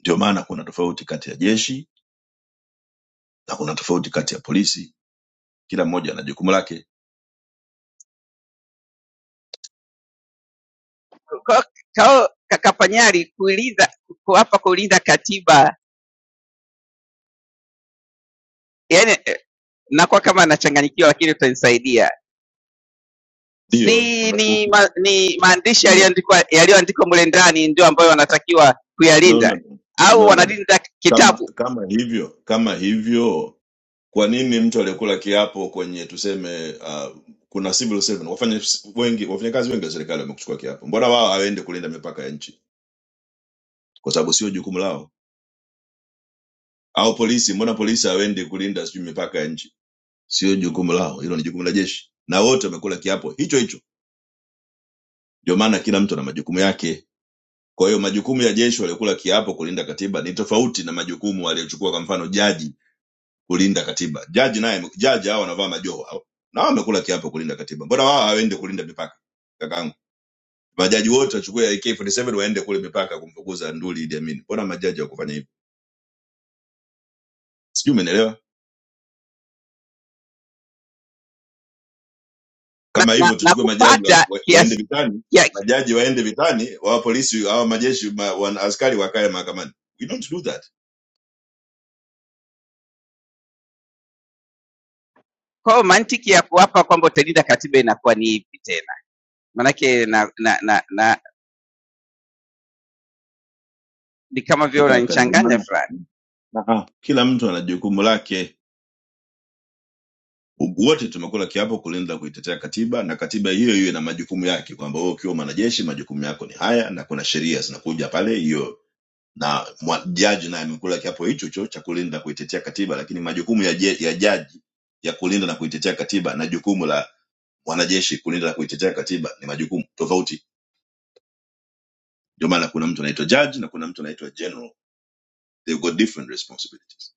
Speaker 12: Ndio maana kuna tofauti kati ya jeshi na kuna tofauti kati ya polisi, kila mmoja ana jukumu lake.
Speaker 22: kao kakafanyali kuuliza kuapa kuuliza katiba yani nakuwa kama nachanganyikiwa, lakini utanisaidia.
Speaker 12: Ndio
Speaker 22: Si
Speaker 12: una-
Speaker 22: ni,
Speaker 12: uki-
Speaker 22: ma, ni maandishi
Speaker 12: no,
Speaker 22: yaliyoandikwa yaliyoandikwa mule ndani ndio ambayo wanatakiwa
Speaker 12: no,
Speaker 22: kuyalinda,
Speaker 12: no,
Speaker 22: au
Speaker 12: no, no. no.
Speaker 22: wanalinda
Speaker 12: Kama
Speaker 22: kitabu
Speaker 12: kama hivyo kama hivyo, kwa nini mtu aliyekula kiapo kwenye tuseme, uh, kuna civil servant wafanya wengi, wafanyakazi wengi wa serikali wamekuchukua kiapo, mbona wao hawaende kulinda mipaka ya nchi? Kwa sababu sio jukumu lao au polisi? Mbona polisi hawaendi kulinda sijui mipaka ya nchi? Sio jukumu lao, hilo ni jukumu la jeshi, na wote wamekula kiapo hicho hicho. Ndio maana kila mtu ana majukumu yake. Kwa hiyo majukumu ya jeshi waliokula kiapo kulinda katiba ni tofauti na majukumu aliyochukua kwa mfano jaji kulinda katiba. Jaji naye jaji hao wanavaa majoho hao, na wao wamekula kiapo kulinda katiba. Mbona wao hawaendi kulinda mipaka? Kakaangu, majaji wote wachukue AK47 waende kule mipaka kumfukuza nduli Idi Amin. Mbona majaji hawakufanya hivyo? Sijui umeelewa?
Speaker 22: na,
Speaker 12: kama
Speaker 22: na,
Speaker 12: hivyo
Speaker 22: na
Speaker 12: tuchukue majaji wa,
Speaker 22: kupata
Speaker 12: wa, waende
Speaker 22: kiasi
Speaker 12: vitani
Speaker 22: ya,
Speaker 12: majaji waende vitani wa polisi hawa majeshi ma, wa, askari wakae mahakamani we don't do that
Speaker 22: kwa hiyo mantiki ya kuapa kwamba utalinda katiba inakuwa ni ipi tena? Maanake na, na, na, na, ni kama vile
Speaker 12: kaka ndio
Speaker 22: unanichanganya
Speaker 12: maana
Speaker 22: fulani.
Speaker 12: Ah, kila mtu ana jukumu lake U- wote tumekula kiapo kulinda kuitetea katiba na katiba hiyo hiyo ina majukumu yake kwamba wewe ukiwa mwanajeshi majukumu yako ni haya na kuna sheria zinakuja pale hiyo na mwa- jaji naye amekula kiapo hicho hicho cha kulinda kuitetea katiba lakini majukumu ya, je- ya jaji ya kulinda na kuitetea katiba na jukumu la mwanajeshi kulinda na kuitetea katiba ni majukumu tofauti ndio maana kuna mtu anaitwa judge na kuna mtu anaitwa general they've got different responsibilities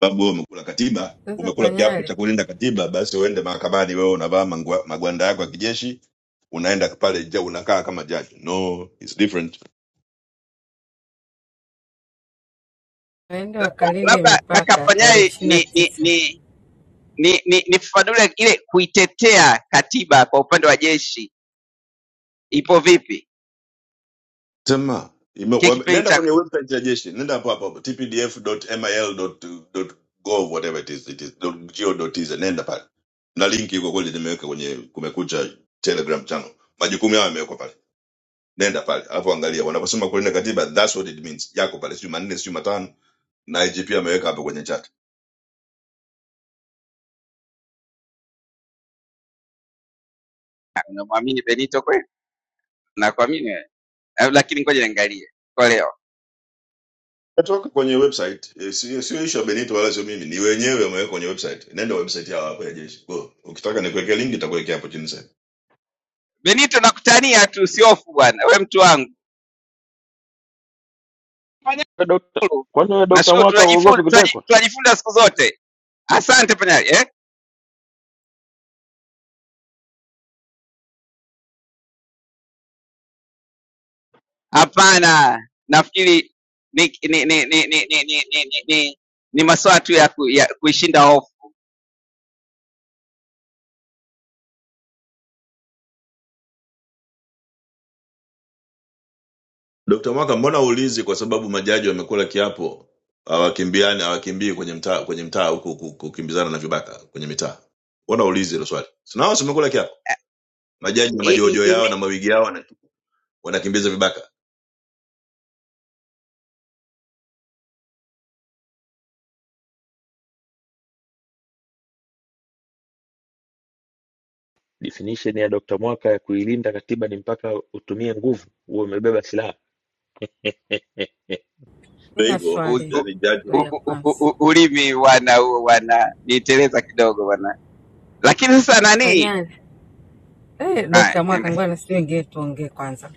Speaker 12: sababu wewe umekula katiba
Speaker 11: Sasa
Speaker 12: umekula kiapo cha
Speaker 11: fanyale
Speaker 12: kulinda katiba basi uende mahakamani wewe unavaa mangwa- magwanda yako ya kijeshi unaenda pale ja- unakaa kama judge no it's different
Speaker 11: waende wakalinde
Speaker 22: Labda kaka
Speaker 11: mipaka tarehe
Speaker 22: Panyai
Speaker 11: ishirini na
Speaker 22: ni ni
Speaker 11: tisa.
Speaker 22: ni ni ni nifafanue ile kuitetea katiba kwa upande wa jeshi ipo vipi?
Speaker 12: sema ime-
Speaker 22: Kile
Speaker 12: wame-
Speaker 22: kipindi
Speaker 12: nenda
Speaker 22: cha
Speaker 12: kwenye website ya jeshi nenda hapo hapo hapo, tpdf.mil.gov whatever it is it is .go.tz nenda pale na linki iko kweli nimeweka kwenye kumekucha telegram channel majukumu yao yamewekwa pale nenda pale alafu angalia wanaposema kulinda katiba that's what it means yako pale sio manne sio matano na IGP ameweka hapo kwenye chat
Speaker 22: Unamwamini Benito kweli? Nakuamini wewe. Eh, Lakini ngoja niangalie kwa leo.
Speaker 12: natoka kwenye website eh, sio sio issue ya Benito wala sio mimi ni wenyewe wameweka kwenye website nenda website yao hapo ya jeshi go ukitaka nikuwekea link nitakuwekea hapo chini sasa
Speaker 22: Benito nakutania tu, usihofu bwana, we mtu wangu.
Speaker 13: Eh, Dr.
Speaker 22: Panyaro,
Speaker 13: kwani wewe Dr.
Speaker 22: nashukuru
Speaker 13: Mwaka uogopi
Speaker 22: tunajifunza
Speaker 13: kutekwa
Speaker 22: tunajifunza siku zote. Asante Panyaro. Eh? Hapana. Nafikiri ni ni ni ni ni ni ni ni, ni, ni, ni maswala tu ya, ku, ya kuishinda hofu.
Speaker 12: Dr. Mwaka, mbona uulizi kwa sababu majaji wamekula kiapo hawakimbiani hawakimbii kwenye mtaa kwenye mtaa huku ku- kukimbizana na vibaka kwenye mitaa? Mbona uulizi hilo swali? Si nao wamekula kiapo. Majaji na
Speaker 22: I- i-
Speaker 12: majojo yao
Speaker 22: ime-
Speaker 12: na mawigi yao wana- wanakimbiza vibaka.
Speaker 13: definition ya Dr. Mwaka ya kuilinda katiba ni mpaka utumie nguvu uwe umebeba silaha Eh,
Speaker 12: Kwa
Speaker 11: Nina
Speaker 12: hivyo,
Speaker 22: u-
Speaker 11: swali
Speaker 22: u-
Speaker 12: yani jaji
Speaker 11: ndio
Speaker 22: u-
Speaker 11: ya
Speaker 22: u- u-
Speaker 11: kwanza
Speaker 22: u- Ulimi bwana huo bwana, niteleza kidogo bwana. Lakini sasa nani?
Speaker 11: fanyale. Eh,
Speaker 22: Haya,
Speaker 11: Dokta
Speaker 22: ende.
Speaker 11: Mwakangwana, sijui ingine tuongee kwanza.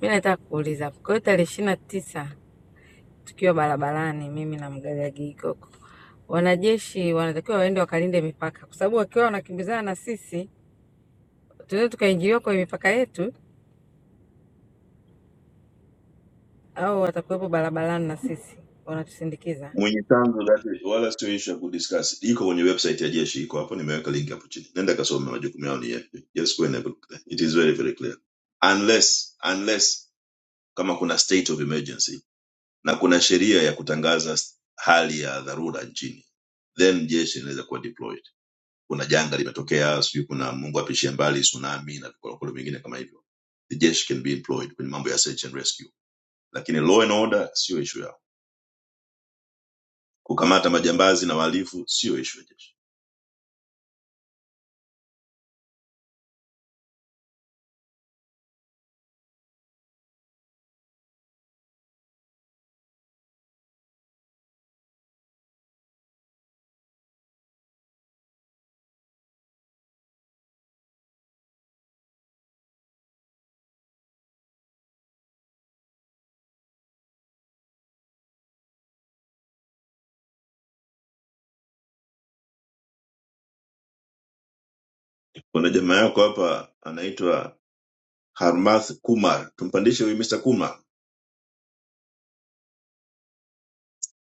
Speaker 11: Mi nataka kuuliza kwa hiyo tarehe ishirini na tisa tukiwa barabarani, mimi na mgaga Gigoko, wanajeshi wanatakiwa waende wakalinde mipaka, kwa sababu wakiwa wanakimbizana na sisi tunaweza tukaingiliwa kwenye mipaka yetu, au watakuwepo barabarani na sisi wanatusindikiza.
Speaker 12: mwenye tangu lake wala sio issue ya kudiscuss. Iko kwenye website ya jeshi iko hapo nimeweka link hapo chini. Nenda kasome majukumu yao ni yapi. Just go and have a look there. It is very very clear. Unless unless kama kuna state of emergency na kuna sheria ya kutangaza s- hali ya dharura nchini then jeshi linaweza kuwa deployed kuna janga limetokea sijui kuna mungu apishie mbali tsunami na vikolokolo vingine kama hivyo the jeshi can be employed kwenye mambo ya search and rescue lakini law and order sio issue yao kukamata majambazi na wahalifu sio issue ya jeshi kuna jamaa yako hapa anaitwa harmath kumar tumpandishe huyu mr kumar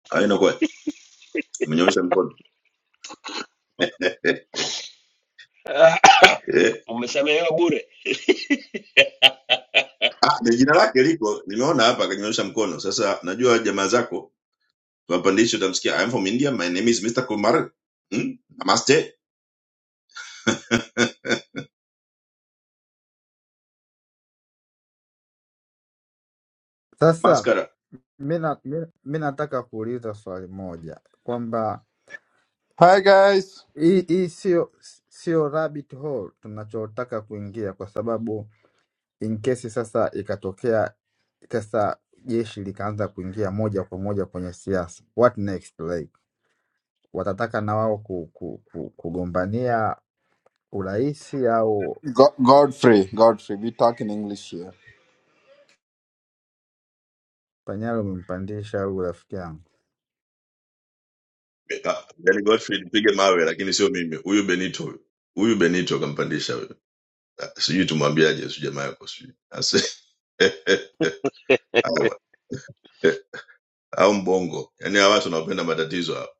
Speaker 12: ainakuwa amenyoosha mkono
Speaker 13: Ah,
Speaker 12: eh,
Speaker 13: umesamehewa bure
Speaker 12: ah, ni jina lake liko nimeona hapa akanyoosha mkono sasa najua jamaa zako Wapandisho utamsikia I'm from India, my name is Mr. Kumar. Hmm? Namaste.
Speaker 20: Sasa
Speaker 12: Mascara.
Speaker 20: mi na- mi- mi nataka kuuliza swali moja kwamba
Speaker 23: Hi guys,
Speaker 20: hii hii sio sio rabbit hole tunachotaka kuingia, kwa sababu in case sasa ikatokea sasa jeshi likaanza kuingia moja kwa moja kwenye siasa, what next? Like watataka na wao ku, ku, ku, kugombania urais au
Speaker 23: Go- Godfrey, Godfrey, we talk in English here.
Speaker 20: panyara umempandisha au rafiki yangu?
Speaker 12: Yaani Godfrey nipige mawe lakini sio mimi. Huyu Benito huyu. Huyu Benito kampandisha huyu. Ah, Sijui tumwambiaje sio jamaa yako sijui. Ase- Au au mbongo. Yaani hawa watu wanaopenda matatizo hawa.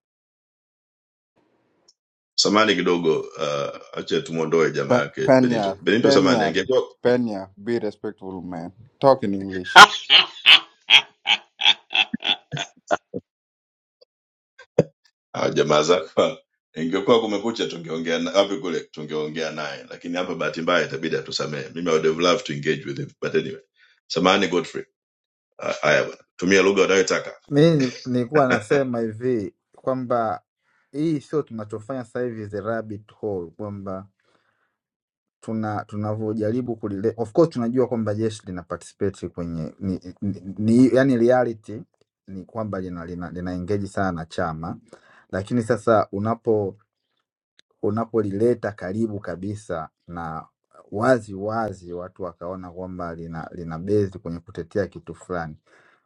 Speaker 12: Samani kidogo, uh, acha tumuondoe jamaa
Speaker 23: Pe-
Speaker 12: yake Benito.
Speaker 23: Penya,
Speaker 12: Benito samani
Speaker 23: Penya,
Speaker 12: angekuwa
Speaker 23: Penya, be respectful, man. Talk in English.
Speaker 12: Ah, jamaa zaka ingekuwa kumekucha tungeongea na- wapi kule tungeongea naye lakini hapa bahati mbaya itabidi atusamee mimi I would have loved to engage with him but anyway samahani Godfrey Ah, haya bwana tumia lugha unayotaka
Speaker 20: Mi ni- nilikuwa nasema hivi kwamba hii sio tunachofanya sasa hivi is a rabbit hole, kwamba tuna tunavyojaribu kulile of course tunajua kwamba jeshi lina participate kwenye ni, ni, ni, yani reality ni kwamba lina, lina, lina engage sana na chama, lakini sasa unapo unapolileta karibu kabisa na wazi wazi watu wakaona kwamba lina lina base kwenye kutetea kitu fulani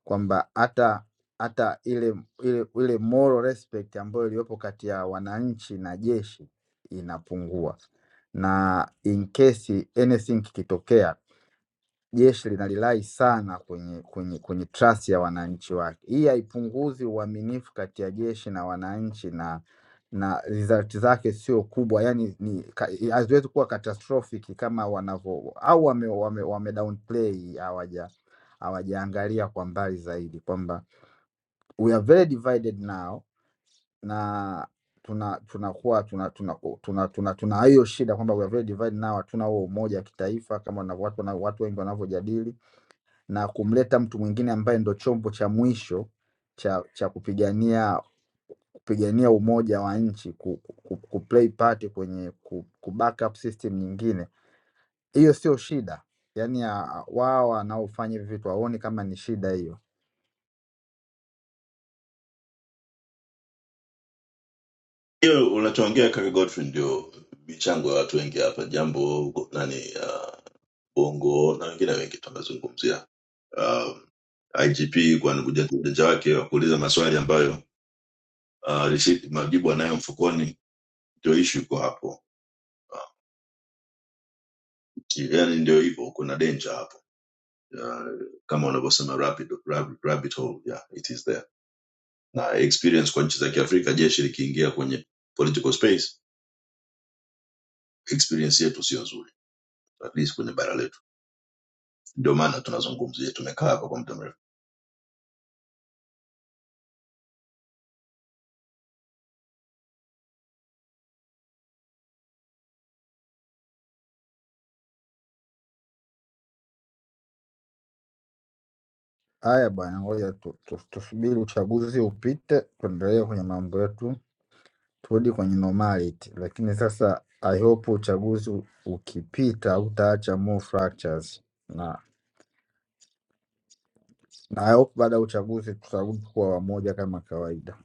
Speaker 20: kwamba hata hata ile ile ile moral respect ambayo iliyopo kati ya wananchi na jeshi inapungua, na in case anything kikitokea jeshi linalilai sana kwenye, kwenye, kwenye trust ya wananchi wake. Hii haipunguzi uaminifu kati ya jeshi na wananchi na na result zake sio kubwa, yani ni ka- haziwezi kuwa catastrophic kama wanavyo au wame, wame, wame downplay hawaja hawajaangalia kwa mbali zaidi kwamba we are very divided now na tuna tunakuwa tuna tuna tuna tuna tuna tuna hiyo shida kwamba we are very divided now, hatuna huo umoja wa kitaifa kama wanavyo- watu wana- watu wengi wanavyojadili na kumleta mtu mwingine ambaye ndo chombo cha mwisho cha cha kupigania kupigania umoja wa nchi ku, ku, ku ku play part kwenye ku, ku backup system nyingine, hiyo sio shida. Yaani ah, wao wanaofanya hivi vitu hawaoni kama ni shida hiyo.
Speaker 12: hiyo unachoongea kaka Godfrey ndio michango ya watu wengi hapa jambo nani uh, bongo na wengine wengi tunazungumzia um, IGP kwa kuja ujanja wake wa kuuliza maswali ambayo uh, receipt- majibu anayo mfukoni ndio issue iko hapo Ah, yani ndio hivyo kuna danger hapo uh, kama wanavyosema rabbit, rabbit, rabbit hole yeah, it is there na experience kwa nchi za kiafrika jeshi likiingia kwenye political space experience yetu sio nzuri at least kwenye bara letu ndio maana tunazungumzia tumekaa hapa kwa muda mrefu
Speaker 20: Haya bwana, ngoja tu- tu- tusubiri uchaguzi upite, tuendelee kwenye mambo yetu, turudi kwenye normality. Lakini sasa I hope uchaguzi ukipita utaacha more fractures. na na I hope baada ya uchaguzi tutarudi kuwa wamoja kama kawaida.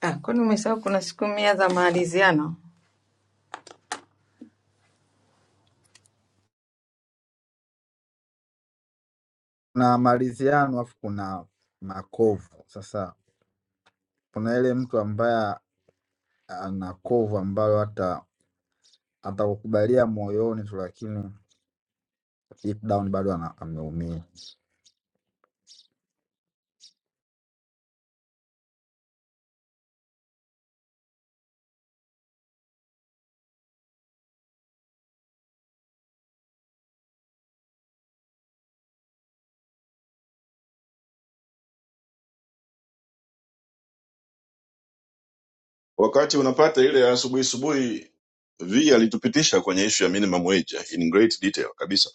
Speaker 11: Ah, kwani umesahau kuna siku mia za maaliziano?
Speaker 20: Kuna maridhiano afu kuna makovu. Sasa kuna ile mtu ambaye ana kovu ambalo hata atakukubalia moyoni tu, lakini deep down bado ana- ameumia.
Speaker 12: wakati unapata ile ya asubuhi asubuhi v alitupitisha kwenye ishu ya minimum wage eh, in great detail kabisa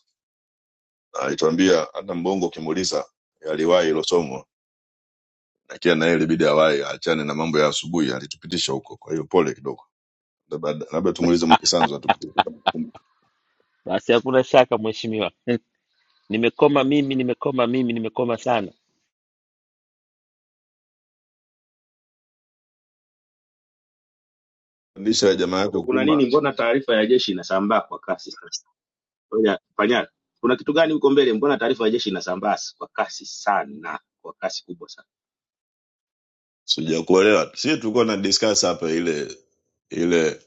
Speaker 12: Na alituambia hata mbongo ukimuuliza aliwahi hilo somo na kila naye ilibidi awahi aachane na mambo ya asubuhi alitupitisha huko kwa hiyo pole kidogo labda labda tumuulize mwenye sanzo atupitishe
Speaker 13: basi hakuna shaka mheshimiwa Hmm. nimekoma mimi nimekoma mimi nimekoma sana
Speaker 12: Fundisha ya jamaa yako
Speaker 2: Kuna
Speaker 12: kuma,
Speaker 2: nini? Mbona taarifa ya jeshi inasambaa kwa kasi sana? Ngoja, Panyari, kuna kitu gani huko mbele? Mbona taarifa ya jeshi inasambaa s- kwa kasi sana, kwa kasi kubwa sana
Speaker 12: sijakuelewa. Sisi tulikuwa na discuss hapa ile ile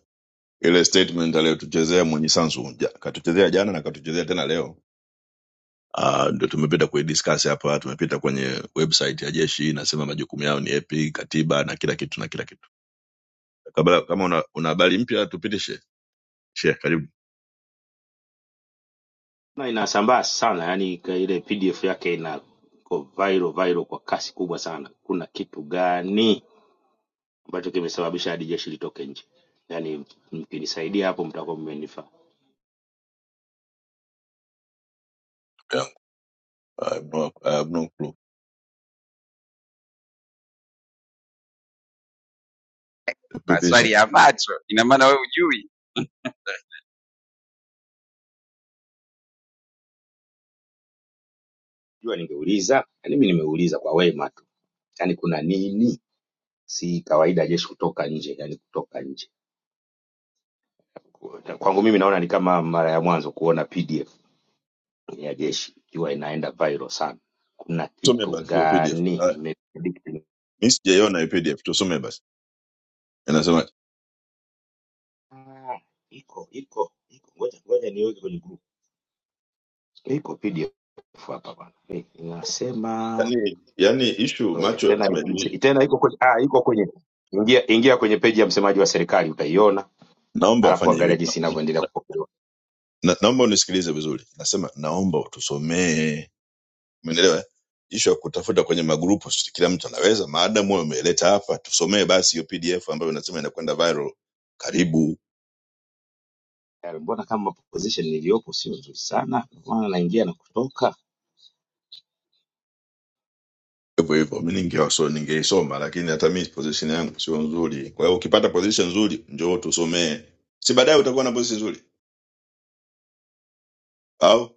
Speaker 12: ile statement aliyotuchezea mwenye Sanzu ja, katuchezea jana na katuchezea tena leo. Ah, ndio tumepita kuidiscuss hapa, tumepita kwenye website ya jeshi inasema majukumu yao ni yapi, katiba na kila kitu na kila kitu. Kabla kama una una habari mpya tupitishe. Share karibu.
Speaker 2: na inasambaa sana, yani ile PDF yake ina iko viral viral kwa kasi kubwa sana. Kuna kitu gani ambacho kimesababisha hadi jeshi litoke nje? Yani mkinisaidia hapo, mtakuwa mmenifaa.
Speaker 12: Yeah, I have no, I have no clue.
Speaker 22: maswali
Speaker 12: Tupitishe.
Speaker 22: ya macho, ina maana wewe hujui.
Speaker 2: Jua ningeuliza, yani mimi nimeuliza kwa wema tu, yani kuna nini? Si kawaida jeshi kutoka nje, yani kutoka nje. Kwangu mimi naona ni kama mara ya mwanzo kuona PDF ya jeshi ikiwa inaenda viral sana, kuna
Speaker 12: Tusome
Speaker 2: kitu
Speaker 12: basi hiyo PDF.
Speaker 2: gani
Speaker 12: Ah,
Speaker 2: imepredict?
Speaker 12: mimi sijaiona hiyo PDF, tusome basi. Inasema
Speaker 2: Ah, Iko iko iko, ngoja ngoja niweke kwenye group. Iko PDF hapa bwana, Eh, inasema
Speaker 12: yani yani issue
Speaker 2: ngoja
Speaker 12: macho
Speaker 2: tena,
Speaker 12: tusome.
Speaker 2: tena iko kwenye ah, iko kwenye ingia ingia kwenye peji ya msemaji wa serikali utaiona,
Speaker 12: naomba
Speaker 2: alafu
Speaker 12: afanye
Speaker 2: angalia
Speaker 12: hivi na,
Speaker 2: jinsi inavyoendelea
Speaker 12: na,
Speaker 2: kupokelewa.
Speaker 12: na, naomba unisikilize vizuri nasema naomba utusomee umeelewa eh? ishu ya kutafuta kwenye magrupu si kila mtu anaweza maadamu wewe umeleta hapa tusomee basi hiyo pdf ambayo unasema inakwenda viral karibu
Speaker 2: Eh, Mbona kama position niliyopo sio nzuri sana, maana naingia na kutoka.
Speaker 12: hivyo hivyo mi ningewaso- ningeisoma lakini hata mi position yangu sio nzuri kwa hiyo ukipata position nzuri njoo tusomee si baadaye utakuwa na position nzuri au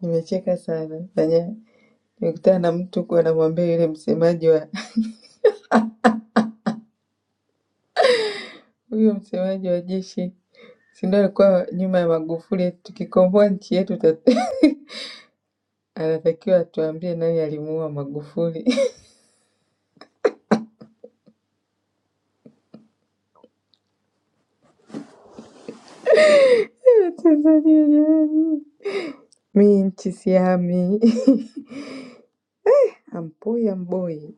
Speaker 11: Nimecheka sana fanya nikutana na mtu huku anamwambia yule msemaji wa huyo msemaji wa jeshi si ndio alikuwa nyuma ya Magufuli eti tukikomboa nchi yetu tatu. Anatakiwa atuambie nani alimuua Magufuli. Tanzania jamani, mi nchi sihami. Amboi amboi,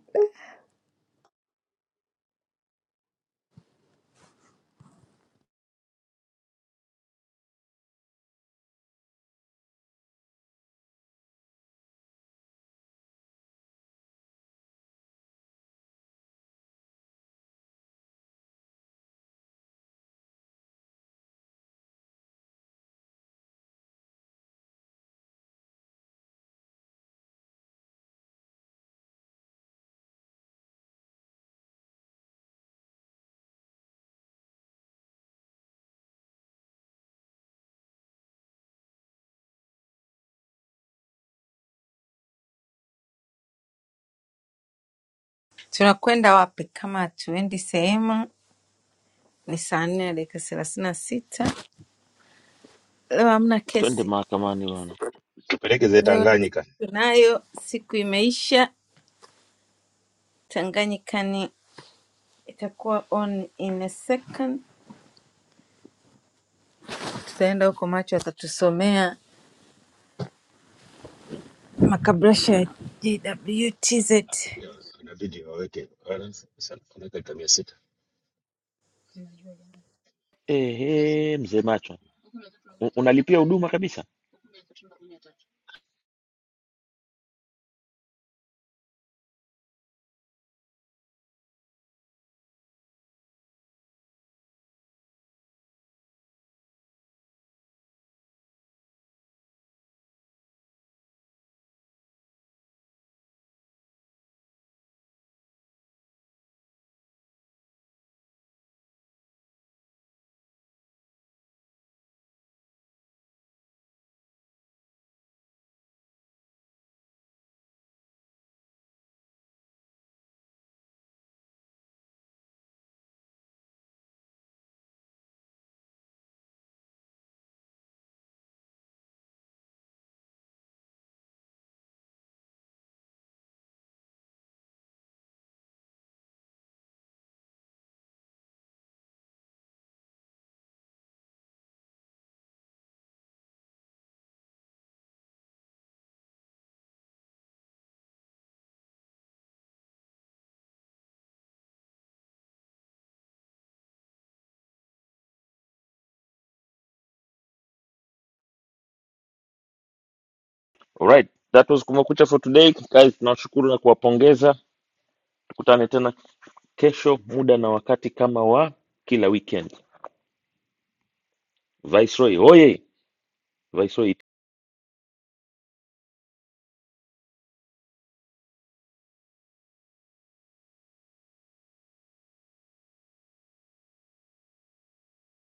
Speaker 11: Tunakwenda wapi kama hatuendi sehemu? Ni saa nne na dakika thelathini na sita. Leo hamna
Speaker 13: twende
Speaker 11: kesi,
Speaker 13: mahakamani bwana
Speaker 2: Tupeleke ze
Speaker 11: leo
Speaker 2: Tanganyika,
Speaker 11: tunayo siku imeisha. Tanganyikani itakuwa on in a second. Tutaenda huko, macho atatusomea makabrasha ya JWTZ.
Speaker 2: inabidi waweke balance. Sasa tunaweka mia sita.
Speaker 13: ehe mzee macho U- unalipia huduma kabisa alright that was kumekucha for today guys tunawashukuru na kuwapongeza tukutane tena kesho muda na wakati kama wa kila weekend viceroy oye viceroy